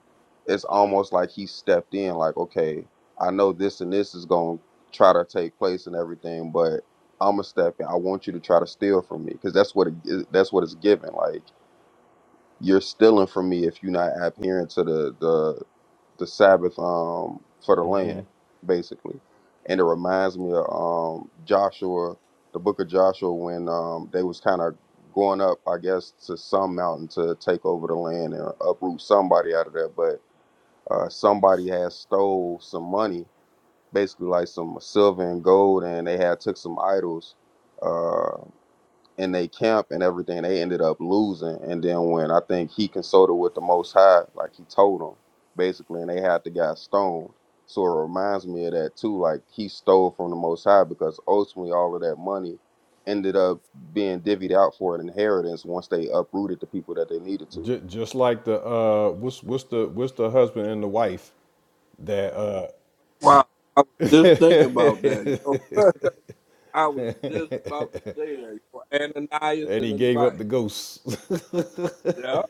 E: It's almost like he stepped in, like, okay, I know this and this is gonna try to take place and everything, but I'm gonna step in. I want you to try to steal from me because that's what it, that's what it's given. Like you're stealing from me if you're not adhering to the the the Sabbath um, for the land, basically. And it reminds me of um, Joshua, the book of Joshua, when um, they was kind of going up, I guess, to some mountain to take over the land and uproot somebody out of there. But uh, somebody had stole some money, basically like some silver and gold, and they had took some idols. Uh, in they camp and everything. They ended up losing, and then when I think he consulted with the Most High, like he told him basically, and they had the guy stoned. So it reminds me of that too. Like he stole from the Most High because ultimately all of that money ended up being divvied out for an inheritance once they uprooted the people that they needed to.
B: J- just like the uh, what's what's the what's the husband and the wife that uh,
A: I was just thinking about that. Yo. [LAUGHS] I was just about to say that. Yo. Ananias
B: and
A: and
B: he
A: his
B: gave up
A: wife.
B: the ghost.
A: Yeah,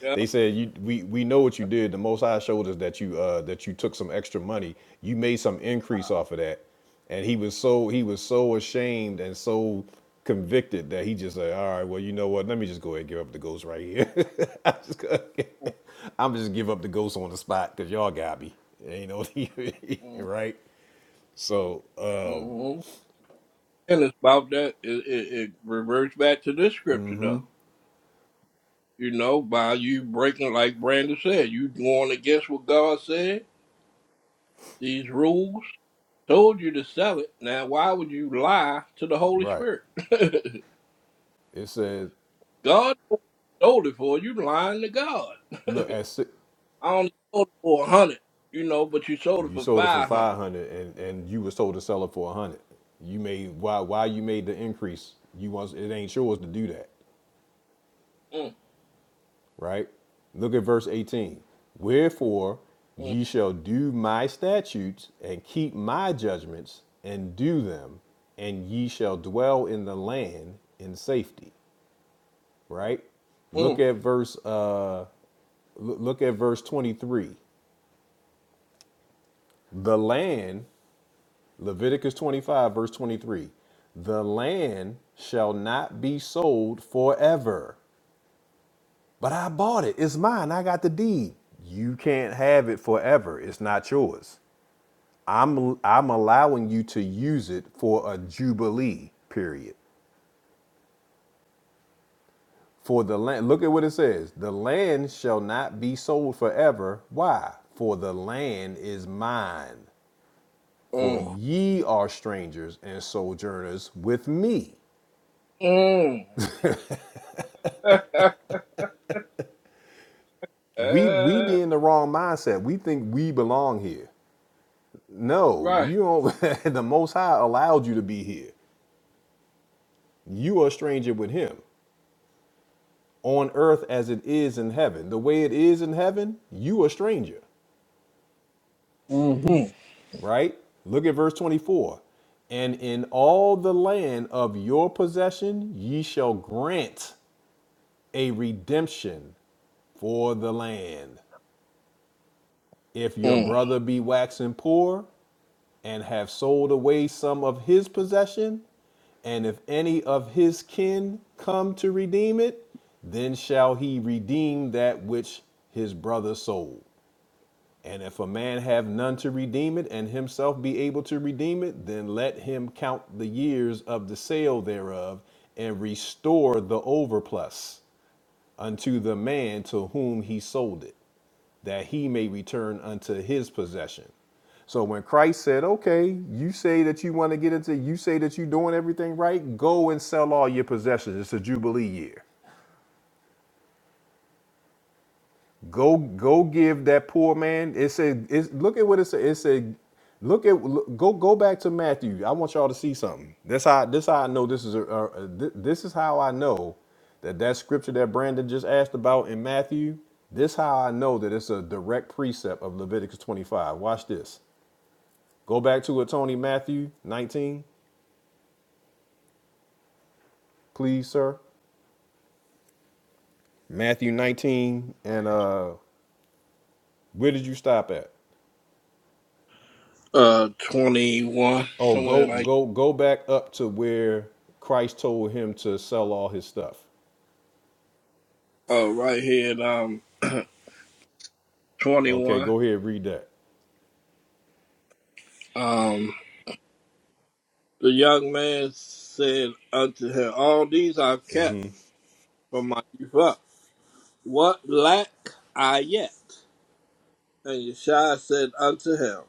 B: [LAUGHS] they said you we we know what you did. The Most High showed us that you uh that you took some extra money. You made some increase off of that, and he was so he was so ashamed and so convicted that he just said, all right, well you know what? Let me just go ahead and give up the ghost right here. [LAUGHS] I'm just gonna, [LAUGHS] I'm just give up the ghost on the spot because y'all got me. You know [LAUGHS] right? So. um
A: Mm-hmm. And it's about that. It, it, it reverts back to this scripture, though. You know, by you breaking, like Brandon said, you going against what God said, these rules. Told you to sell it. Now, why would you lie to the Holy
B: Right.
A: Spirit? [LAUGHS]
B: It says,
A: God told it for you lying to God. [LAUGHS]
B: look at six,
A: I only sold it for a hundred, you know, but you sold it
B: you
A: for
B: sold it for
A: five hundred.
B: five hundred, and and you were told to sell it for a hundred. You made why why you made the increase? You want it ain't yours to do that,
A: Mm,
B: right? Look at verse eighteen. Wherefore
A: mm,
B: ye shall do my statutes and keep my judgments and do them, and ye shall dwell in the land in safety. Right. Look at verse uh l- look at verse twenty three. The land Leviticus 25, verse 23. The land shall not be sold forever. But I bought it. It's mine. I got the deed. You can't have it forever. It's not yours. I'm I'm allowing you to use it for a jubilee period. For the land, look at what it says. The land shall not be sold forever. Why? For the land is mine. For
A: mm,
B: ye are strangers and sojourners with me.
A: mm,
B: we we be
A: mm.
B: in the wrong mindset. We think we belong here.
A: [LAUGHS]
B: No,
A: right.
B: you don't. [LAUGHS] the Most High allowed you to be here. You are a stranger with Him on earth as it is in heaven. The way it is in heaven, you are a stranger,
A: Mm-hmm.
B: right? Look at verse twenty-four. And in all the land of your possession, ye shall grant a redemption for the land. If your
A: Mm.
B: brother be waxing poor, and have sold away some of his possession, and if any of his kin come to redeem it, then shall he redeem that which his brother sold. And if a man have none to redeem it, and himself be able to redeem it, then let him count the years of the sale thereof, and restore the overplus unto the man to whom he sold it that he may return unto his possession. So when Christ said, Okay, you say that you want to get into, you say that you're doing everything right, go and sell all your possessions. It's a Jubilee year. Go, go give that poor man. It said, it's, look at what it said. It said, look at look, go go back to Matthew. I want y'all to see something. That's how this how I know this is a, a, a- thi- this is how I know that that scripture that Brandon just asked about in Matthew. This how I know that it's a direct precept of Leviticus 25. Watch this. Go back to a Tony Matthew 19, please, sir. Matthew 19, and uh, where did you stop at?
A: Uh, twenty-one,
B: Oh,
A: somewhere
B: go
A: like
B: go go back up to where Christ told him to sell all his stuff.
A: uh, right here at um
B: Okay,
A: twenty-one.
B: go ahead, read that.
A: Um, the young man said unto her, "All these I've kept from my youth up. What lack I yet?" And Yeshua said unto him,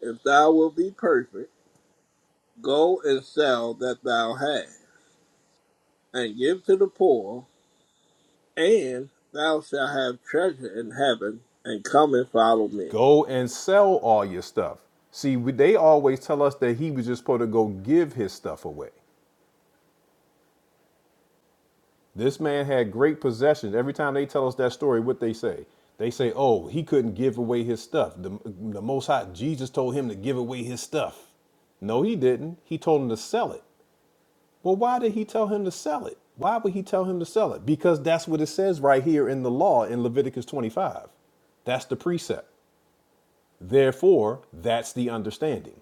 A: "If thou wilt be perfect." Go and sell that thou hast, and give to the poor, and thou shalt have treasure in heaven, and come and follow me.
B: Go and sell all your stuff. See, they always tell us that he was just supposed to go give his stuff away. This man had great possessions. Every time they tell us that story, what they say? They say, "Oh, he couldn't give away his stuff. The, the Most High Jesus told him to give away his stuff." No, he didn't. He told him to sell it. Well, why did he tell him to sell it? Why would he tell him to sell it? Because that's what it says right here in the law in Leviticus 25. That's the precept. Therefore, that's the understanding.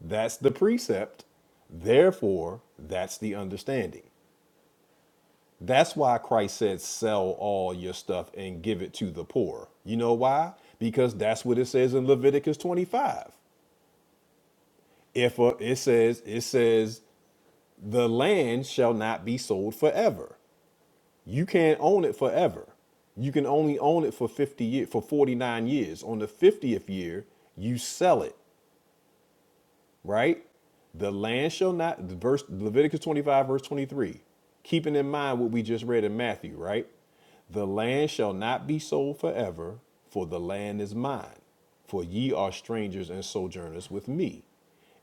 B: That's the precept. Therefore, that's the understanding. That's why Christ said, sell all your stuff and give it to the poor. You know why? Because that's what it says in Leviticus 25. If a, it says, it says, the land shall not be sold forever. You can't own it forever. You can only own it for 50 years, for 49 years. On the 50th year, you sell it right? The land shall not, verse Leviticus 25, verse 23, keeping in mind what we just read in Matthew, right? The land shall not be sold forever, for the land is mine, for ye are strangers and sojourners with me.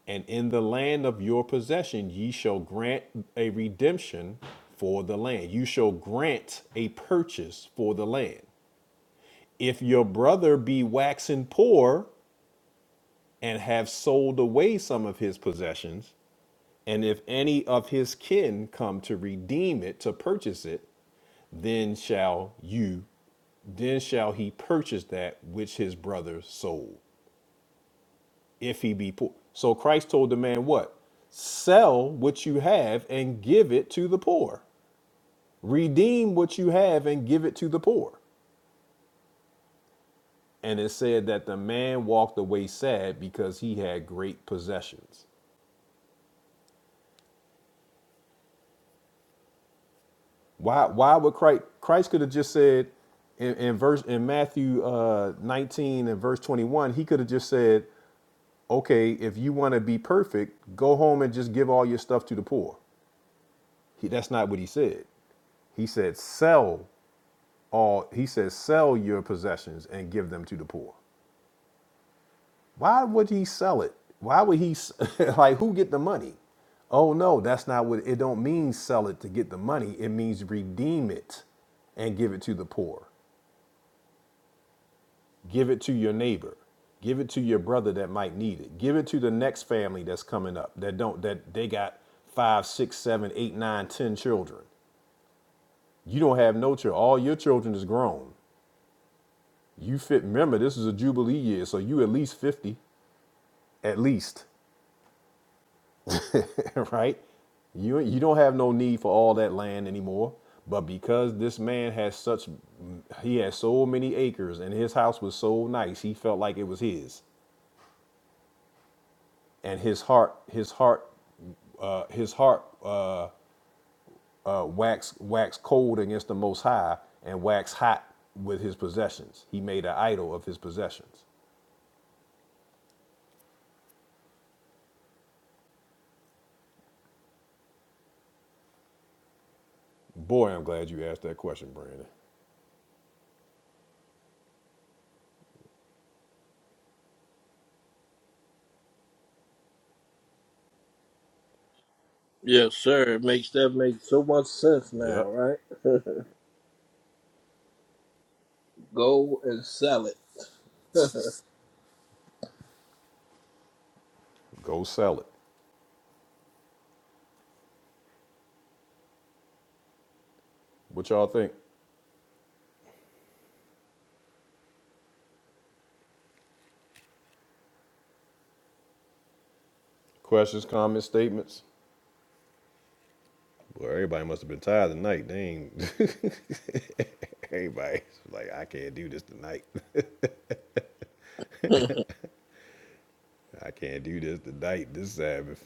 B: And in the land of your possession, ye shall grant a redemption for the land. You shall grant a purchase for the land. If your brother be waxing poor and have sold away some of his possessions, and if any of his kin come to redeem it, to purchase it, then shall you, then shall he purchase that which his brother sold, if he be poor. So Christ told the man what? Sell what you have and give it to the poor. Redeem what you have and give it to the poor. And it said that the man walked away sad because he had great possessions. Why why would Christ Christ could have just said in, in verse in Matthew uh, 19 and verse 21, he could have just said, okay, if you want to be perfect, go home and just give all your stuff to the poor. He, that's not what he said. He said, sell all he says sell your possessions and give them to the poor. Why would he sell it? Why would he s- [LAUGHS] like who get the money? Oh no, that's not what it don't mean sell it to get the money. It means redeem it and give it to the poor. Give it to your neighbor. Give it to your brother that might need it. Give it to the next family that's coming up that don't that they got five, six, seven, eight, nine, ten children. You don't have no children. All your children is grown. You fit. Remember, this is a jubilee year, so you at least fifty, at least, [LAUGHS] right? You you don't have no need for all that land anymore. But because this man has such, he has so many acres, and his house was so nice, he felt like it was his. and his heart his heart uh, his heart uh, uh, waxed waxed cold against the Most High and waxed hot with his possessions. He made an idol of his possessions. Boy, I'm glad you asked that question, Brandon.
A: Yes, sir. It makes that make so much sense now,
B: Yep,
A: right? [LAUGHS] Go and sell it. [LAUGHS]
B: go sell it. What y'all think? Questions, comments, statements? Well, everybody must have been tired tonight. They ain't [LAUGHS] Everybody's like, I can't do this tonight. [LAUGHS] I can't do this tonight. This Sabbath.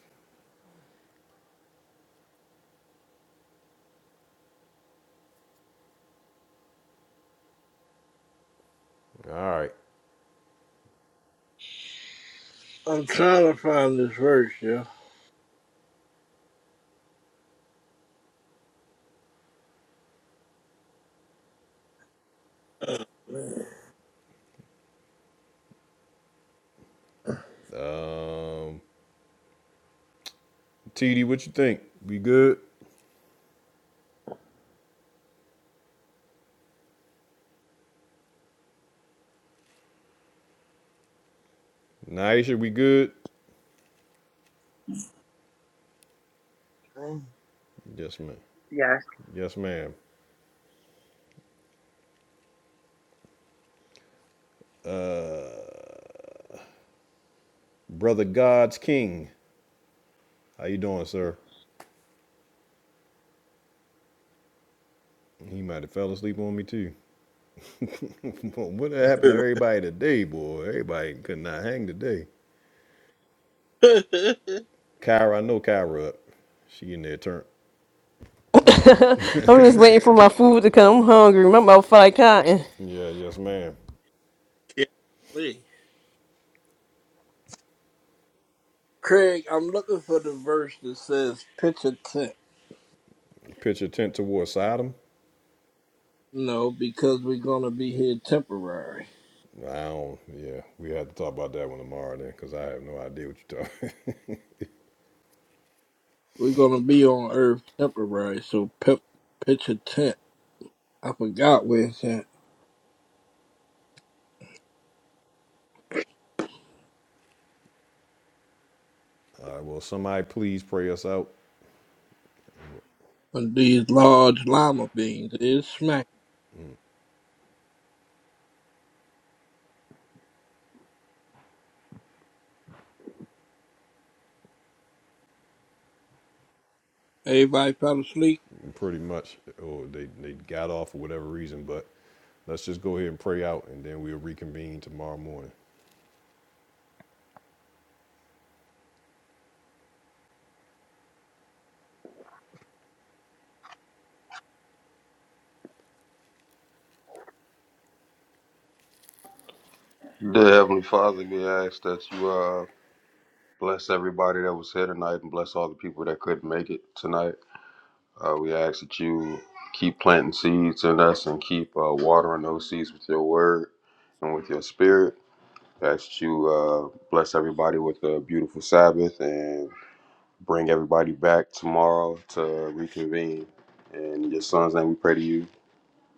B: All right.
A: I'm trying to find this verse, yo. Oh, man.
B: Um, TD, what you think? We good? Naisha, we good?
K: Thank
B: Yes, ma'am.
I: yes.
B: Yes, ma'am. Brother God's King, how you doing, sir? He might have fell asleep on me too. [LAUGHS] what happened to everybody today, boy? Everybody could not hang today.
A: [LAUGHS]
B: Kyra, I know Kyra up. She in there turn.
C: like- [LAUGHS] I'm just waiting for my food to come. I'm hungry. My mouth feel like cotton.
B: Yeah, yes, ma'am.
A: yeah. Me. Craig, I'm looking for the verse that says pitch a tent.
B: Picture tent towards Sodom.
A: You know, because we're gonna be here temporary.
B: I don't. Yeah, we have to talk about that one tomorrow then, because I have no idea what you're talking. [LAUGHS]
A: We're gonna be on Earth temporary, so pep, pitch a tent. I forgot where it's at.
B: All right. Well, somebody please pray us out.
A: But these large llama beans is smack. Everybody fell asleep?
B: pretty much, or they, they got off for whatever reason. But let's just go ahead and pray out, and then we'll reconvene tomorrow morning.
E: Dear Heavenly Father, we ask that you uh, bless everybody that was here tonight and bless all the people that couldn't make it tonight. Uh, we ask that you keep planting seeds in us and keep uh, watering those seeds with your word and with your spirit. We Ask that you uh, bless everybody with a beautiful Sabbath and bring everybody back tomorrow to reconvene. And in your son's name, we pray to you.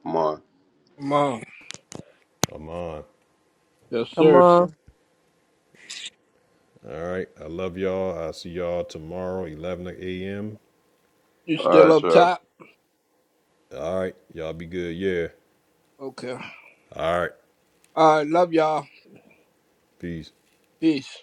E: Come on.
A: Mom.
B: Amon.
A: Yes,
C: Come
A: sir.
C: on.
B: All right. I love y'all. I'll see y'all tomorrow, 11 a.m.
A: You
E: All
A: still
E: right,
A: up
E: y'all.
A: top?
B: All right. Y'all be good. Yeah.
A: Okay.
B: All right.
A: Alright, love y'all.
B: Peace.
A: Peace.